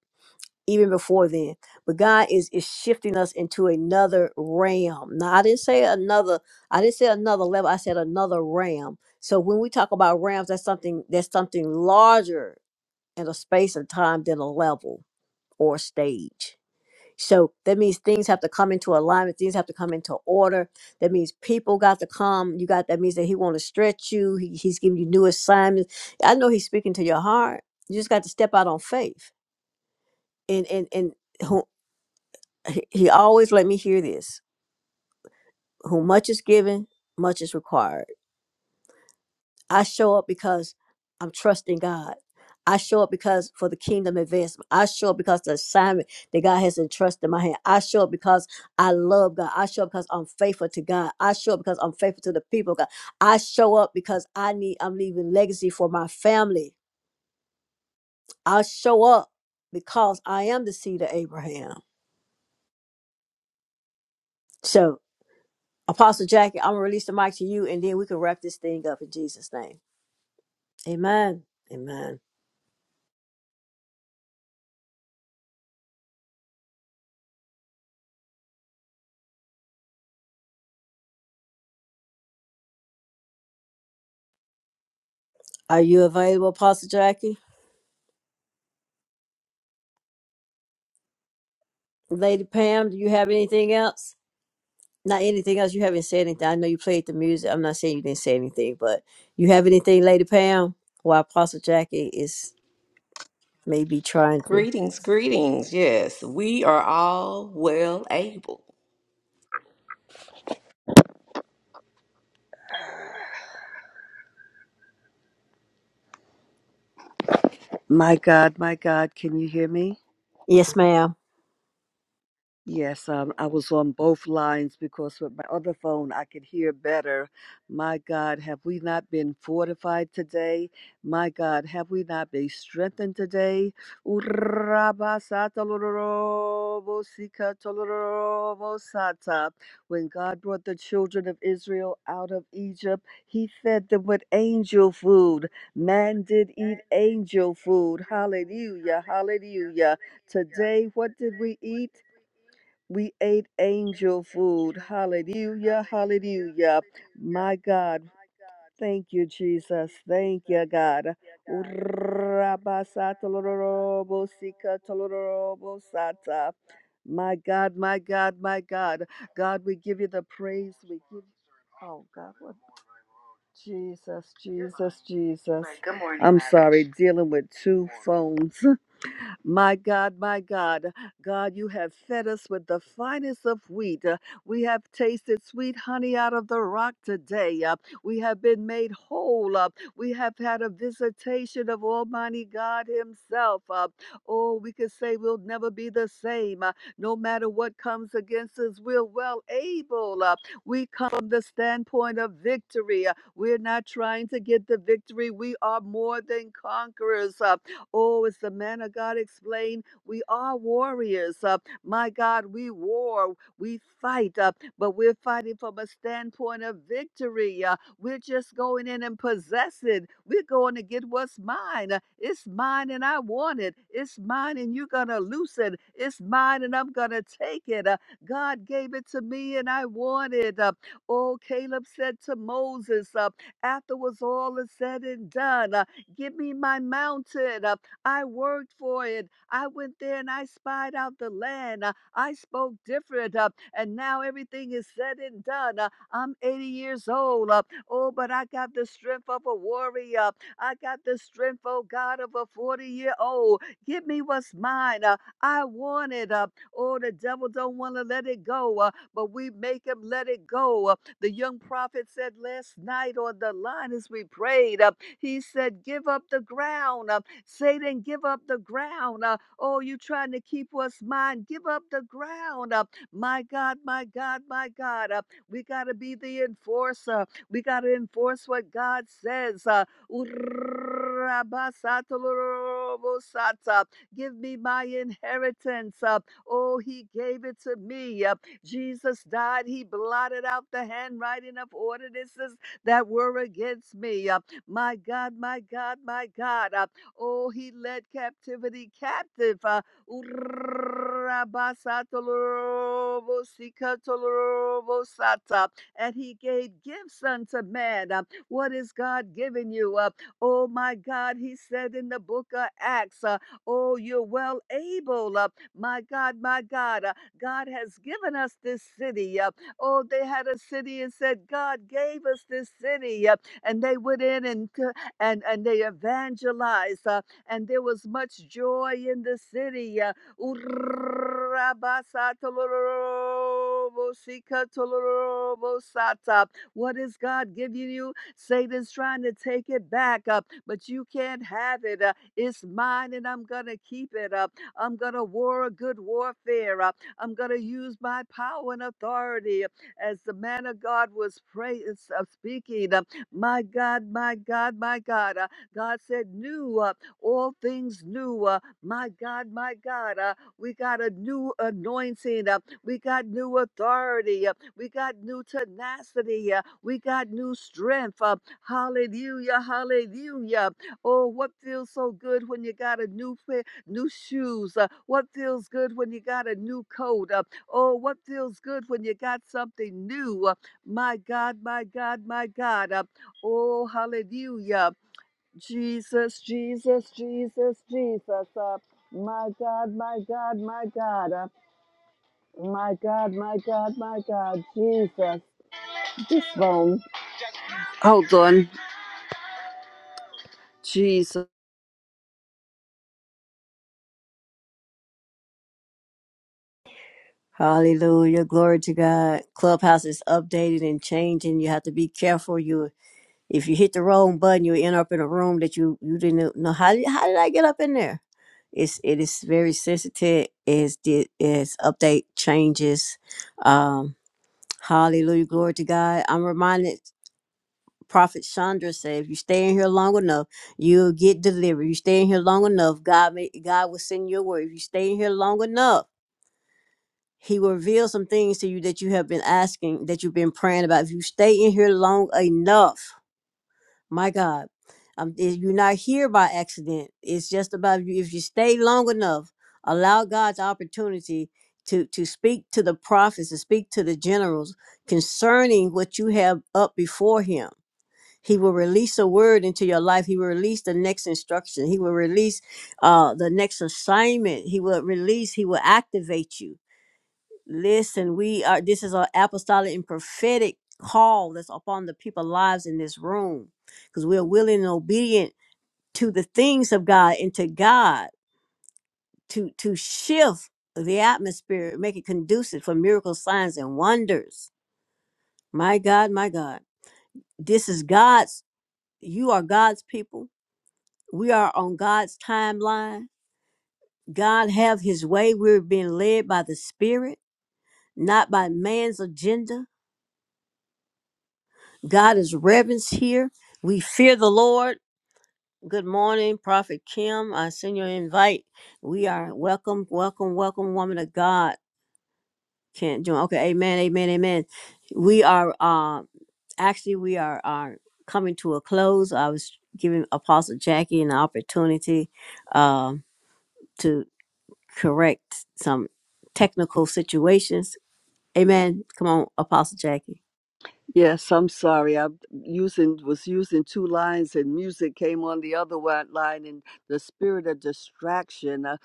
[SPEAKER 7] even before then. But God is is shifting us into another realm. Now I didn't say another. I didn't say another level. I said another realm. So when we talk about realms, that's something that's something larger in a space of time than a level or a stage. So that means things have to come into alignment. Things have to come into order. That means people got to come. You got that means that he want to stretch you. He, he's giving you new assignments. I know he's speaking to your heart. You just got to step out on faith. And and and who, he he always let me hear this: who much is given, much is required I show up because I'm trusting God. I show up because for the kingdom advancement. I show up because the assignment that God has entrusted in my hand. I show up because I love God. I show up because I'm faithful to God. I show up because I'm faithful to the people of God. I show up because I need I'm leaving legacy for my family. I show up because I am the seed of Abraham. So Apostle Jackie, I'm gonna release the mic to you and then we can wrap this thing up in Jesus' name. Amen. Amen. Are you available, Apostle Jackie? Lady Pam, do you have anything else? Not anything else. You haven't said anything. I know you played the music. I'm not saying you didn't say anything, but you have anything, Lady Pam? While Apostle Jackie is maybe trying to.
[SPEAKER 6] Greetings, greetings. Yes, we are all well able.
[SPEAKER 8] My God, my God, can you hear me?
[SPEAKER 7] Yes, ma'am.
[SPEAKER 8] Yes, um, I was on both lines because with my other phone I could hear better. My God, have we not been fortified today? My God, have we not been strengthened today? Urrabasatalorobosikatalorobosata. When God brought the children of Israel out of Egypt, He fed them with angel food. Man did eat angel food. Hallelujah, hallelujah. Today, what did we eat? We ate angel food. Hallelujah. Hallelujah. My God. Thank you, Jesus. Thank you, God. Urrabasatalorobosikatalorobosata. My God, my God, my God. God, we give you the praise. We give Oh God, what Jesus, Jesus, Jesus. Good morning, I'm Madam. sorry, dealing with two phones. My God, my God, God, you have fed us with the finest of wheat. Uh, We have tasted sweet honey out of the rock today. Uh, We have been made whole. Uh, We have had a visitation of Almighty God Himself. Uh, Oh, we could say we'll never be the same. Uh, No matter what comes against us, we're well able. Uh, We come from the standpoint of victory. Uh, We're not trying to get the victory. We are more than conquerors. Uh, Oh, as the man of God explained, we are warriors. Uh, my God, we war, we fight, uh, but we're fighting from a standpoint of victory. Uh, we're just going in and possessing. We're going to get what's mine. Uh, It's mine and I want it. It's mine and you're going to lose it. It's mine and I'm going to take it. Uh, God gave it to me and I want it. Uh, oh, Caleb said to Moses, uh, after was all is said and done, uh, give me my mountain. Uh, I worked for it. I went there and I spied out the land. Uh, I spoke different. Uh, and now everything is said and done. Uh, I'm 80 years old. Uh, oh, but I got the strength of a warrior. I got the strength, oh God, of a 40 year old. Give me what's mine. Uh, I want it. Uh, oh, the devil don't want to let it go. Uh, but we make him let it go. Uh, the young prophet said last night on the line as we prayed, uh, he said, Give up the ground. Uh, Satan, give up the ground. Uh, oh, you trying to keep us mine. Give up the ground. Uh, my God, my God, my God. Uh, we got to be the enforcer. We got to enforce what God says. Uh, give me my inheritance. Uh, oh, he gave it to me. Uh, Jesus died. He blotted out the handwriting of ordinances that were against me. Uh, my God, my God, my God. Uh, Oh, he led captivity captive. Uh, Urrabasatalorobosikatolorobosata. and he gave gifts unto man. Uh, what is God giving you? Uh, oh, my God, he said in the book of Acts, uh, Oh, you're well able. Uh, my God, my God, uh, God has given us this city. Uh, oh, they had a city and said, God gave us this city. Uh, and they went in and c- and and they evangelized, uh, and there was much joy in the city. Uh, what is God giving you? Satan's trying to take it back up, uh, but you can't have it. Uh, it's mine, and I'm gonna keep it up. Uh, I'm gonna war a good warfare. Uh, I'm gonna use my power and authority. As the man of God was praying, uh, speaking, uh, my God, my God, my God. Uh, God said, New, uh, all things new. Uh, my God, my God. Uh, we got a new anointing. Uh, we got new authority. Uh, we got new tenacity. Uh, we got new strength. Uh, hallelujah, hallelujah. Oh, what feels so good when you got a new pair, new shoes? Uh, what feels good when you got a new coat? Uh, oh, what feels good when you got something new? Uh, my God, my God, my God. Uh, Oh, hallelujah. Jesus, Jesus, Jesus, Jesus. Uh, my God, my God, my God. Uh, my God, my God, my God. Jesus. This phone. Hold on. Jesus.
[SPEAKER 7] Hallelujah. Glory to God. Clubhouse is updated and changing. You have to be careful. You if you hit the wrong button, you end up in a room that you you didn't know how did, how did I get up in there? It's it is very sensitive as the as update changes. Um, Hallelujah. Glory to God. I'm reminded, Prophet Chandra said, if you stay in here long enough, you'll get delivered. You stay in here long enough, God may, God will send you a word. If you stay in here long enough, he will reveal some things to you that you have been asking, that you've been praying about. If you stay in here long enough, my God, um, if you're not here by accident. It's just about you. If you stay long enough, allow God's opportunity to to speak to the prophets, to speak to the generals concerning what you have up before Him. He will release a word into your life. He will release the next instruction. He will release uh, the next assignment. He will release. He will activate you. Listen, we are this is an apostolic and prophetic call that's upon the people's lives in this room because we're willing and obedient to the things of God and to God to to shift the atmosphere, make it conducive for miracles, signs, and wonders. My God, my God. This is God's, you are God's people. We are on God's timeline. God have his way. We're being led by the Spirit, not by man's agenda God is reverenced here. We fear the Lord. Good morning, Prophet Kim. I send your invite. We are welcome, welcome, welcome, woman of God. Can't join. Okay, amen, amen, amen. We are uh actually we are are coming to a close. I was giving Apostle Jackie an opportunity um to correct some technical situations. Amen. Come on, Apostle Jackie.
[SPEAKER 8] Yes, I'm sorry. I using was using two lines, and music came on the other one line, and the spirit of distraction. uh,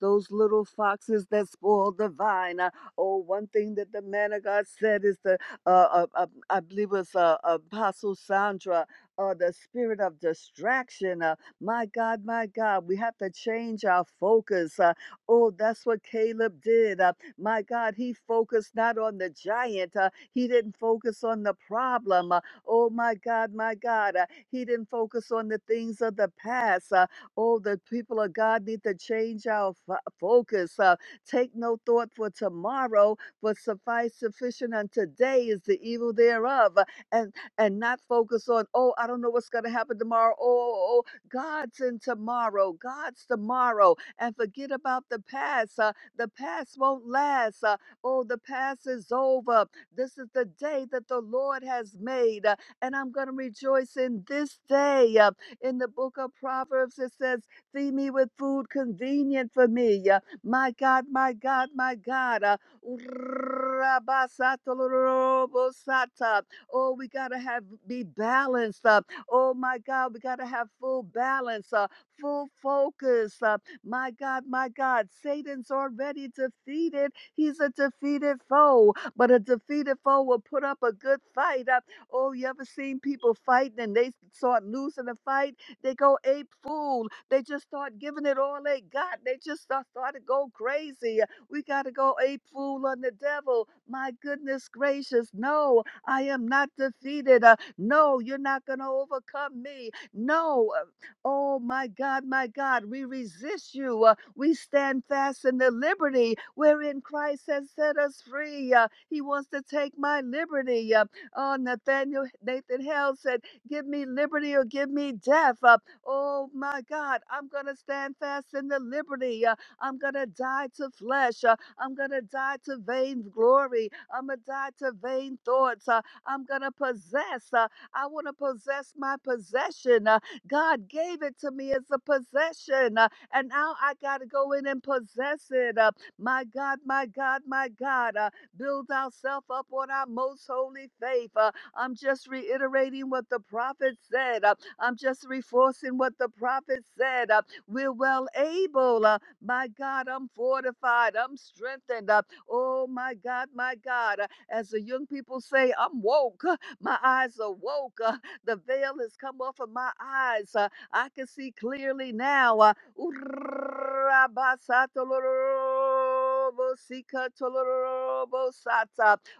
[SPEAKER 8] Those little foxes that spoil the vine. uh, Oh, one thing that the man of God said is the uh, uh, uh, I believe it's uh, Apostle Sandra. Uh, the spirit of distraction. Uh, my God, my God, we have to change our focus. Uh, Oh, that's what Caleb did. Uh, my God, he focused not on the giant. Uh, he didn't focus on the problem. Uh, oh, my God, my God. Uh, he didn't focus on the things of the past. Uh, oh, the people of God need to change our fo- focus. Uh, take no thought for tomorrow, but suffice sufficient unto today is the evil thereof. Uh, And and not focus on, oh, I don't know what's going to happen tomorrow. Oh, oh, oh, God's in tomorrow. God's tomorrow and forget about the past. Uh, the past won't last. Uh, oh, the past is over. This is the day that the Lord has made, uh, and I'm going to rejoice in this day. Uh, in the book of Proverbs, it says, Feed me with food convenient for me. Uh, my God, my God, my God. Uh, Oh, we gotta have be balanced up. Oh my God, we gotta have full balance, uh, full focus. uh, my God, my God, Satan's already defeated. He's a defeated foe, but a defeated foe will put up a good fight. Uh, oh, you ever seen people fighting and they start losing a fight? They go ape fool. They just start giving it all they got. They just start, start to go crazy. We got to go ape fool on the devil. My goodness gracious, no, I am not defeated. Uh, no, you're not going to overcome me. No, Oh, my God, my God, we resist you. Uh, we stand fast in the liberty wherein Christ has set us free. Uh, he wants to take my liberty. Uh, oh, Nathaniel Nathan Hale said, Give me liberty or give me death. Uh, oh, my God, I'm going to stand fast in the liberty. Uh, I'm going to die to flesh. Uh, I'm going to die to vain glory. I'm going to die to vain thoughts. Uh, I'm going to possess. Uh, I want to possess my possession. Uh, God gave it to me as a possession, uh, and now I got to go in and possess it. Uh, my God, my God, my God, uh, build ourselves up on our most holy faith. Uh, I'm just reiterating what the prophet said. Uh, I'm just reinforcing what the prophet said. Uh, we're well able. Uh, my God, I'm fortified. I'm strengthened. Uh, oh, my God, my God. Uh, as the young people say, I'm woke. My eyes are woke. The veil has come off of my eyes. Uh, I can see clearly now. Uh,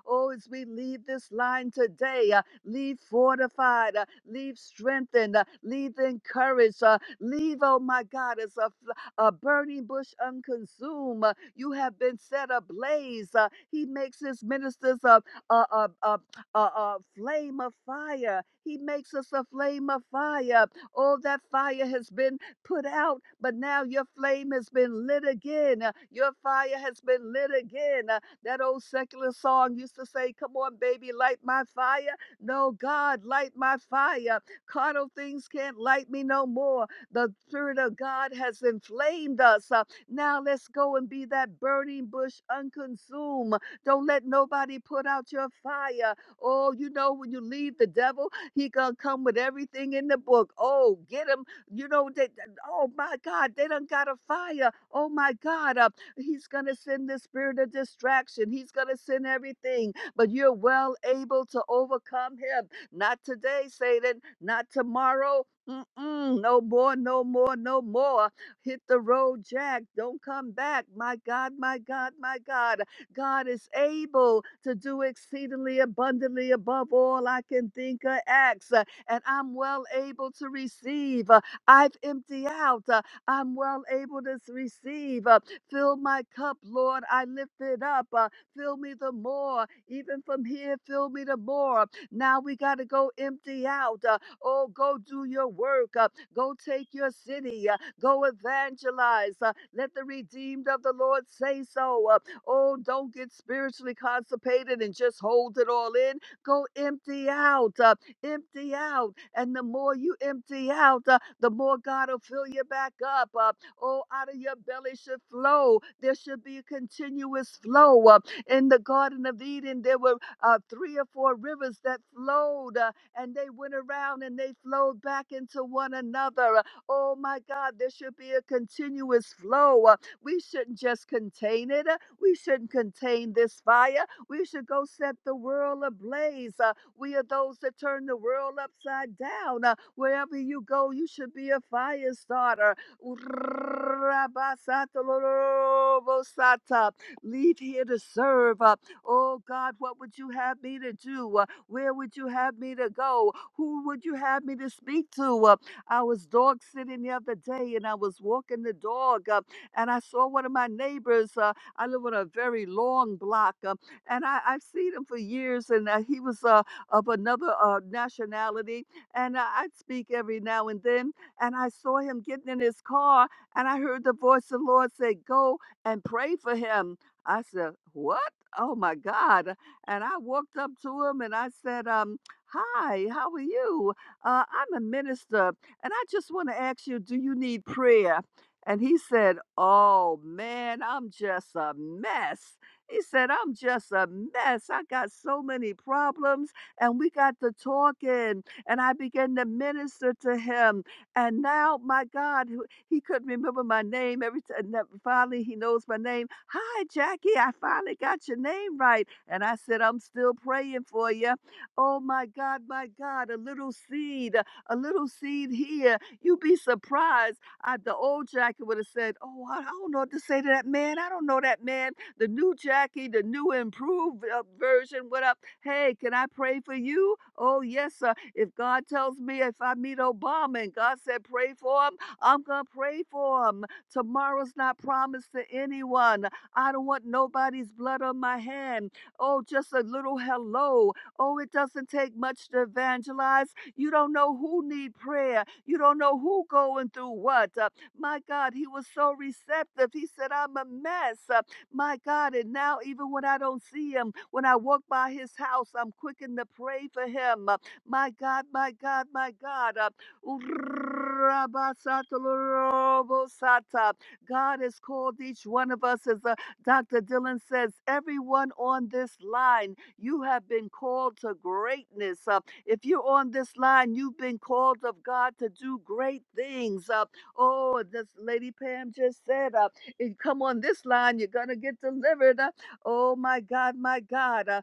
[SPEAKER 8] Oh, as we leave this line today, uh, leave fortified, uh, leave strengthened, uh, leave encouraged, uh, leave, oh my God, as a, fl- a burning bush unconsumed. Uh, you have been set ablaze. Uh, he makes his ministers a, a, a flame of fire. He makes us a flame of fire. Oh, that fire has been put out, but now your flame has been lit again. Uh, Your fire has been lit again. Uh, That old secular song used to say, Come on, baby, light my fire. No, God, light my fire. Carnal things can't light me no more. The Spirit of God has inflamed us. Uh, Now let's go and be that burning bush unconsumed. Don't let nobody put out your fire. Oh, you know, when you leave the devil, he gonna come with everything in the book. Oh, get him. You know, they, oh my God, they done got a fire. Oh my God, uh, he's gonna send the spirit of distraction. He's gonna send everything, but you're well able to overcome him. Not today, Satan. Not tomorrow. Mm-mm, no more, no more, no more. Hit the road, Jack. Don't come back. My God, my God, my God. God is able to do exceedingly abundantly above all I can think or ask. uh, And I'm well able to receive. Uh, I've emptied out. Uh, I'm well able to s- receive. Uh, Fill my cup, Lord. I lift it up. Uh, Fill me the more. Even from here, fill me the more. Now we got to go empty out. Uh, Oh, go do your work. Uh, Go take your city. Uh, Go evangelize. Uh, Let the redeemed of the Lord say so. Uh, Oh, don't get spiritually constipated and just hold it all in. Go empty out, uh, empty out. And the more you empty out, uh, the more God will fill you back up. Uh, oh, out of your belly should flow. There should be a continuous flow. Uh, in the Garden of Eden, there were uh, three or four rivers that flowed uh, and they went around and they flowed back into one another. Uh, Oh my God, there should be a continuous flow. Uh, we shouldn't just contain it. Uh, We shouldn't contain this fire. We should go set the world ablaze. Uh, We are those that turn the world upside down. Uh, Wherever you go, you should be a fire starter. Leave here to serve. Uh, Oh God, what would you have me to do? Uh, Where would you have me to go? Who would you have me to speak to? Uh, I was dog sitting the other day and I was walking the dog. Uh, and I saw one of my neighbors. Uh, I live on a very long block, um, and I, I've seen him for years. And uh, he was uh, of another uh, nationality, and uh, I'd speak every now and then. And I saw him getting in his car, and I heard the voice of the Lord say, "Go and pray for him." I said, "What?" Oh my God. And I walked up to him and I said, um, Hi, how are you? Uh, I'm a minister and I just want to ask you, do you need prayer? And he said, Oh man, I'm just a mess. He said, I'm just a mess. I got so many problems. And we got to talking, and I began to minister to him. And now, my God, who- he couldn't remember my name every time. Finally, he knows my name. Hi, Jackie, I finally got your name right. And I said, I'm still praying for you. Oh, my God, my God, a little seed, a little seed here. You'd be surprised uh, the old Jackie would have said, "Oh, I, I don't know what to say to that man. I don't know that man." The new Jackie, the new improved uh, version, what up. Hey, can I pray for you? Oh yes, sir. If God tells me if I meet Obama and God said pray for him, I'm gonna pray for him. Tomorrow's not promised to anyone. I don't want nobody's blood on my hand. Oh, just a little hello. Oh, it doesn't take much to evangelize. You don't know who need prayer. You don't know who going through what. Uh, my God, he was so receptive. He said, I'm a mess. Uh, my God, and now even when I don't see him, when I walk by his house, I'm quickened to pray for him. Uh, my God, my God, my God. Uh, God has called each one of us, as uh, Dr. Dillon says, everyone on this line, you have been called to greatness. Uh, if you're on this line, you've been called of God to do great things. Uh, oh, this Lady Pam just said, uh, if you come on this line, you're going to get delivered. Uh, oh, my God, my God. Uh,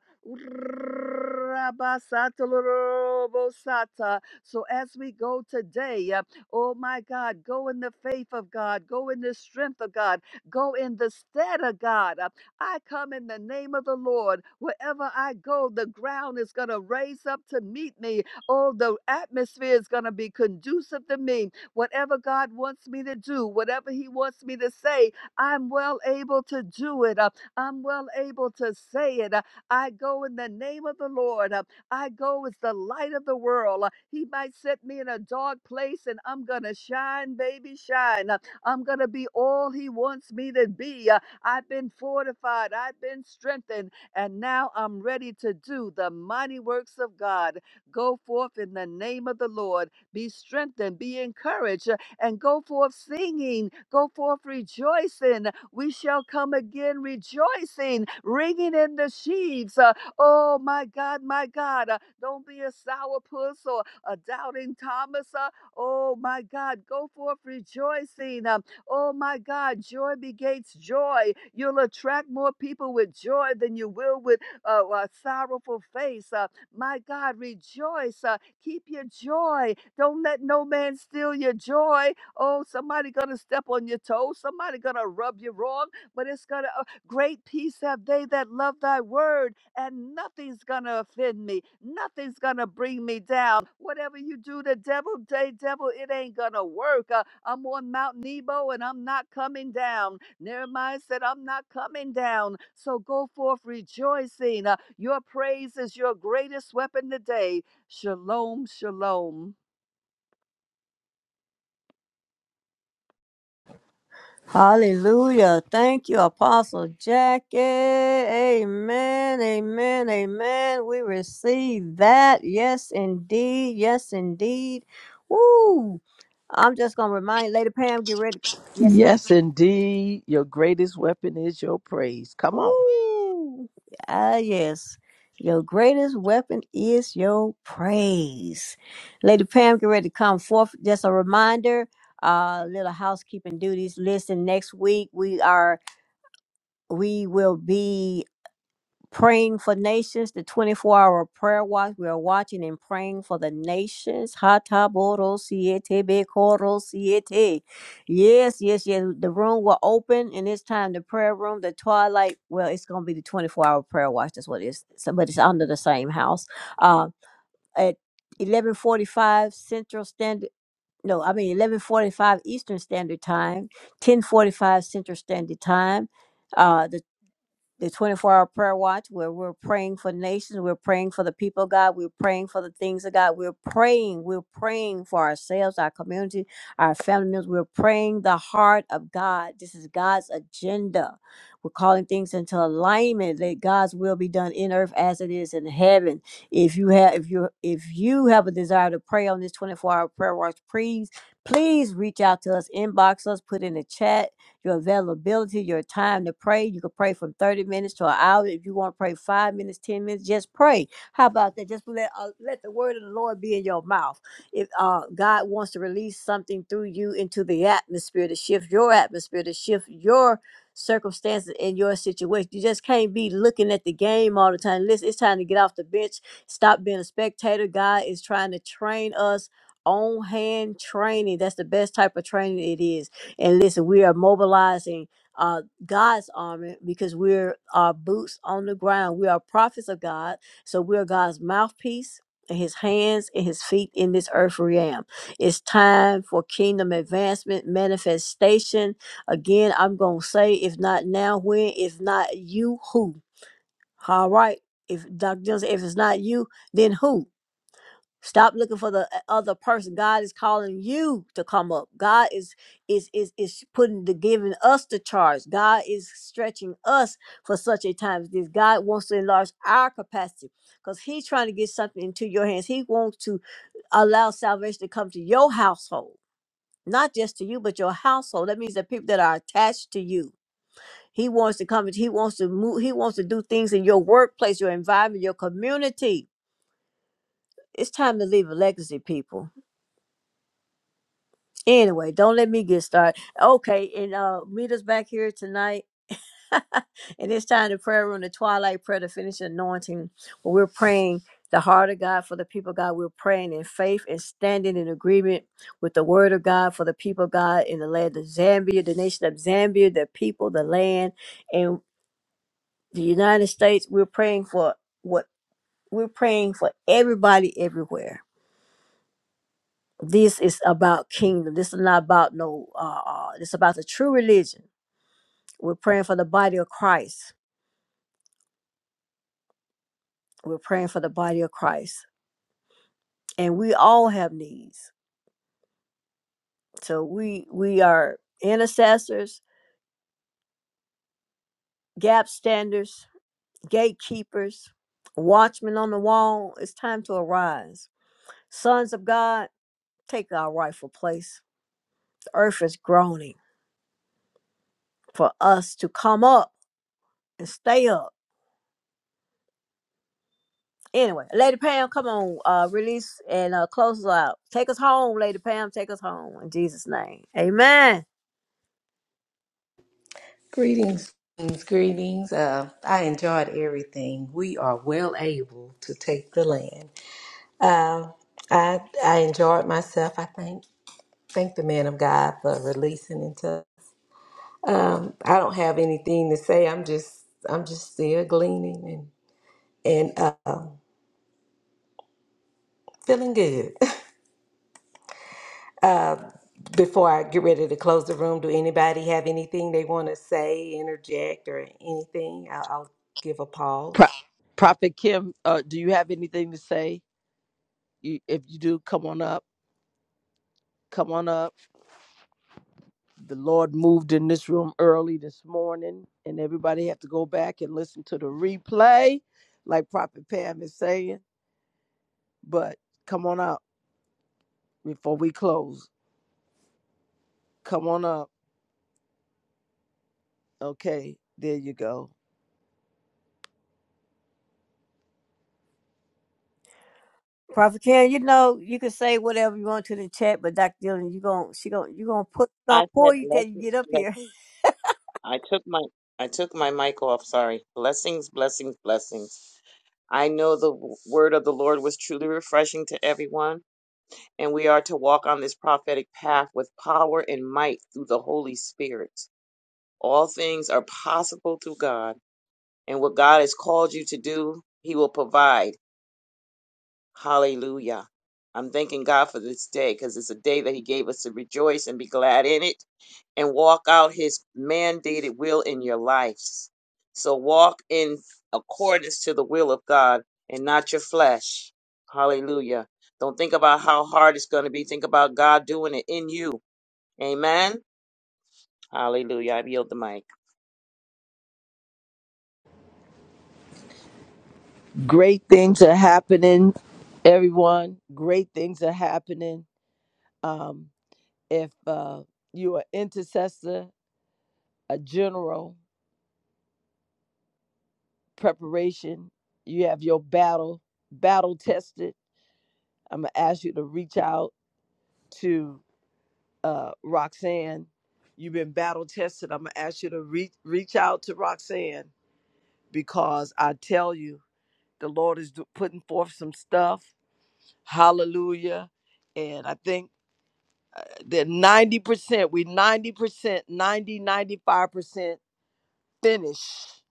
[SPEAKER 8] so as we go today, uh, oh, my God, go in the faith of God, go in the strength of God, go in the stead of God. uh, I come in the name of the Lord. Wherever I go, the ground is going to raise up to meet me. Oh, the atmosphere is going to be conducive to me. Whatever God wants me to do, whatever He wants me to say, I'm well able to do it. Uh, I'm well able to say it. Uh, I go in the name of the Lord. Uh, I go as the light of the world. Uh, He might set me in a dark place and I'm going to shine, baby, shine. Uh, I'm going to be all He wants me to be. Uh, I've been fortified. I've been strengthened. And now I'm ready to do the mighty works of God. Go forth in the name of the Lord. Be strengthened. Be encouraged. uh, And go forth singing. Go forth rejoicing. We shall come again rejoicing, ringing in the sheaves. uh, Oh, my God, my God. uh, Don't be a sourpuss or a doubting Thomas. uh, Oh, my God. Go forth rejoicing. um, Oh my God, joy begets joy. You'll attract more people with joy than you will with uh, a sorrowful face. Uh, my God, rejoice. Uh, keep your joy. Don't let no man steal your joy. Oh, somebody gonna step on your toes. Somebody gonna rub you wrong, but it's gonna Great peace have they that love thy word, and nothing's going to offend me. Nothing's going to bring me down. Whatever you do to devil, day devil, it ain't going to work. Uh, I'm on Mount Nebo and I'm not coming down. Nehemiah said, I'm not coming down. So go forth rejoicing. Uh, your praise is your greatest weapon today. Shalom, shalom.
[SPEAKER 7] Hallelujah. Thank you, Apostle Jackie. Amen. Amen. Amen. We receive that. Yes, indeed. Yes, indeed. Woo. I'm just going to remind Lady Pam, get ready. Yes, ma'am.
[SPEAKER 1] Yes, indeed. Your greatest weapon is your praise. Come on.
[SPEAKER 7] Woo. Ah, yes. Your greatest weapon is your praise. Lady Pam, get ready to come forth. Just a reminder, uh, little housekeeping duties. Listen, next week we are we will be praying for nations, the 24 hour prayer watch. We are watching and praying for the nations. Hataboro siete bekoro siete. Yes, yes, yes. The room will open and it's time the prayer room, the twilight. Well, it's going to be the 24 hour prayer watch. That's what it is. So, but it's under the same house. Uh, at 1145 Central Standard. No, I mean 11:45 Eastern Standard Time, 10:45 Central Standard Time, Uh, the the 24 hour prayer watch where we're praying for nations, we're praying for the people of God, we're praying for the things of God, we're praying, we're praying for ourselves, our community, our family members, we're praying the heart of God. This is God's agenda. We're calling things into alignment that God's will be done in earth as it is in heaven. If you have if you if you have a desire to pray on this 24 hour prayer watch, please please reach out to us, inbox us, put in the chat your availability, your time to pray. You can pray from 30 minutes to an hour. If you want to pray five minutes, 10 minutes, just pray. How about that? Just let, uh, let the word of the Lord be in your mouth. If uh, God wants to release something through you into the atmosphere to shift your atmosphere, to shift your circumstances in your situation. You just can't be looking at the game all the time. Listen, it's time to get off the bench. Stop being a spectator. God is trying to train us on hand training. That's the best type of training it is. And listen, we are mobilizing uh, God's army because we're our boots on the ground. We are prophets of God, so we are God's mouthpiece and His hands and His feet in this earth realm. It's time for kingdom advancement, manifestation. Again, I'm gonna say, if not now, when? If not you, who? All right. If Dr. Johnson, if it's not you, then who? Stop looking for the uh, other person. God is calling you to come up. God is is is is putting the giving us the charge. God is stretching us for such a time as this. God wants to enlarge our capacity because He's trying to get something into your hands. He wants to allow salvation to come to your household, not just to you, but your household. That means the people that are attached to you. He wants to come. He wants to move. He wants to do things in your workplace, your environment, your community. It's time to leave a legacy, people Anyway, don't let me get started. Okay, and uh meet us back here tonight. and it's time to prayer room, the twilight prayer, to finish anointing. Where we're praying the heart of God for the people of God. We're praying in faith and standing in agreement with the word of God for the people of God in the land of Zambia, the nation of Zambia, the people, the land, and the United States. We're praying for what we're praying for everybody everywhere. This is about kingdom. This is not about no uh, uh this is about the true religion We're praying for the body of Christ. We're praying for the body of Christ. And we all have needs. So we we are intercessors, gap standers, gatekeepers, watchmen on the wall. It's time to arise. Sons of God, take our rightful place. The earth is groaning for us to come up and stay up. Anyway, Lady Pam, come on, uh, release and uh, close us out. Take us home, Lady Pam. Take us home in Jesus' name. Amen.
[SPEAKER 6] Greetings, greetings, greetings. Uh, I enjoyed everything. We are well able to take the land. Uh, I I enjoyed myself. I thank thank the man of God for releasing into. Um, I don't have anything to say. I'm just I'm just still gleaning and and. uh, Feeling good. Uh, before I get ready to close the room, do anybody have anything they want to say, interject, or anything? I'll, I'll give a
[SPEAKER 1] Pro-
[SPEAKER 6] pause.
[SPEAKER 1] Prophet Kim, uh, do you have anything to say? You, if you do, come on up. Come on up. The Lord moved in this room early this morning, and everybody have to go back and listen to the replay, like Prophet Pam is saying. But come on up before we close. Come on up. Okay, there you go.
[SPEAKER 7] Prophet Karen, you know you can say whatever you want to the chat, but Dr. Dillon, you gon' she gon' you gonna put on
[SPEAKER 9] I said
[SPEAKER 7] for you till you
[SPEAKER 9] blessings.
[SPEAKER 7] get up
[SPEAKER 9] Bless.
[SPEAKER 7] here.
[SPEAKER 9] I took my I took my mic off. Sorry. Blessings, blessings, blessings. I know the w- word of the Lord was truly refreshing to everyone, and we are to walk on this prophetic path with power and might through the Holy Spirit. All things are possible through God, and what God has called you to do, He will provide. Hallelujah. I'm thanking God for this day because it's a day that He gave us to rejoice and be glad in it and walk out his mandated will in your lives. So walk in accordance to the will of God and not your flesh. Hallelujah. Don't think about how hard it's going to be. Think about God doing it in you. Amen. Hallelujah. I yield the mic.
[SPEAKER 1] Great things are happening, everyone. Great things are happening. Um, if uh, you're an intercessor, a general. preparation. You have your battle, battle tested. I'm going to ask you to reach out to uh, Roxanne. You've been battle tested. I'm going to ask you to reach, reach out to Roxanne because I tell you, the Lord is do- putting forth some stuff. Hallelujah. And I think that 90%, we 90%, 90, 95% finished.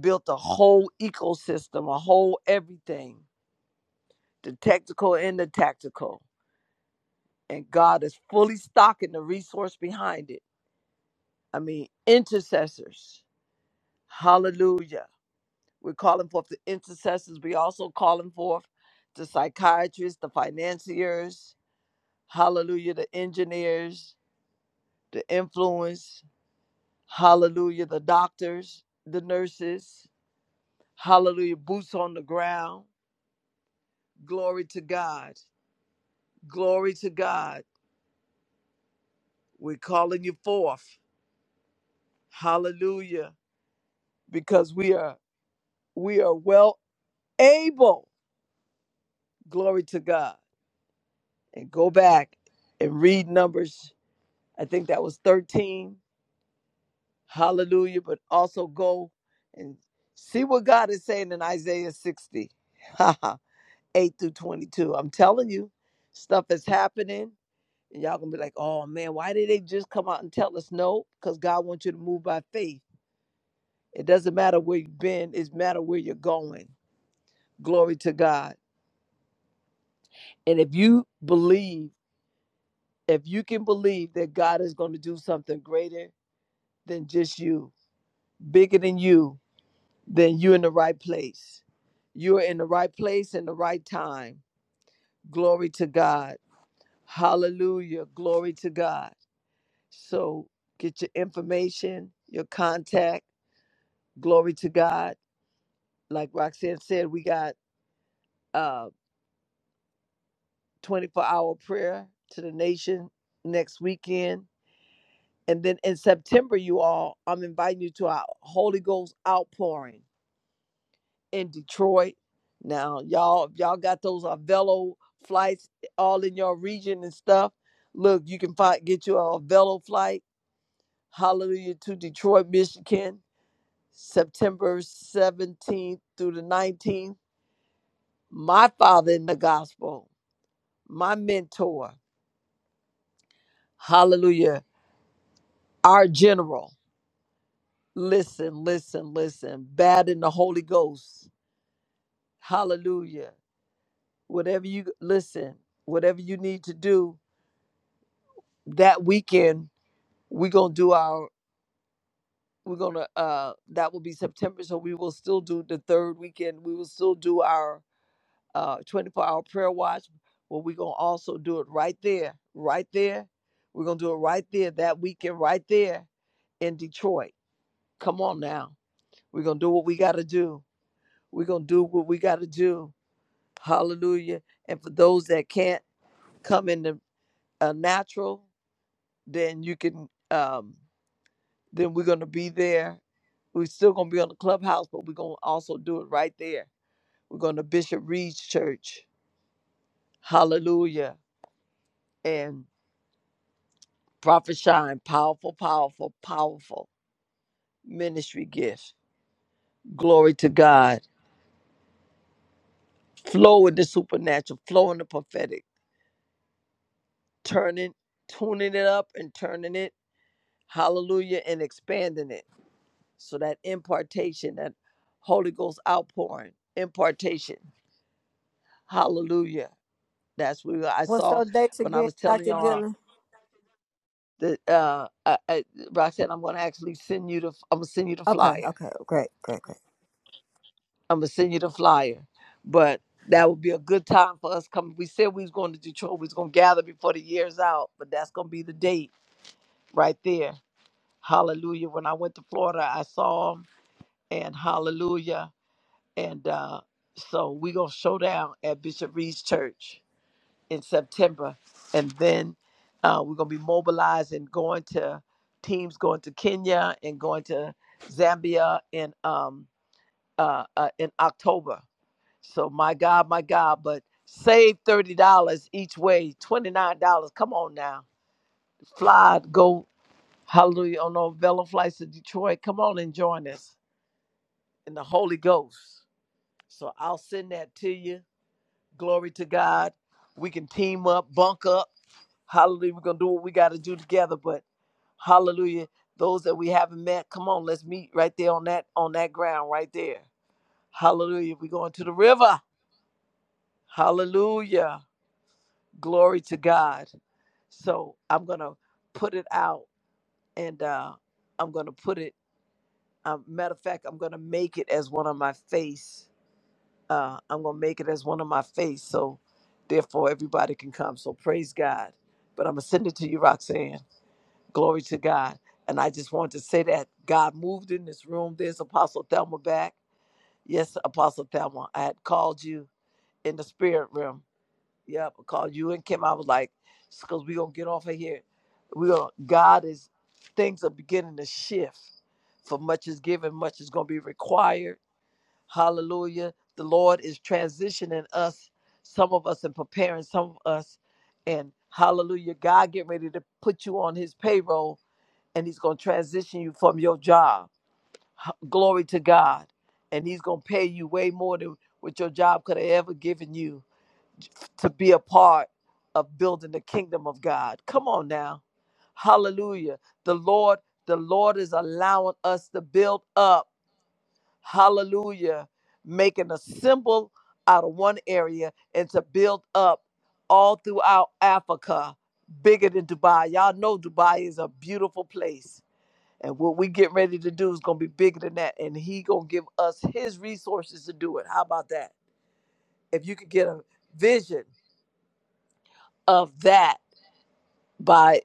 [SPEAKER 1] built a whole ecosystem, a whole everything the technical and the tactical. And God is fully stocking the resource behind it. I mean, intercessors. Hallelujah. We're calling forth the intercessors. We also calling forth the psychiatrists, the financiers, hallelujah, the engineers, the influence, hallelujah, the doctors, the nurses, hallelujah, boots on the ground. Glory to God. Glory to God. We're calling you forth. Hallelujah because we are we are well able glory to god and go back and read numbers i think that was 13 hallelujah but also go and see what god is saying in isaiah 60, 8 through 22 i'm telling you stuff is happening and y'all gonna be like oh man why did they just come out and tell us no because god wants you to move by faith it doesn't matter where you've been it matter where you're going glory to god and if you believe if you can believe that God is going to do something greater than just you, bigger than you, then you're in the right place. You are in the right place in the right time. Glory to God. Hallelujah. Glory to God. So get your information, your contact. Glory to God. Like Roxanne said, we got uh 24 hour prayer to the nation next weekend. And then in September, you all, I'm inviting you to our Holy Ghost outpouring. in Detroit. Now, y'all, if y'all got those Velo flights eh, all in your region and stuff, look, you can find, get you a Velo flight, hallelujah, to Detroit, Michigan, September 17th through the 19th. My father in the gospel, my mentor, hallelujah, our general. Listen, listen, listen. Bad in the Holy Ghost. Hallelujah. Whatever you listen, whatever you need to do, that weekend we're gonna do our we're gonna uh that will be september so we will still do the third weekend we will still do our uh 24 hour prayer watch but we're gonna also do it right there right there we're gonna do it right there that weekend right there in detroit come on now we're gonna do what we gotta do we're gonna do what we gotta do hallelujah and for those that can't come in the uh, natural then you can um then we're going to be there. We're still going to be on the clubhouse, but we're going to also do it right there. We're going to Bishop Reed's church. Hallelujah. And Prophet Shine, powerful, powerful, powerful ministry gift. Glory to God. Flow in the supernatural, flow in the prophetic, turning, tuning it up and turning it. Hallelujah. And expanding it. So that impartation, that Holy Ghost outpouring, impartation. Hallelujah That's where I
[SPEAKER 7] What's
[SPEAKER 1] saw
[SPEAKER 7] those dates
[SPEAKER 1] when I
[SPEAKER 7] again,
[SPEAKER 1] was telling
[SPEAKER 7] Dr.
[SPEAKER 1] y'all
[SPEAKER 7] Dillon?
[SPEAKER 1] that uh, I, I, Roxanne, I'm going to actually send you the I'm gonna send you the
[SPEAKER 7] Okay,
[SPEAKER 1] flyer.
[SPEAKER 7] okay, great, great, great.
[SPEAKER 1] I'm gonna send you the flyer, but that would be a good time for us coming. We said we was going to Detroit. We was going to gather before the year's out, but that's going to be the date right there. Hallelujah! When I went to Florida, I saw him, and Hallelujah! And uh, so we gonna show down at Bishop Reed's church. in September, and then uh, we're gonna be mobilized and going to teams going to Kenya and going to Zambia in um uh, uh in October. So my God, my God, but save thirty dollars each way, twenty nine dollars. Come on now, fly, go, hallelujah on those Velo flights to Detroit. Come on and join us in the Holy Ghost. So I'll send that to you. Glory to God. We can team up, bunk up Hallelujah. We're going to do what we got to do together, but hallelujah. Those that we haven't met, come on, let's meet right there on that on that ground right there. Hallelujah. We're going to the river. Hallelujah. Glory to God. So I'm going to put it out and uh I'm going to put it um, matter of fact, I'm going to make it as one of my face. Uh I'm going to make it as one of my face so therefore everybody can come. So praise God. But I'm going to send it to you, Roxanne. Glory to God. And I just want to say that God moved in this room. There's Apostle Thelma back. Yes, Apostle Thelma, I had called you in the spirit realm. Yep, I called you and Kim. I was like, because we're going to get off of here. We're gonna, God is, things are beginning to shift. For much is given, much is going to be required. Hallelujah. The Lord is transitioning us, some of us, and preparing some of us. And hallelujah, God getting ready to put you on his payroll and he's going to transition you from your job. H- Glory to God. And he's going to pay you way more than what your job could have ever given you to be a part of building the kingdom of God. Come on now. Hallelujah. The Lord, the Lord is allowing us to build up. Hallelujah. Making a symbol out of one area and to build up all throughout Africa, bigger than Dubai. Y'all know Dubai is a beautiful place and what we get ready to do is gonna be bigger than that. And he gonna give us his resources to do it. How about that? If you could get a vision of that by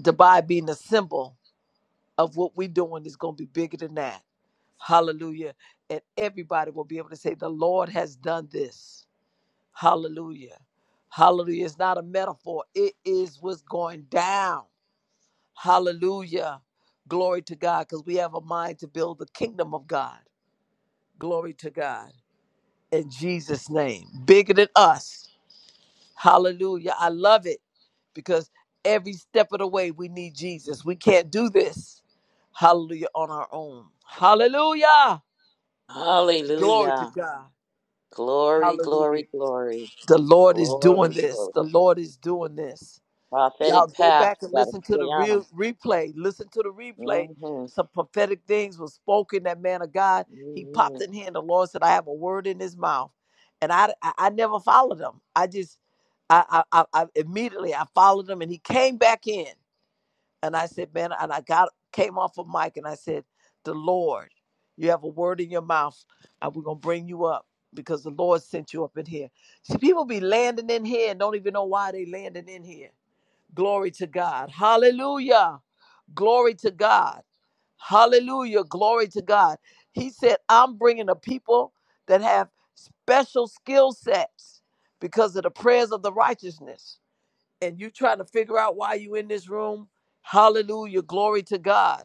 [SPEAKER 1] Dubai being a symbol of what we doing is gonna be bigger than that. Hallelujah. And everybody will be able to say, The Lord has done this. Hallelujah. Hallelujah. It's not a metaphor, it is what's going down. Hallelujah. Glory to God. Because we have a mind to build the kingdom of God. Glory to God. in Jesus' name. Bigger than us. Hallelujah. I love it because every step of the way we need Jesus. We can't do this. Hallelujah on our own. Hallelujah. Glory to
[SPEAKER 9] Hallelujah.
[SPEAKER 1] God.
[SPEAKER 9] Glory,
[SPEAKER 1] Hallelujah.
[SPEAKER 9] glory, glory.
[SPEAKER 1] The Lord is doing
[SPEAKER 9] Glory,
[SPEAKER 1] this.
[SPEAKER 9] glory.
[SPEAKER 1] The Lord
[SPEAKER 9] glory.
[SPEAKER 1] is doing this. Y'all
[SPEAKER 9] Prophetic
[SPEAKER 1] go
[SPEAKER 9] path.
[SPEAKER 1] back and
[SPEAKER 9] You got to
[SPEAKER 1] listen to
[SPEAKER 9] stay
[SPEAKER 1] the
[SPEAKER 9] on
[SPEAKER 1] real replay. Listen to the replay.
[SPEAKER 9] them. hmm
[SPEAKER 1] Some prophetic things was spoken. That man of God, he popped in here, and the Lord said, "I have a word in his mouth," and I, I, I never followed him. I just, I, I, I, I immediately I followed him, and he came back in, and I said, "Man," and I got came off of mic, and I said, "The Lord, you have a word in your mouth, and we're gonna bring you up because the Lord sent you up in here." See, people be landing in here and don't even know why they landing in here Glory to God. Hallelujah. Glory to God. Hallelujah. Glory to God. He said, I'm bringing a people that have special skill sets because of the prayers of the righteousness. And you trying to figure out why you in this room? Hallelujah. Glory to God.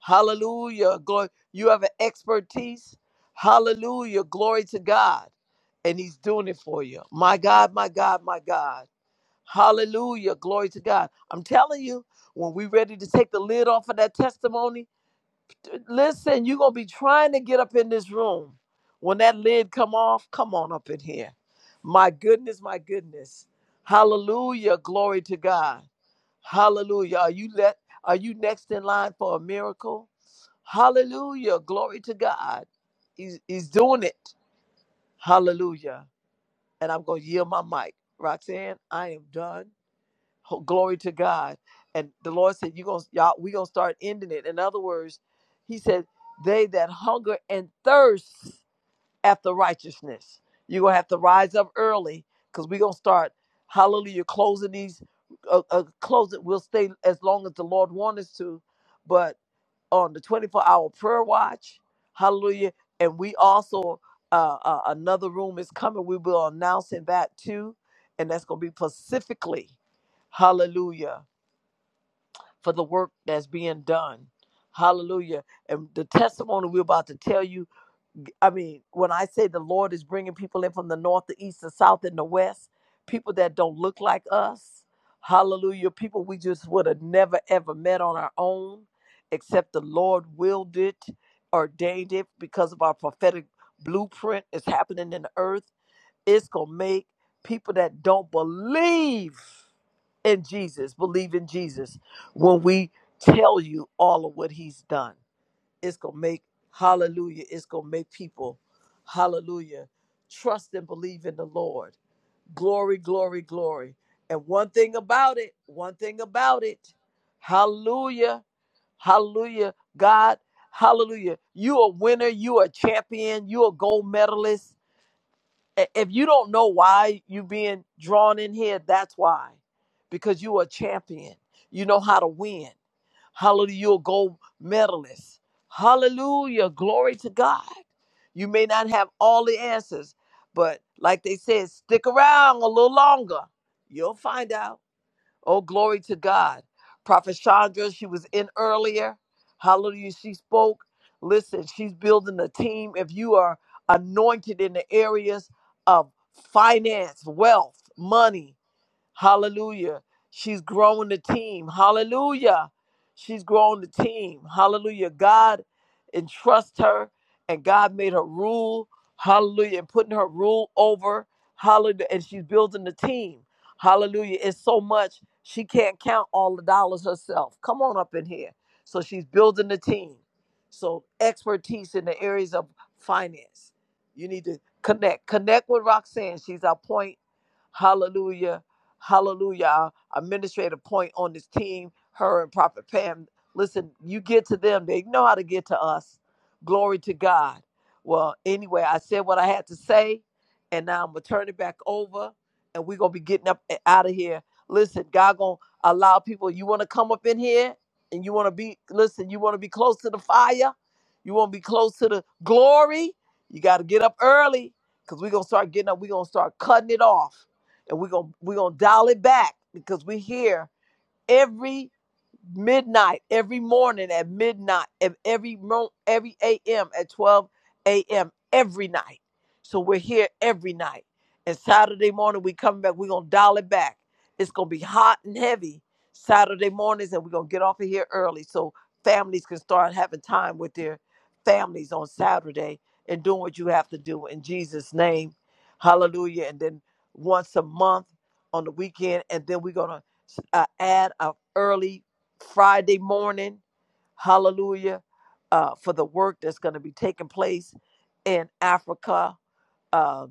[SPEAKER 1] Hallelujah. Glory. You have an expertise. Hallelujah. Glory to God. And he's doing it for you. My God, my God, my God. Hallelujah. Glory to God. I'm telling you, when we're ready to take the lid off of that testimony, listen, you're going to be trying to get up in this room. When that lid come off, come on up in here. My goodness, my goodness. Hallelujah. Glory to God. Hallelujah. Are you let are you next in line for a miracle? Hallelujah. Glory to God. He's, he's doing it. Hallelujah. And I'm going to yield my mic. Roxanne, I am done. Glory to God. And the Lord said, "You gonna y'all, we gonna start ending it." In other words, He said, "They that hunger and thirst after righteousness, you gonna have to rise up early because we gonna start. Hallelujah, closing these, uh, uh, closing. We'll stay as long as the Lord wants us to, but." on the 24 hour prayer watch. Hallelujah. And we also, uh, uh, another room is coming. We will announcing that too. And that's going to be specifically, hallelujah, for the work that's being done. Hallelujah. And the testimony we're about to tell you I mean, when I say the Lord is bringing people in from the north, the east, the south, and the west, people that don't look like us, hallelujah, people we just would have never ever met on our own, except the Lord willed it, ordained it because of our prophetic blueprint is happening in the earth. It's going to make people that don't believe in Jesus believe in Jesus when we tell you all of what he's done it's gonna make hallelujah it's gonna make people hallelujah trust and believe in the lord glory glory glory and one thing about it one thing about it hallelujah hallelujah god hallelujah you a winner you a champion you a gold medalist I- if you don't know why you being drawn in here that's why because you a champion you know how to win Hallelujah. You'll go medalist. Hallelujah. Glory to God. You may not have all the answers, but like they said, stick around a little longer. You'll find out. Oh, glory to God. Prophet Chandra, she was in earlier. Hallelujah. She spoke. Listen, she's building a team. If you are anointed in the areas of finance, wealth, money, Hallelujah. She's growing the team. Hallelujah. She's growing the team. Hallelujah. God entrusts her and God made her rule. Hallelujah. And putting her rule over. Hallelujah. And she's building the team. Hallelujah. It's so much she can't count all the dollars herself. Come on up in here. So she's building the team. So expertise in the areas of finance. You need to connect. Connect with Roxanne. She's our point. Hallelujah hallelujah, our administrative point on this team, her and Prophet Pam. Listen, you get to them, they know how to get to us. Glory to God. Well, anyway, I said what I had to say, and now I'm gonna turn it back over, and we're gonna be getting up and out of here. Listen, God gonna allow people. You wanna come up in here, and you wanna be. Listen, you wanna be close to the fire. You wanna be close to the glory. You gotta get up early, cause we gonna start getting up. we gonna start cutting it off and we're going we're gonna dial it back because we're here every midnight every morning at midnight and every mo- every a.m. at 12 a.m. every night. So we're here every night. And Saturday morning we come back, we're gonna dial it back. It's gonna be hot and heavy Saturday mornings, and we're gonna get off of here early so families can start having time with their families on Saturday and doing what you have to do in Jesus' name. Hallelujah. And then once a month on the weekend, and then we're gonna uh, add a early Friday morning, hallelujah, uh, for the work that's going to be taking place in Africa, uh,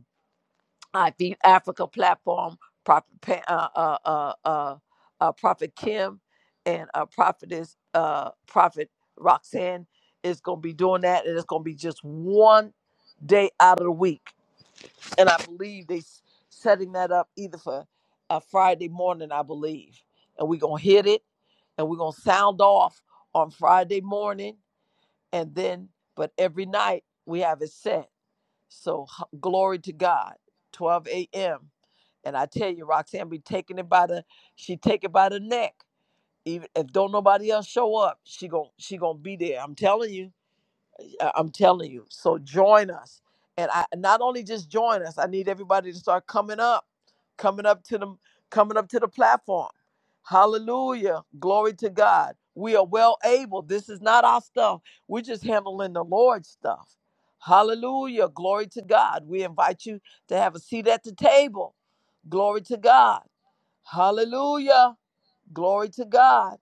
[SPEAKER 1] I the Africa platform, Prophet, uh, uh, uh, uh, uh, Prophet Kim and uh, Prophetess, uh, Prophet Roxanne is going to be doing that. And it's going to be just one day out of the week and I believe they s- setting that up either for uh, Friday morning, I believe, and we're gonna hit it, and we're gonna sound off on Friday morning, and then but every night we have it set. So h- glory to God, 12 a.m. And I tell you, Roxanne be taking it by the she take it by the neck. Even if don't nobody else show up, she gon' she gonna be there. I'm telling you. I- I'm telling you. So join us. And I not only just join us, I need everybody to start coming up, coming up to the coming up to the platform. Hallelujah. Glory to God. We are well able. This is not our stuff. We're just handling the Lord's stuff. Hallelujah. Glory to God. We invite you to have a seat at the table. Glory to God. Hallelujah. Glory to God.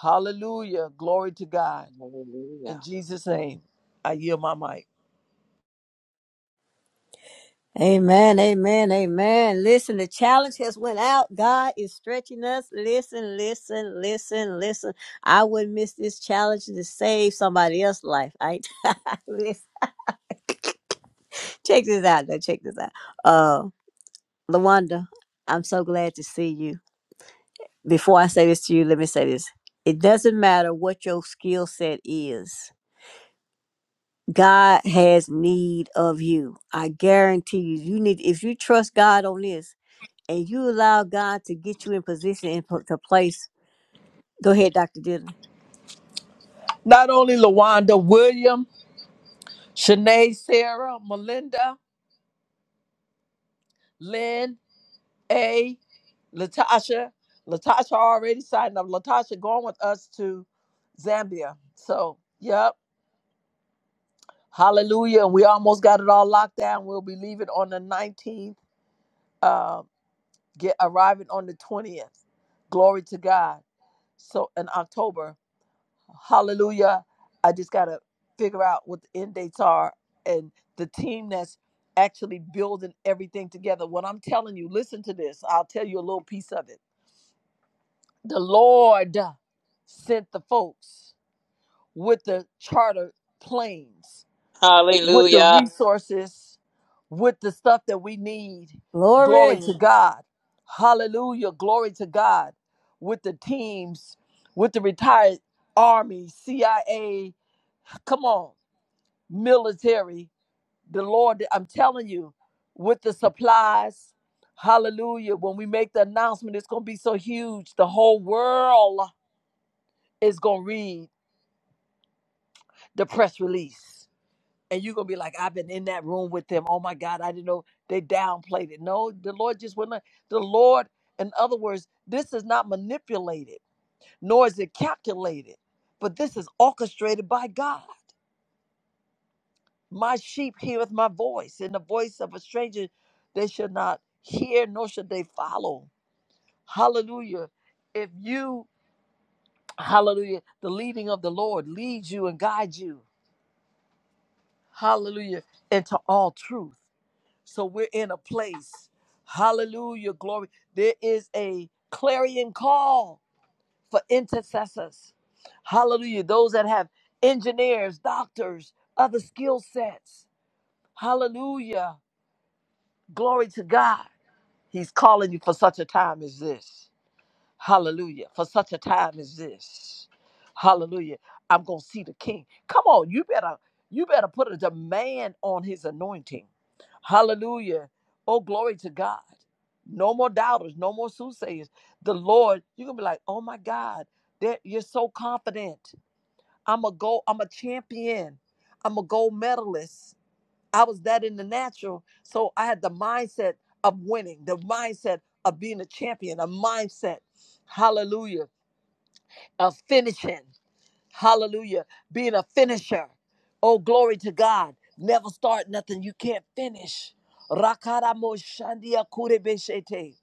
[SPEAKER 1] Hallelujah. Glory to God.
[SPEAKER 9] Hallelujah.
[SPEAKER 1] In Jesus' name, I yield my mic.
[SPEAKER 7] Amen, amen, amen. Listen, the challenge has went out. God is stretching us. Listen, listen, listen, listen. I wouldn't miss this challenge to save somebody else's life. I listen. Check this out, though. Check this out. Uh, Lawanda, I'm so glad to see you. Before I say this to you, let me say this. It doesn't matter what your skill set is. God has need of you. I guarantee you. You need if you trust God on this and you allow God to get you in position and put to place. Go ahead, Dr. Dillon.
[SPEAKER 1] Not only LaWanda William, Shanae Sarah, Melinda, Lynn, A, Latasha. Latasha already signed up. Latasha going with us to Zambia. So, yep. Hallelujah. And we almost got it all locked down. We'll be leaving on the 19th, uh, get arriving on the 20th. Glory to God. So in October. Hallelujah. I just got to figure out what the end dates are and the team that's actually building everything together. What I'm telling you, listen to this. I'll tell you a little piece of it. The Lord sent the folks with the charter planes, with the
[SPEAKER 9] Hallelujah.
[SPEAKER 1] resources, with the stuff that we need. Glory
[SPEAKER 7] Glory.
[SPEAKER 1] to God. Hallelujah. Glory to God. With the teams, with the retired Army, CIA, come on military, the Lord, I'm telling you, with the supplies, hallelujah, when we make the announcement, it's going to be so huge. The whole world is going to read the press release. And you're going to be like, I've been in that room with them. Oh my God, I didn't know they downplayed it. No, the Lord just wouldn't. The Lord, in other words, this is not manipulated, nor is it calculated, but this is orchestrated by God. My sheep heareth my voice, and the voice of a stranger they shall not hear, nor shall they follow. Hallelujah. If you, hallelujah, the leading of the Lord leads you and guides you, hallelujah, into all truth. So we're in a place, hallelujah, glory. There is a clarion call for intercessors, hallelujah, those that have engineers, doctors, other skill sets, hallelujah, glory to God He's calling you for such a time as this. Hallelujah. For such a time as this. Hallelujah. I'm going to see the king. Come on, you better you better put a demand on his anointing. Hallelujah. Oh glory to God. No more doubters, no more soothsayers. The Lord, you're going to be like, "Oh my God, that you're so confident. I'm a go I'm a champion. I'm a gold medalist. I was that in the natural. So I had the mindset of winning, the mindset of being a champion, a mindset, hallelujah, of finishing, hallelujah, being a finisher. Oh, glory to God. Never start nothing you can't finish. Rakaramo shandia kurebeshete.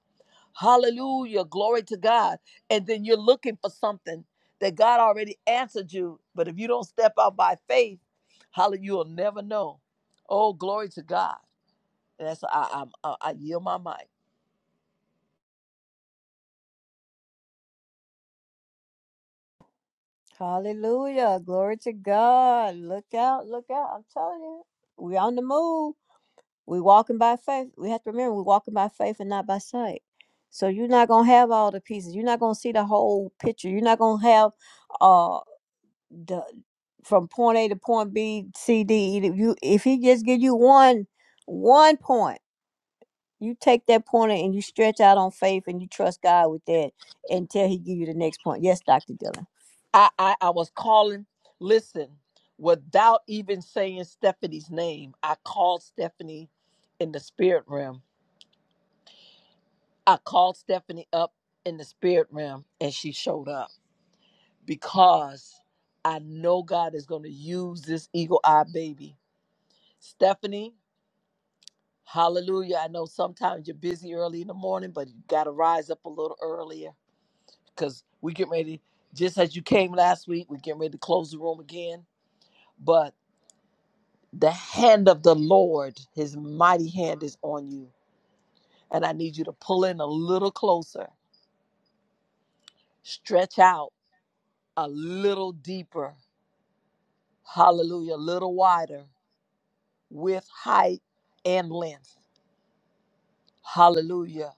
[SPEAKER 1] Hallelujah, glory to God. And then you're looking for something that God already answered you. But if you don't step out by faith, hallelujah, you'll never know. Oh, glory to God. That's I i I, I yield my mic.
[SPEAKER 7] Hallelujah. Glory to God. Look out. Look out. I'm telling you. We on the move. We walking by faith. We have to remember we walking by faith and not by sight. So you're not gonna have all the pieces. You're not gonna see the whole picture. You're not gonna have uh the from point A to point B, C, D. E, You if he just give you one one point you take that pointer and you stretch out on faith and you trust God with that until He give you the next point. Yes, Doctor Dylan.
[SPEAKER 1] I, I I was calling. Listen, without even saying Stephanie's name, I called Stephanie in the spirit realm. I called Stephanie up in the spirit realm, and she showed up because I know God is going to use this eagle eyed baby, Stephanie. Hallelujah. I know sometimes you're busy early in the morning, but you got to rise up a little earlier because we get ready. Just as you came last week, we're getting ready to close the room again but the hand of the Lord, his mighty hand is on you. And I need you to pull in a little closer, stretch out a little deeper, hallelujah, a little wider with height and length. Hallelujah.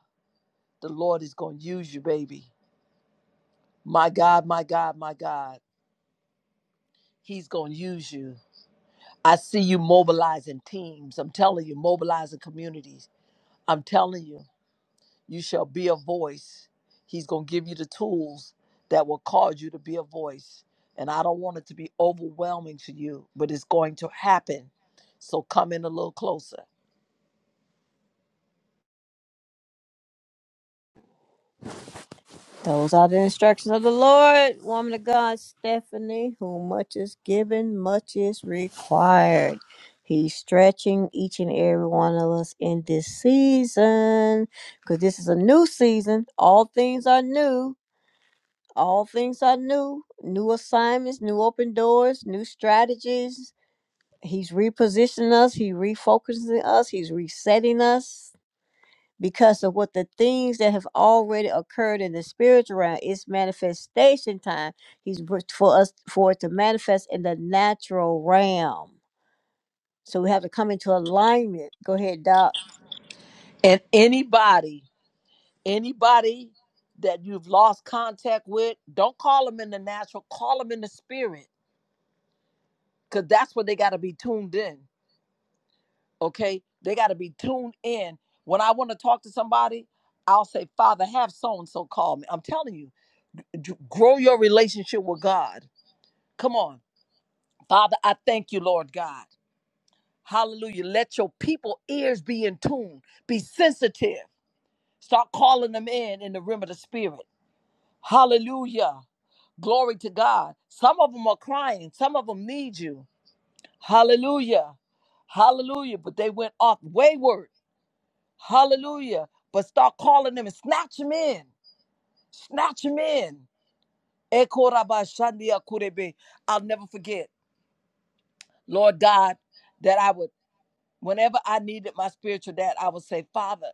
[SPEAKER 1] The Lord is going to use you, baby. My God, my God, my God, he's going to use you. I see you mobilizing teams. I'm telling you, mobilizing communities. I'm telling you. You shall be a voice. He's going to give you the tools that will cause you to be a voice. And I don't want it to be overwhelming to you, but it's going to happen. So come in a little closer.
[SPEAKER 7] Those are the instructions of the Lord, woman of God, Stephanie, whom much is given, much is required. He's stretching each and every one of us in this season because this is a new season. All things are new. All things are new. New assignments, new open doors, new strategies. He's repositioning us. He's refocusing us. He's resetting us because of what the things that have already occurred in the spiritual realm it's manifestation time he's br- for us for it to manifest in the natural realm so we have to come into alignment go ahead doc
[SPEAKER 1] And anybody, anybody that you've lost contact with, don't call them in the natural, call them in the spirit, because that's where they got to be tuned in. Okay? They got to be tuned in. When I want to talk to somebody, I'll say, Father, have so and so call me. I'm telling you grow your relationship with God. Come on. Father, I thank you, Lord God. Hallelujah. Let your people ears be in tune, be sensitive. Start calling them in in the realm of the spirit. Hallelujah. Glory to God. Some of them are crying. Some of them need you. Hallelujah. Hallelujah. But they went off wayward. Hallelujah. But start calling them and snatch them in. Snatch them in. Ekorabashandiakurebe. I'll never forget. Lord God, that I would, whenever I needed my spiritual dad, I would say, Father,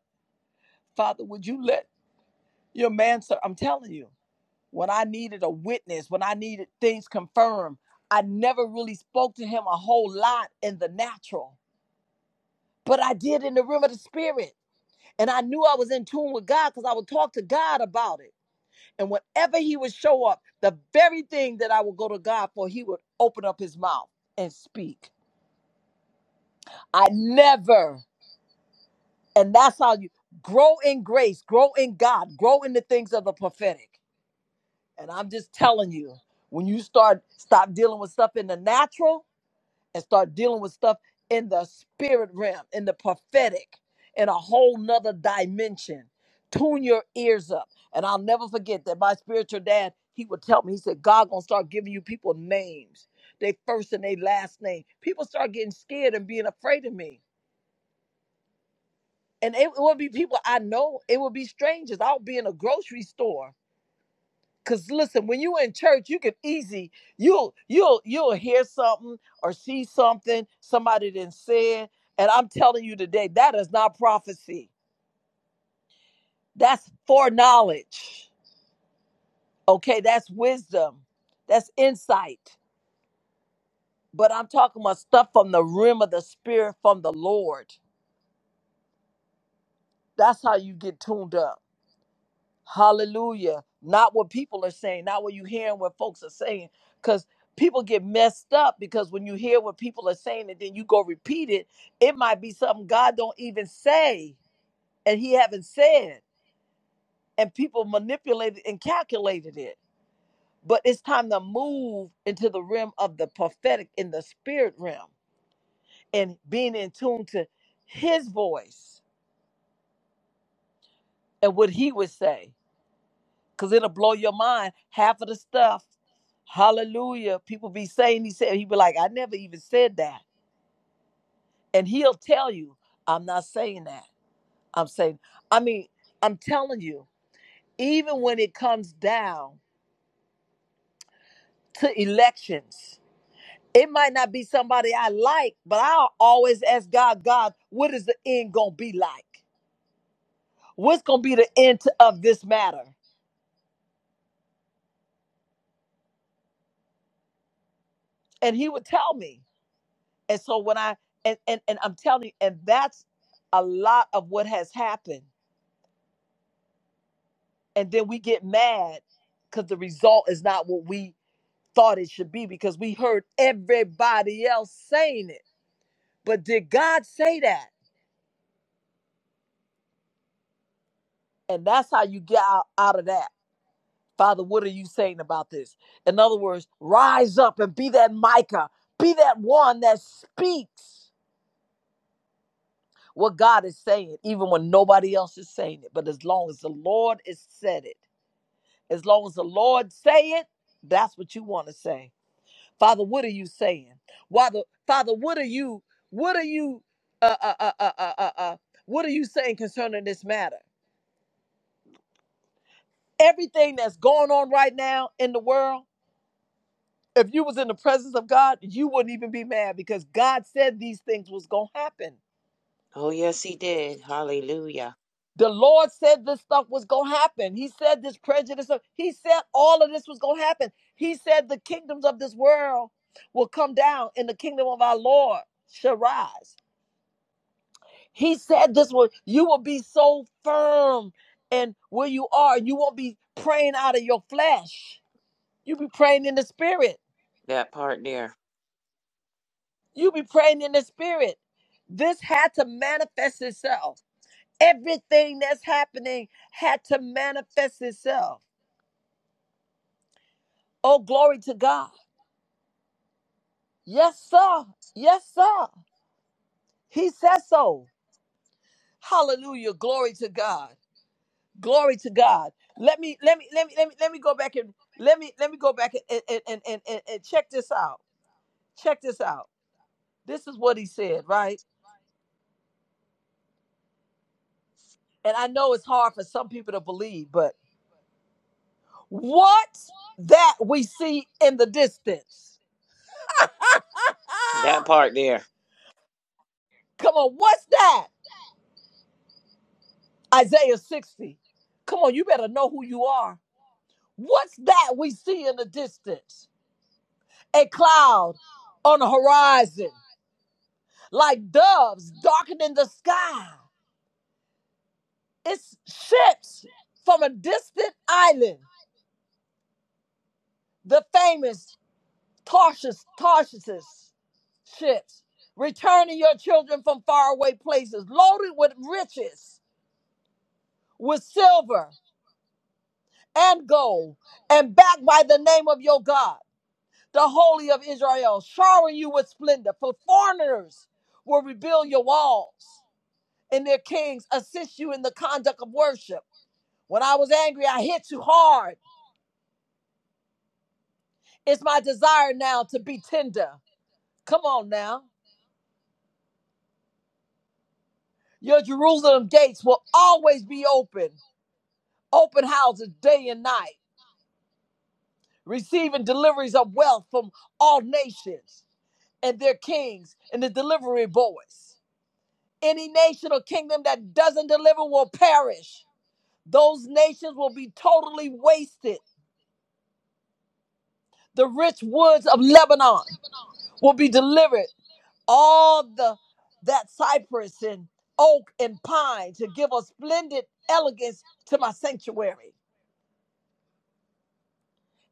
[SPEAKER 1] Father, would you let your man, sir? I'm telling you, when I needed a witness, when I needed things confirmed, I never really spoke to him a whole lot in the natural, but I did in the realm of the spirit. And I knew I was in tune with God because I would talk to God about it. And whenever he would show up, the very thing that I would go to God for, he would open up his mouth and speak. I never And that's how you grow in grace, grow in God, grow in the things of the prophetic. And I'm just telling you, when you start stop dealing with stuff in the natural and start dealing with stuff in the spirit realm, in the prophetic, in a whole nother dimension, tune your ears up. And I'll never forget that my spiritual dad, he would tell me, he said, God gonna start giving you people names, they first and they last name. People start getting scared and being afraid of me. and it would be people I know. It would be strangers. I'll be in a grocery store. Cause listen, when you in church, you can easy you'll you'll you'll hear something or see something somebody didn't say, and I'm telling you today that is not prophecy. That's foreknowledge. Okay, that's wisdom. That's insight. But I'm talking about stuff from the rim of the spirit from the Lord. That's how you get tuned up. Hallelujah. Not what people are saying, not what you hearing what folks are saying. Because people get messed up because when you hear what people are saying and then you go repeat it, it might be something God don't even say and he haven't said. And people manipulated and calculated it. But it's time to move into the realm of the prophetic in the spirit realm and being in tune to his voice and what he would say. because it'll blow your mind. Half of the stuff, hallelujah, people be saying, he said, he be like, I never even said that. And he'll tell you, I'm not saying that. I'm saying, I mean, I'm telling you, even when it comes down to elections, it might not be somebody I like, but I'll always ask God, God, what is the end going to be like? What's going to be the end to, of this matter? And he would tell me. And so when I and and, and I'm telling you, and that's a lot of what has happened. And then we get mad because the result is not what we thought it should be because we heard everybody else saying it. But did God say that? And that's how you get out, out of that. Father, what are you saying about this? In other words, rise up and be that Micah, be that one that speaks what God is saying, even when nobody else is saying it. But as long as the Lord has said it, As long as the Lord say it, that's what you want to say. Father, what are you saying? Father, Father, what are you? What are you? Uh, uh, uh, uh, uh, uh, uh, what are you saying concerning this matter? Everything that's going on right now in the world. If you was in the presence of God, you wouldn't even be mad because God said these things was gonna happen.
[SPEAKER 9] Oh, yes, he did. Hallelujah.
[SPEAKER 1] The Lord said this stuff was going to happen. He said this prejudice. he said all of this was going to happen. He said the kingdoms of this world will come down and the kingdom of our Lord shall rise. He said this was, you will be so firm and where you are, you won't be praying out of your flesh. you be praying in the spirit.
[SPEAKER 9] That part there.
[SPEAKER 1] you be praying in the spirit. This had to manifest itself. Everything that's happening had to manifest itself. Oh, glory to God. Yes, sir. Yes, sir. He says so. Hallelujah. Glory to God. Glory to God. Let me let me let me let me let me go back and let me let me go back and and and and, and, and check this out. Check this out. This is what he said, right? And I know it's hard for some people to believe, but what that we see in the distance.
[SPEAKER 9] That part there.
[SPEAKER 1] Come on, what's that? Isaiah 60. Come on, you better know who you are. What's that we see in the distance? a cloud on the horizon, like doves darkening the sky. It's ships from a distant island, the famous Tarshish, Tarshish ships, returning your children from faraway places, loaded with riches, with silver and gold, and backed by the name of your God, the Holy of Israel, showering you with splendor. For foreigners will rebuild your walls and their kings assist you in the conduct of worship. When I was angry, I hit you hard. It's my desire now to be tender. Come on now. Your Jerusalem gates will always be open, open houses day and night, receiving deliveries of wealth from all nations and their kings and the delivery boys. Any nation or kingdom that doesn't deliver will perish. Those nations will be totally wasted. The rich woods of Lebanon will be delivered all the that cypress and oak and pine to give a splendid elegance to my sanctuary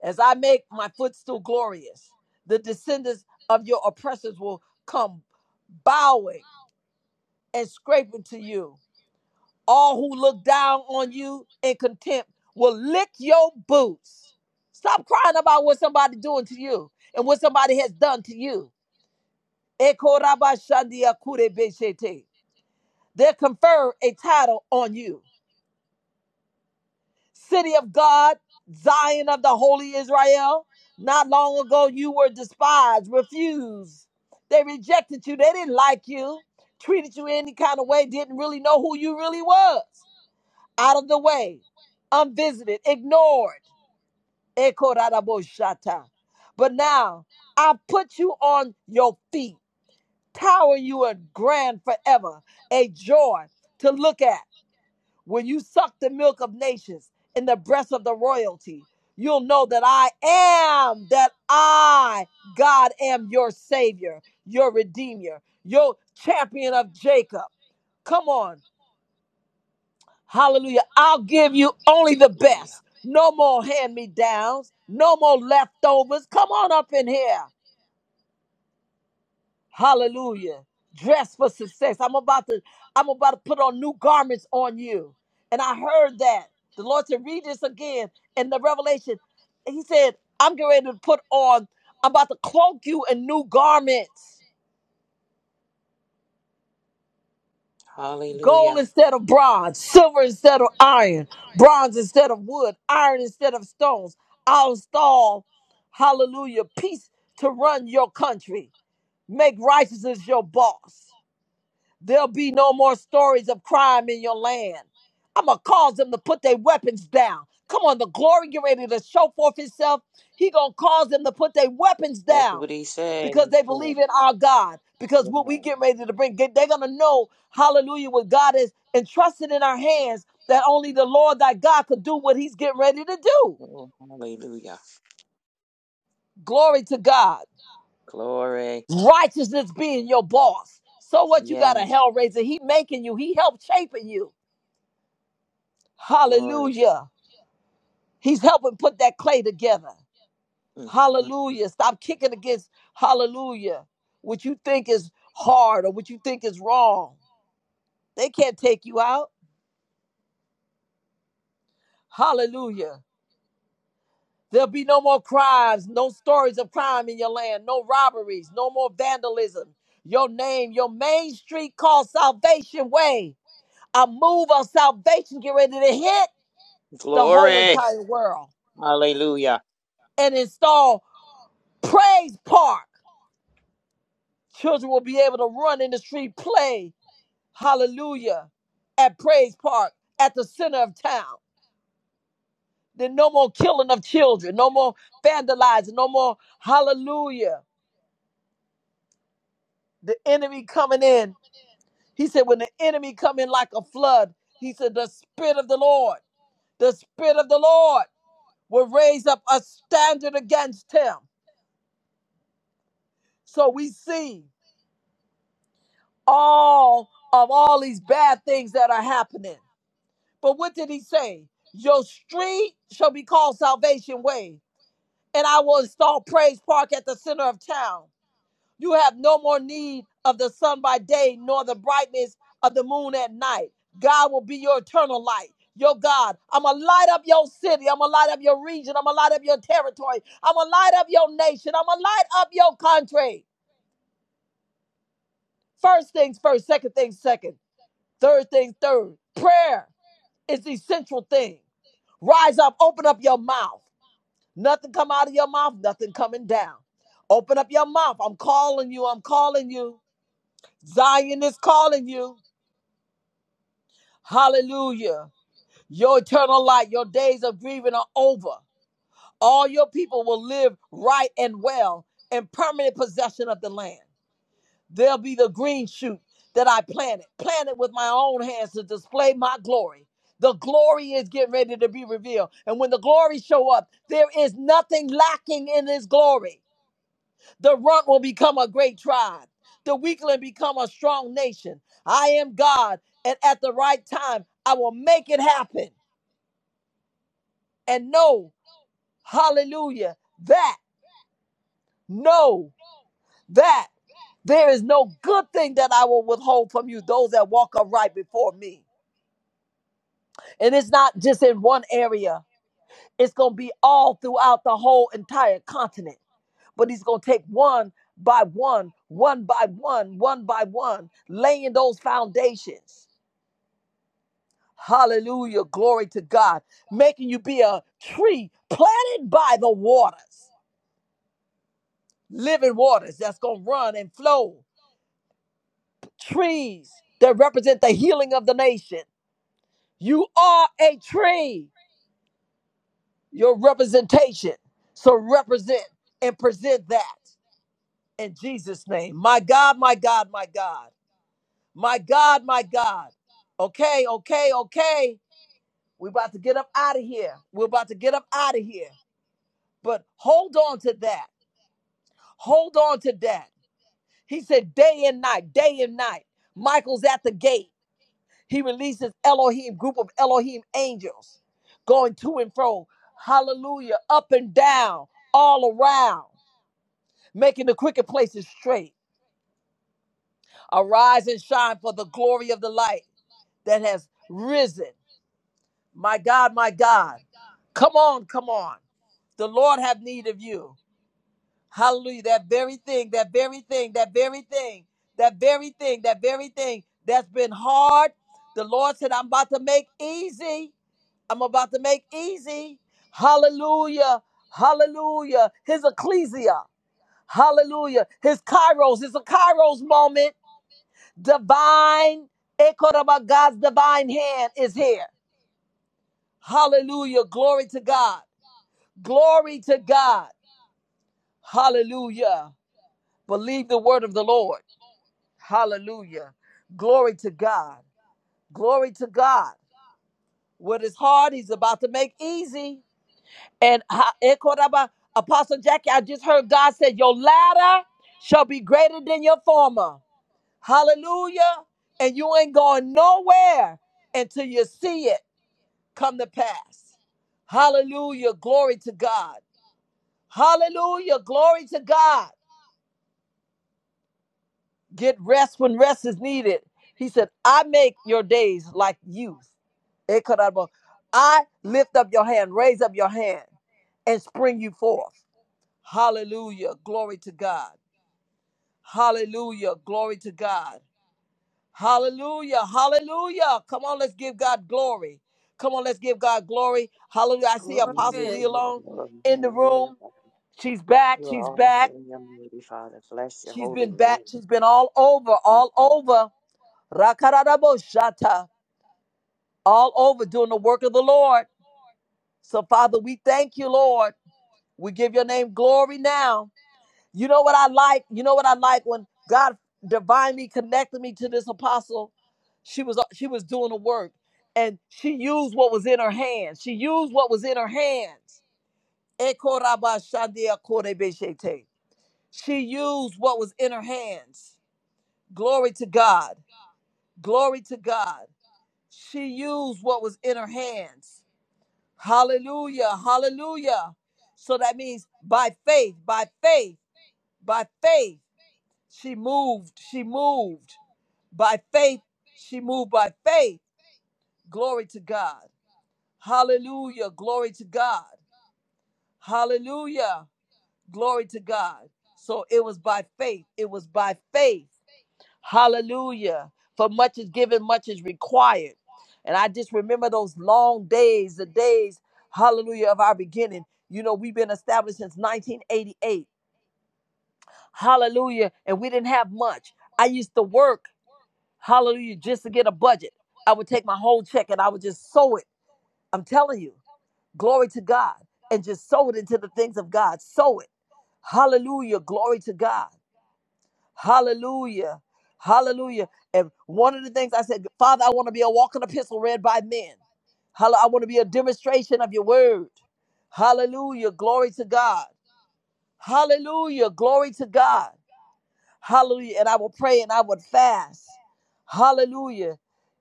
[SPEAKER 1] as i make my footstool glorious the descendants of your oppressors will come bowing and scraping to you all who look down on you in contempt will lick your boots stop crying about what somebody's doing to you and what somebody has done to you They'll confer a title on you. City of God, Zion of the Holy Israel. Not long ago, you were despised, refused. They rejected you. They didn't like you, treated you any kind of way, didn't really know who you really was. Out of the way, unvisited, ignored. But now, I put you on your feet, tower you and grand forever, a joy to look at When you suck the milk of nations in the breast of the royalty, you'll know that I am, that I, God, am your Savior, your Redeemer, your champion of Jacob. Come on. Hallelujah. I'll give you only the
[SPEAKER 9] Hallelujah.
[SPEAKER 1] best. No more hand me downs, no more leftovers. Come on up in here. Hallelujah. Dress for success. I'm about to I'm about to put on new garments on you. And I heard that. The Lord said, read this again in the revelation. He said, I'm getting ready to put on, I'm about to cloak you in new garments. Gold
[SPEAKER 9] Hallelujah.
[SPEAKER 1] instead of bronze, silver instead of iron, bronze instead of wood, iron instead of stones. I'll install, hallelujah, peace to run your country. Make righteousness your boss. There'll be no more stories of crime in your land. I'm going to cause them to put their weapons down. Come on, the glory get ready to show forth itself. He going to cause them to put their weapons
[SPEAKER 9] That's
[SPEAKER 1] down
[SPEAKER 9] what he said.
[SPEAKER 1] because
[SPEAKER 9] He
[SPEAKER 1] they
[SPEAKER 9] said
[SPEAKER 1] believe
[SPEAKER 9] it.
[SPEAKER 1] in our God. Because what we
[SPEAKER 9] Yeah.
[SPEAKER 1] get ready to bring, they- they're going to know, hallelujah, what God is entrusted in our hands that only the Lord thy God could do what he's getting ready to do.
[SPEAKER 9] Oh, hallelujah.
[SPEAKER 1] Glory to God.
[SPEAKER 9] Glory.
[SPEAKER 1] Righteousness being your boss. So what you
[SPEAKER 9] Yeah.
[SPEAKER 1] got a hell raiser? He making you. He helped shaping you.
[SPEAKER 9] Glory.
[SPEAKER 1] Hallelujah. He's helping put that clay together.
[SPEAKER 9] Mm, mm.
[SPEAKER 1] Hallelujah. Stop kicking against hallelujah. What you think is hard or what you think is wrong. They can't take you out. Hallelujah. There'll be no more crimes, no stories of crime in your land, no robberies, no more vandalism. Your name, your main street called Salvation Way. A move of salvation get ready to hit the whole
[SPEAKER 9] Glory.
[SPEAKER 1] entire world
[SPEAKER 9] Hallelujah.
[SPEAKER 1] and install Praise Park. Children will be able to run in the street, play, hallelujah, at Praise Park, at the center of town. Then no more killing of children, no more vandalizing, no more, hallelujah, the enemy coming in. He said, when the enemy come in like a flood, he said, the spirit of the Lord, the spirit of the Lord will raise up a standard against him. So we see all of all these bad things that are happening. But what did he say? Your street shall be called Salvation Way, and I will install Praise Park at the center of town. You have no more need of the sun by day, nor the brightness of the moon at night. God will be your eternal light. Your God, I'm gonna light up your city. I'm gonna light up your region. I'm gonna light up your territory. I'm gonna light up your nation. I'm gonna light up your country. First things first, second things second, third things third. Prayer is the essential thing. Rise up, open up your mouth. Nothing come out of your mouth, nothing coming down. Open up your mouth. I'm calling you. I'm calling you. Zion is calling you. Hallelujah. Your eternal light, your days of grieving are over. All your people will live right and well in permanent possession of the land. There'll be the green shoot that I planted, planted with my own hands to display my glory. The glory is getting ready to be revealed. And when the glory show up, there is nothing lacking in his glory. The runt will become a great tribe. The weakling become a strong nation. I am God, and at the right time, I will make it happen. And know, hallelujah, that, know that there is no good thing that I will withhold from you, those that walk upright before me. And it's not just in one area, it's going to be all throughout the whole entire continent. But he's going to take one by one, one by one, one by one, laying those foundations. Hallelujah. Glory to God. Making you be a tree planted by the waters, living waters that's going to run and flow. Trees that represent the healing of the nation. You are a tree, your representation. So represent and present that in Jesus' name. My God, my God, my God. My God, my God. Okay, okay, okay. We're about to get up out of here. We're about to get up out of here. But hold on to that. Hold on to that. He said, day and night, day and night. Michael's at the gate. He releases Elohim, group of Elohim angels going to and fro. Hallelujah. Up and down, all around, making the crooked places straight. Arise and shine for the glory of the light that has risen. My God, my God. Come on, come on. The Lord have need of you. Hallelujah. That very thing, that very thing, that very thing, that very thing, that very thing that's been hard. The Lord said, I'm about to make easy. I'm about to make easy. Hallelujah. Hallelujah. His ecclesia. Hallelujah. His kairos. It's a kairos moment. Divine, Ekoraba, God's divine hand is here. Hallelujah. Glory to God. Glory to God. Hallelujah. Believe the word of the Lord. Hallelujah. Glory to God. Glory to God. What is hard, he's about to make easy. And ha- Ekoraba, Apostle Jackie, I just heard God said, Your latter shall be greater than your former. Hallelujah. And you ain't going nowhere until you see it come to pass. Hallelujah. Glory to God. Hallelujah. Glory to God. Get rest when rest is needed. He said, I make your days like youth. Ekarabo. I lift up your hand, raise up your hand, and spring you forth. Hallelujah. Glory to God. Hallelujah. Glory to God. Hallelujah. Hallelujah. Come on, let's give God glory. Come on, let's give God glory. Hallelujah. I see Apostle
[SPEAKER 9] Glory,
[SPEAKER 7] glory
[SPEAKER 1] Lee
[SPEAKER 9] glory,
[SPEAKER 1] alone
[SPEAKER 9] glory.
[SPEAKER 1] in the
[SPEAKER 9] Hallelujah.
[SPEAKER 1] room. She's back.
[SPEAKER 9] You
[SPEAKER 1] She's
[SPEAKER 9] are
[SPEAKER 1] back.
[SPEAKER 9] awesome, your mighty Father. Bless your
[SPEAKER 1] She's
[SPEAKER 9] holy
[SPEAKER 1] been back.
[SPEAKER 9] name.
[SPEAKER 1] She's been all over,
[SPEAKER 9] Mm,
[SPEAKER 1] all
[SPEAKER 9] mm.
[SPEAKER 1] over. Rakarabo all over doing the work of the Lord. So, Father, we thank you, Lord. We give your name glory now. You know what I like? You know what I like when God divinely connected me to this apostle? She was she was doing the work and she used what was in her hands. She used what was in her hands. She used what was in her hands. Glory to God. Glory to God. She used what was in her hands. Hallelujah. Hallelujah. So that means by faith, by faith, by faith, she moved. She moved. By faith, she moved by faith. Glory to God. Hallelujah. Glory to God. Hallelujah. Glory to God. So it was by faith. It was by faith. Hallelujah. For much is given, much is required. And I just remember those long days, the days, hallelujah, of our beginning. You know, we've been established since 1988. Hallelujah. And we didn't have much. I used to work, hallelujah, just to get a budget. I would take my whole check and I would just sow it. I'm telling you, glory to God. And just sow it into the things of God. Sow it. Hallelujah. Glory to God. Hallelujah. Hallelujah. And one of the things I said, Father, I want to be a walking epistle read by men. Hall- I want to be a demonstration of your word. Hallelujah. Glory to God. Hallelujah. Glory to God. Hallelujah. And I will pray and I would fast. Hallelujah.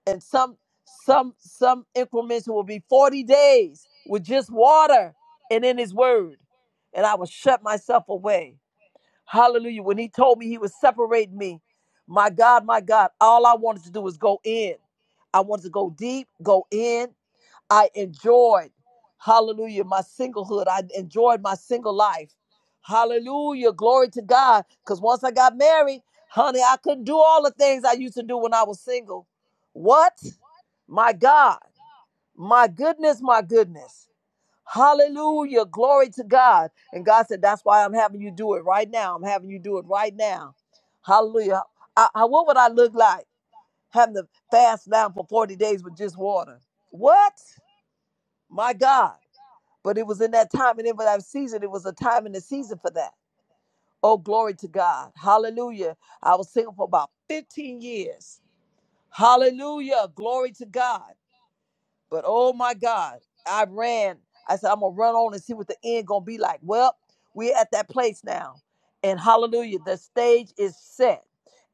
[SPEAKER 1] And some some some increments will be 40 days with just water and in his word. And I will shut myself away. Hallelujah. When he told me he was separating me, my God, my God, all I wanted to do was go in. I wanted to go deep, go in. I enjoyed, hallelujah, my singlehood. I enjoyed my single life. Hallelujah. Glory to God. Because once I got married, honey, I couldn't do all the things I used to do when I was single. What? My God. My goodness, my goodness. Hallelujah. Glory to God. And God said, That's why I'm having you do it right now. I'm having you do it right now. Hallelujah. I, I, what would I look like having to fast now for 40 days with just water? What? My God. But it was in that time and in that season, it was a time and a season for that. Oh, glory to God. Hallelujah. I was single for about 15 years. Hallelujah. Glory to God. But oh my God, I ran. I said, I'm gonna run on and see what the end gonna be like. Well, we're at that place now. And hallelujah, the stage is set.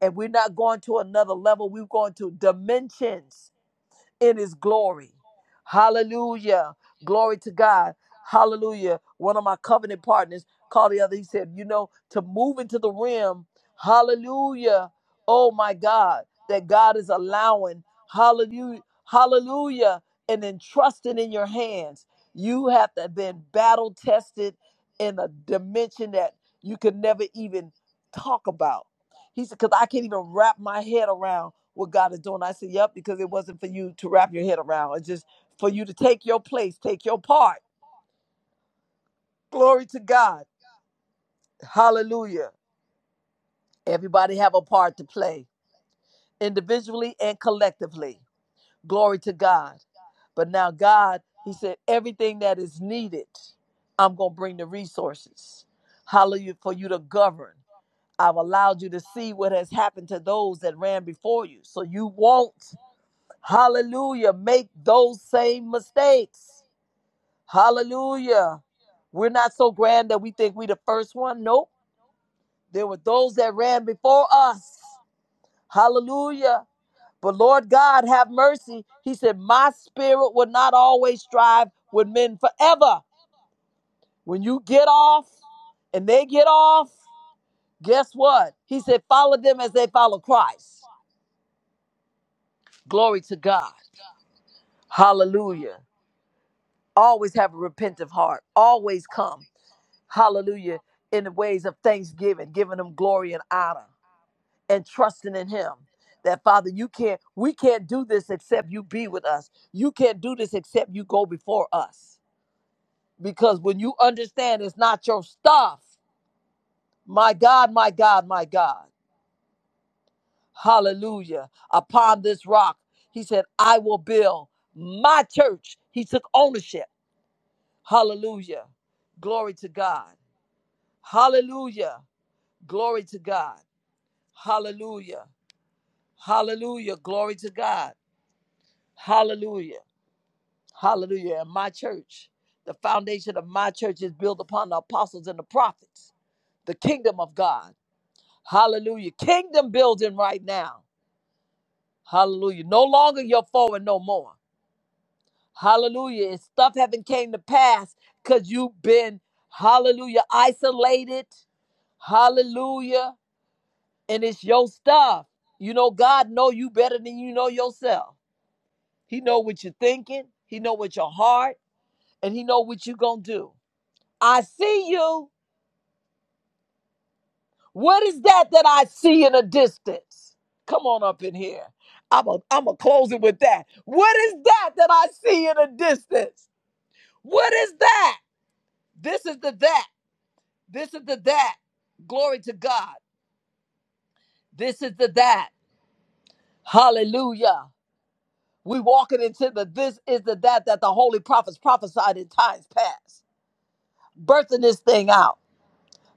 [SPEAKER 1] And we're not going to another level, we're going to dimensions in his glory. Hallelujah. Glory to God. Hallelujah. One of my covenant partners called the other. He said, You know, to move into the rim, hallelujah. Oh my God, that God is allowing, hallelujah, hallelujah, and entrusting in your hands. You have to have been battle tested in a dimension that you could never even talk about. He said, because I can't even wrap my head around what God is doing. I said, Yep, because it wasn't for you to wrap your head around. It's just for you to take your place, take your part. Glory to God. Hallelujah. Everybody have a part to play, individually and collectively. Glory to God. But now, God, He said, everything that is needed, I'm going to bring the resources. Hallelujah. For you to govern. I've allowed you to see what has happened to those that ran before you. So you won't Hallelujah. Make those same mistakes. Hallelujah. We're not so grand that we think we the first one. Nope. There were those that ran before us. Hallelujah. But Lord God, have mercy. He said, My spirit will not always strive with men forever. When you get off and they get off, guess what? He said, Follow them as they follow Christ. Glory to God. Hallelujah. Always have a repentant heart. Always come. hallelujah, in the ways of thanksgiving, giving him glory and honor, and trusting in him. That Father, you can't, we can't do this except you be with us. You can't do this except you go before us. Because when you understand it's not your stuff, my God, my God, my God, hallelujah, upon this rock, he said, I will build my church. He took ownership. Hallelujah. Glory to God. Hallelujah. Glory to God. Hallelujah. Hallelujah. Glory to God. Hallelujah. Hallelujah. And my church, the foundation of my church is built upon the apostles and the prophets, the kingdom of God. Hallelujah. Kingdom building right now. Hallelujah. No longer your foe and no more. Hallelujah. And stuff haven't came to pass because you've been, hallelujah, isolated. Hallelujah. And it's your stuff. You know, God know you better than you know yourself. He know what you're thinking. He know what your heart, and he know what you gonna do. I see you. What is that that I see in a distance? Come on up in here. I'm a, I'm a close it with that. What is that that I see in a distance? What is that? This is the that. This is the that. Glory to God. This is the that. Hallelujah. We walking into the this is the that that the holy prophets prophesied in times past. Birthing this thing out.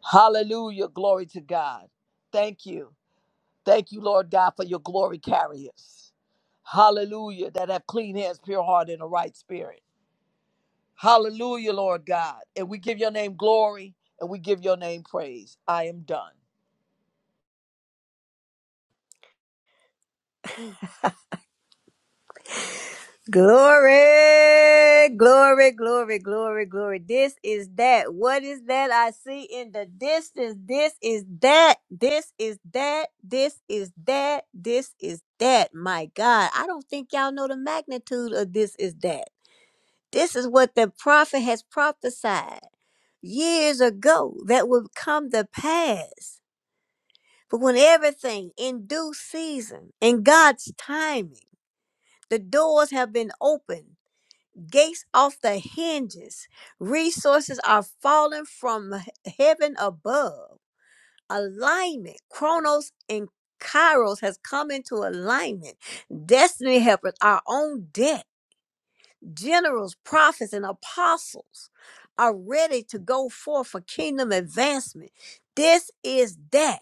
[SPEAKER 1] Hallelujah. Glory to God. Thank you. Thank you, Lord God, for your glory carriers. Hallelujah. That have clean hands, pure heart, and a right spirit. Hallelujah, Lord God. And we give your name glory and we give your name praise. I am done.
[SPEAKER 7] Glory, glory, glory, glory, glory. This is that. What is that I see in the distance? This is that. This is that. This is that. This is that. My God, I don't think y'all know the magnitude of this is that. This is what the prophet has prophesied years ago that would come to pass. But when everything in due season, in God's timing, the doors have been opened gates off the hinges. Resources are falling from heaven above. Alignment, Chronos and Kairos has come into alignment. Destiny helpers are on deck. Generals, prophets, and apostles are ready to go forth for kingdom advancement. This is that.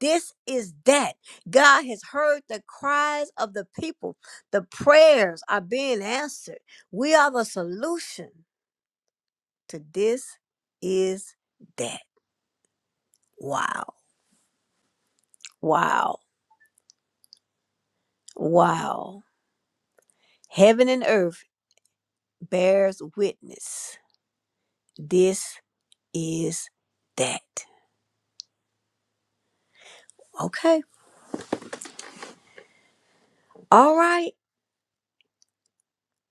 [SPEAKER 7] This is that. God has heard the cries of the people. The prayers are being answered. We are the solution to this is that. Wow. Wow. Wow. Heaven and earth bears witness. This is that. Okay. All right.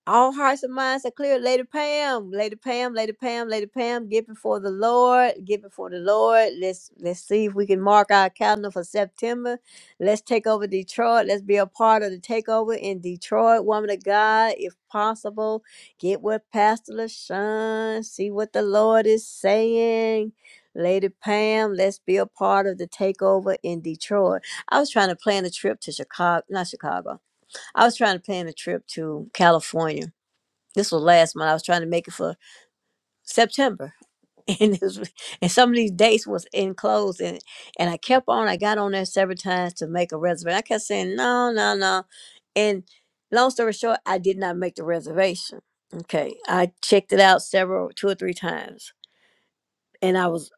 [SPEAKER 7] All hearts and minds are clear. Lady Pam, Lady Pam, Lady Pam, Lady Pam, get before the Lord, get before the Lord. Let's let's see if we can mark our calendar for September. Let's take over Detroit. Let's be a part of the takeover in Detroit. Woman of God, if possible, get with Pastor LaShawn, see what the Lord is saying. Lady Pam, let's be a part of the takeover in Detroit. I was trying to plan a trip to Chicago, not Chicago. I was trying to plan a trip to California this was last month. I was trying to make it for September, and it was, and some of these dates was enclosed, and and I kept on. I got on there several times to make a reservation. I kept saying no, no, no, and long story short, I did not make the reservation. Okay, I checked it out several, two or three times, and I was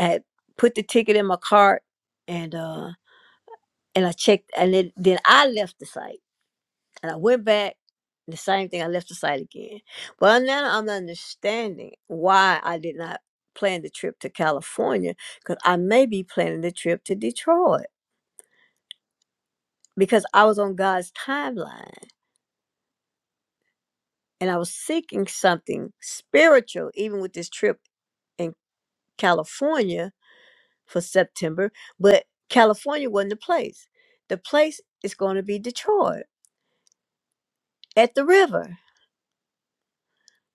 [SPEAKER 7] I had put the ticket in my cart, and uh, and I checked, and it, then I left the site And I went back, the same thing, I left the site again. Well, now I'm understanding why I did not plan the trip to California because I may be planning the trip to Detroit because I was on God's timeline and I was seeking something spiritual, even with this trip in California for September. But California wasn't the place. The place is going to be Detroit at the river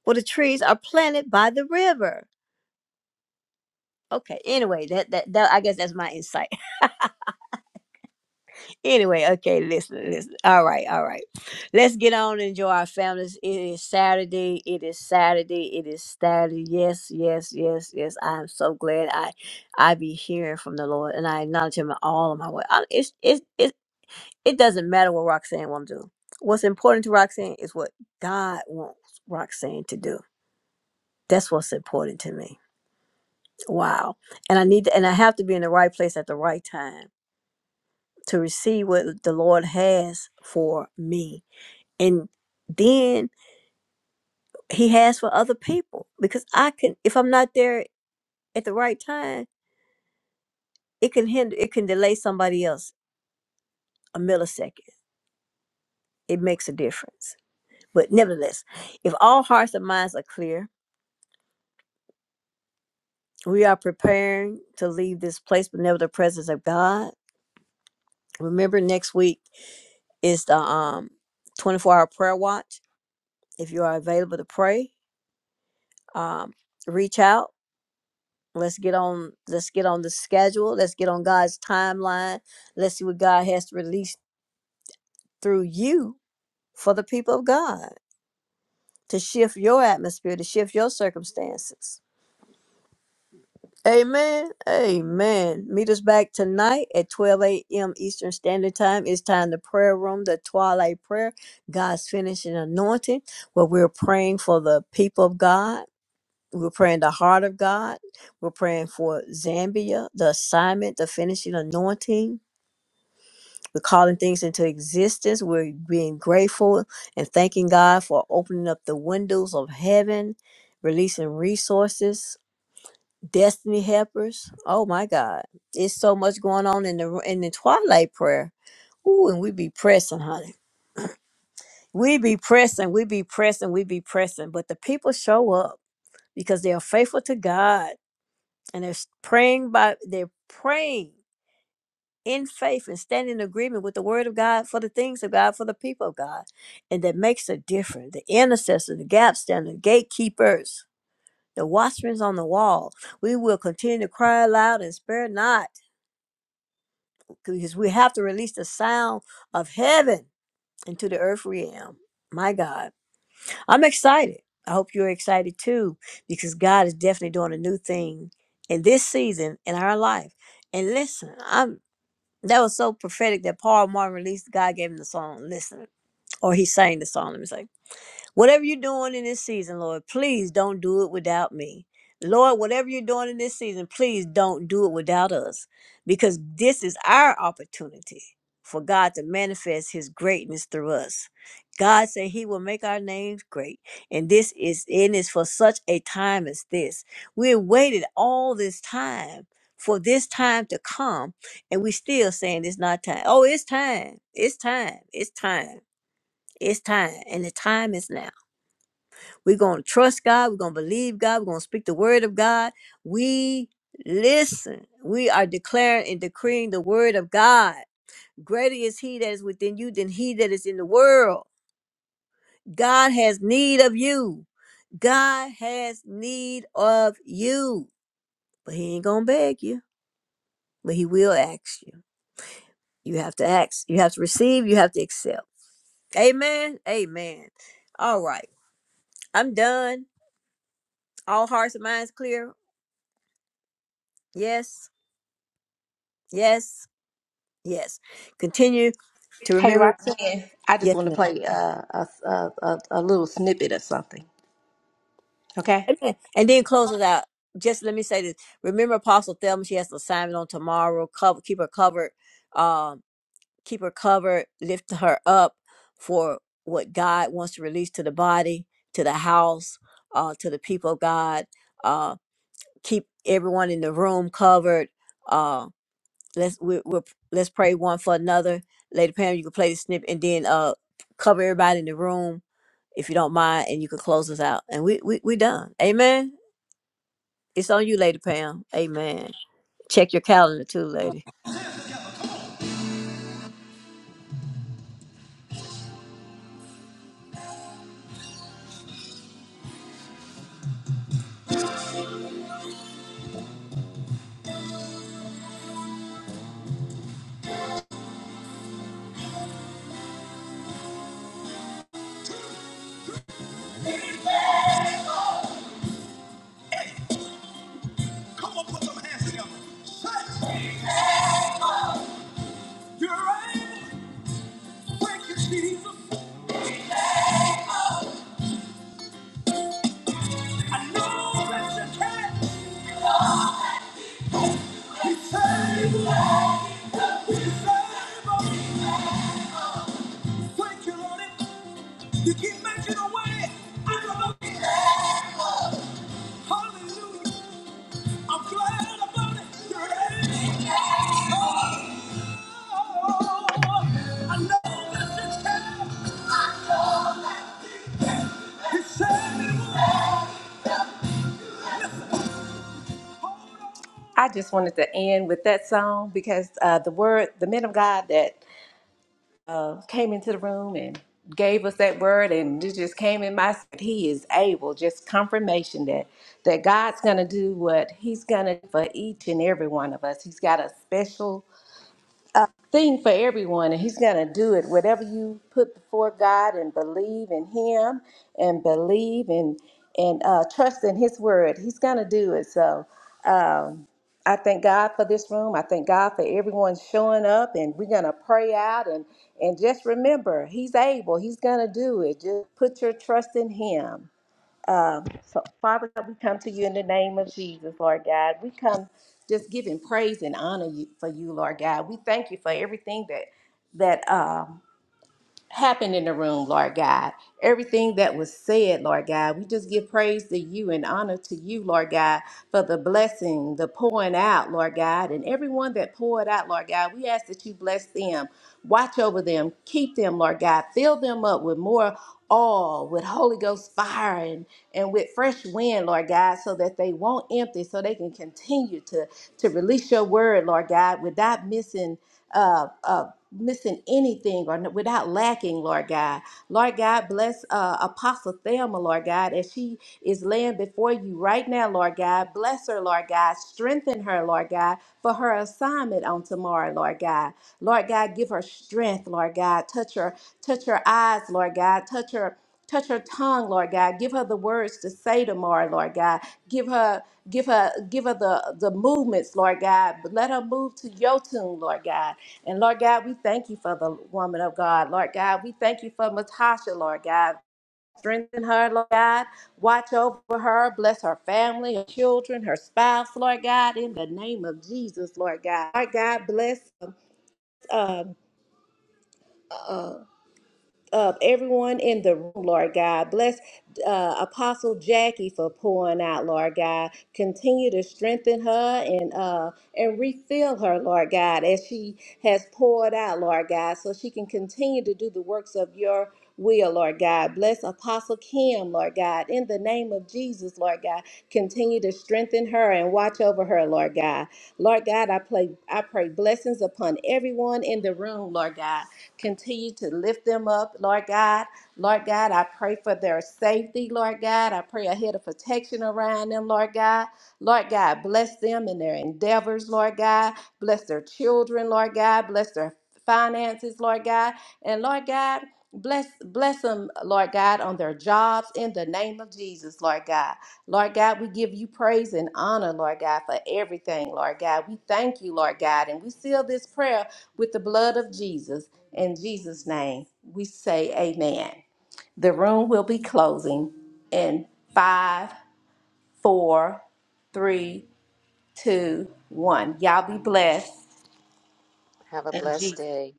[SPEAKER 7] where the trees are planted by the river Okay. Anyway, that, that that I guess that's my insight. anyway, okay, listen, listen. All right, all right. Let's get on and enjoy our families. It is Saturday. It is Saturday. It is Saturday. Yes, yes, yes, yes. I am so glad I I be hearing from the Lord and I acknowledge him in all of my way. I, it's it's it it doesn't matter what Roxanne wanna do. What's important to Roxanne is what God wants Roxanne to do. That's what's important to me. Wow. And I need to, and I have to be in the right place at the right time to receive what the Lord has for me. And then he has for other people because I can if I'm not there at the right time, it can hinder it can delay somebody else a millisecond. It makes a difference. But nevertheless, if all hearts and minds are clear, we are preparing to leave this place but never the presence of God. Remember next week is the um 24 hour prayer watch. If you are available to pray, um reach out let's get on let's get on the schedule let's get on god's timeline let's see what god has to release through you for the people of god to shift your atmosphere to shift your circumstances amen amen meet us back tonight at 12 a.m eastern standard time it's time the prayer room the twilight prayer god's finishing anointing where we're praying for the people of god we're praying the heart of god we're praying for zambia the assignment the finishing anointing We're calling things into existence. We're being grateful and thanking God for opening up the windows of heaven, releasing resources, destiny helpers. Oh my God, it's so much going on in the in the twilight prayer. Ooh, and we be pressing, honey. We be pressing, we be pressing, we be pressing. But the people show up because they are faithful to God and they're praying by they're praying. in faith and stand in agreement with the word of God for the things of God for the people of God. And that makes a difference. The intercessors, the gap standers, gatekeepers, the watchmen on the wall. We will continue to cry aloud and spare not because we have to release the sound of heaven into the earth realm. My God. I'm excited. I hope you're excited too because God is definitely doing a new thing in this season in our life. And listen, I'm. That was so prophetic that Paul Martin released. God gave him the song. Listen, or he sang the song. Let me say. Whatever you're doing in this season, Lord, please don't do it without me. Lord, whatever you're doing in this season, please don't do it without us because this is our opportunity for God to manifest his greatness through us. God said he will make our names great. And this is and it's for such a time as this. We have waited all this time for this time to come and we still saying it's not time. Oh, it's time. It's time. It's time. It's time. And the time is now. We're going to trust God. We're going to believe God. We're going to speak the word of God. We listen. We are declaring and decreeing the word of God. Greater is he that is within you than he that is in the world. God has need of you. God has need of you. But he ain't going to beg you, but he will ask you. You have to ask. You have to receive. You have to accept. Amen. Amen. All right. I'm done. All hearts and minds clear. Yes. Yes. Yes. Continue to remember.
[SPEAKER 6] Singing. I just
[SPEAKER 7] Yes,
[SPEAKER 6] want to
[SPEAKER 7] ma'am.
[SPEAKER 6] play uh, a, a, a, a little snippet of something. Okay?
[SPEAKER 7] Amen. And then close it out. Just let me say this. Remember Apostle Thelma, she has an assignment on tomorrow. Cover, keep her covered. Um, keep her covered. Lift her up for what God wants to release to the body, to the house, uh, to the people of God. Uh, keep everyone in the room covered. Uh, let's we, we'll, let's pray one for another. Lady Pam, you can play the snip and then uh, cover everybody in the room if you don't mind, and you could close us out. And we we we done. Amen. It's on you, Lady Pam. Amen. Check your calendar too, lady.
[SPEAKER 6] Come on, put them hands together. Say, You're able. Thank you, Jesus. I know that you can. Thank you, Lord. You keep making a way out of no way. Hallelujah. I'm glad about it. You're ready. Oh, I know that you can. I know that you can. You saved me. I just wanted to end with that song because uh, the word, the men of God that uh, came into the room and gave us that word, and it just came in my spirit. He is able, just confirmation that that God's going to do what He's going to for each and every one of us. He's got a special thing for everyone, and He's going to do it. Whatever you put before God and believe in Him and believe and and uh, trust in His word, He's going to do it. So um, I thank God for this room. I thank God for everyone showing up, and we're going to pray out and and just remember, He's able. He's going to do it. Just put your trust in Him. Um, so, Father God, we come to you in the name of Jesus, Lord God. We come just giving praise and honor you, for you, Lord God. We thank you for everything that that. um, happened in the room, Lord God. Everything that was said, Lord God, we just give praise to you and honor to you, Lord God, for the blessing, the pouring out, Lord God, and everyone that poured out, Lord God. We ask that you bless them, watch over them, keep them, Lord God, fill them up with more oil, with Holy Ghost fire, and, and with fresh wind, Lord God, so that they won't empty, so they can continue to, to release your word, Lord God, without missing uh, uh, missing anything or n- without lacking, Lord God. Lord God, bless uh, Apostle Thelma, Lord God, as she is laying before you right now, Lord God. Bless her, Lord God. Strengthen her, Lord God, for her assignment on tomorrow, Lord God. Lord God, give her strength, Lord God. Touch her, touch her eyes, Lord God. Touch her. Touch her tongue, Lord God. Give her the words to say tomorrow, Lord God. Give her, give her, give her the, the movements, Lord God. But let her move to your tune, Lord God. And Lord God, we thank you for the woman of God. Lord God, we thank you for Matasha, Lord God. Strengthen her, Lord God. Watch over her. Bless her family, her children, her spouse, Lord God. In the name of Jesus, Lord God. Lord God, bless um, um, uh, uh, everyone in the room, Lord God. Bless uh, Apostle Jackie for pouring out, Lord God. Continue to strengthen her and uh, and refill her, Lord God, as she has poured out, Lord God, so she can continue to do the works of your will, Lord God. Bless Apostle Kim, Lord God, in the name of Jesus, Lord God. Continue to strengthen her and watch over her, Lord God. Lord God, I pray, I pray blessings upon everyone in the room, Lord God. Continue to lift them up, Lord God. Lord God, I pray for their safety, Lord God. I pray a head of protection around them, Lord God. Lord God, bless them in their endeavors, Lord God. Bless their children, Lord God. Bless their finances, Lord God. And Lord God, bless bless them, Lord God, on their jobs in the name of Jesus, Lord God. Lord God, we give you praise and honor, Lord God, for everything, Lord God. We thank you, Lord God, and we seal this prayer with the blood of Jesus. In Jesus' name, we say amen. The room will be closing in five, four, three, two, one. Y'all be blessed.
[SPEAKER 9] Have a blessed day.